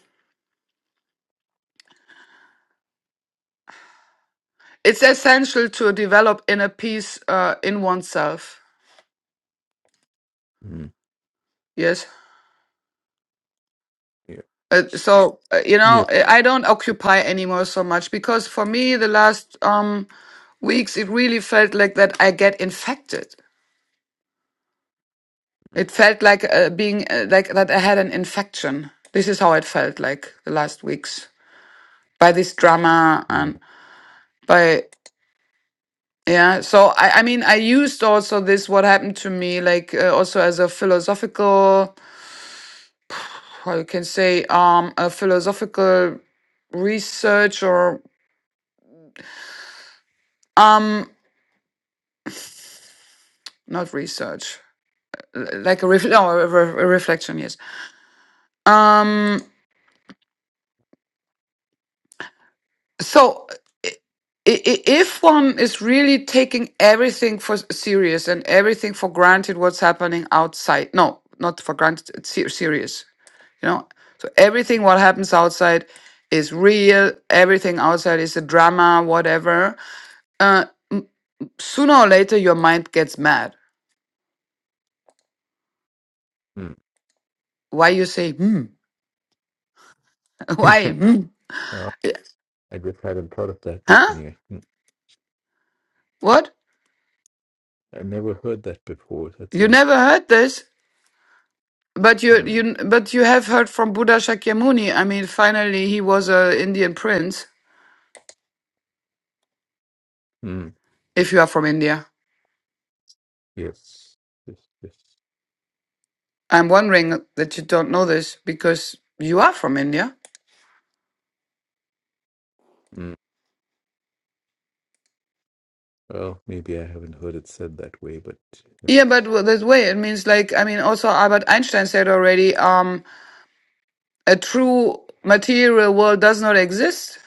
Speaker 8: it's essential to develop inner peace uh, in oneself
Speaker 1: Mm,
Speaker 8: yes
Speaker 1: yeah.
Speaker 8: Uh, so uh, you know,
Speaker 1: Yeah.
Speaker 8: I don't occupy anymore so much because for me, the last um, weeks it really felt like that I get infected. It felt like uh, being uh, like that I had an infection. This is how it felt like the last weeks by this drama
Speaker 1: Mm,
Speaker 8: and by yeah. So I, I mean, I used also this what happened to me like uh, also as a philosophical, how you can say, um, a philosophical research or um, not research. like a, ref- no, a, re- a reflection yes um so i- i- if one is really taking everything for s- serious and everything for granted what's happening outside no not for granted it's ser- serious you know so everything what happens outside is real everything outside is a drama whatever uh, sooner or later your mind gets mad
Speaker 1: mm.
Speaker 8: why you say hmm why hmm
Speaker 1: Uh,
Speaker 8: yeah,
Speaker 1: I just hadn't thought of that, but
Speaker 8: huh
Speaker 1: anyway, mm,
Speaker 8: what
Speaker 1: I never heard that before. That's
Speaker 8: you
Speaker 1: all.
Speaker 8: never heard this But you,
Speaker 1: Mm,
Speaker 8: you, but you have heard from Buddha Shakyamuni. I mean, finally, he was a Indian prince.
Speaker 1: mm,
Speaker 8: If you are from India,
Speaker 1: yes. Yes. Yes.
Speaker 8: I'm wondering that you don't know this because you are from India.
Speaker 1: Mm. Well, maybe I haven't heard it said that way, but
Speaker 8: Yeah, but
Speaker 1: yes.
Speaker 8: w- that way it means like I mean, also Albert Einstein said already, um, a true material world does not exist.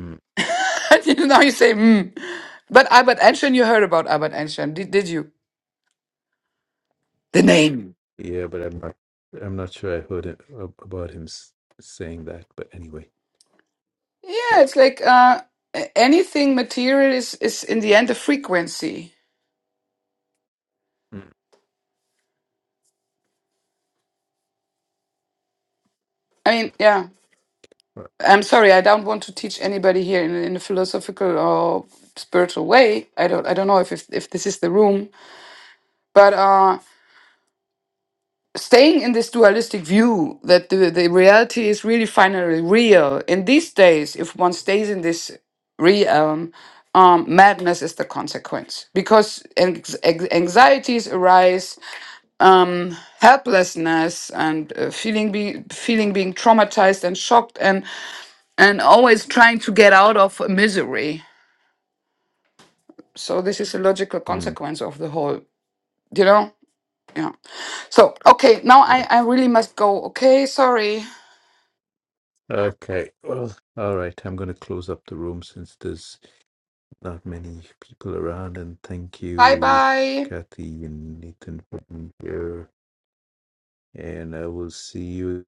Speaker 1: Mm.
Speaker 8: And now you say, hmm. But Albert Einstein, you heard about Albert Einstein, did, did you? The name.
Speaker 1: Yeah, but I'm not. I'm not sure I heard it, ab- about him s- saying that. But anyway,
Speaker 8: Yeah,
Speaker 1: so
Speaker 8: it's like uh, a- anything material is is in the end a frequency
Speaker 1: mm,
Speaker 8: I mean, yeah,
Speaker 1: uh,
Speaker 8: I'm sorry. I don't want to teach anybody here in, in a philosophical or spiritual way. I don't. I don't know if if, if this is the room, but uh, staying in this dualistic view that the, the reality is really finally real. In these days, if one stays in this realm, um, madness is the consequence because anx- anx- anxieties arise, um, helplessness, and uh, feeling be- feeling being traumatized and shocked, and and always trying to get out of misery. So this is a logical
Speaker 1: mm,
Speaker 8: consequence of the whole, you know? Yeah. So, okay, now
Speaker 1: uh,
Speaker 8: I, I really must go. Okay, sorry.
Speaker 1: okay. Well, all right. I'm going to close up the room since there's not many people around. And thank
Speaker 8: Bye
Speaker 1: you,
Speaker 8: bye.
Speaker 1: Kathy and Nathan, for being here. And I will see you.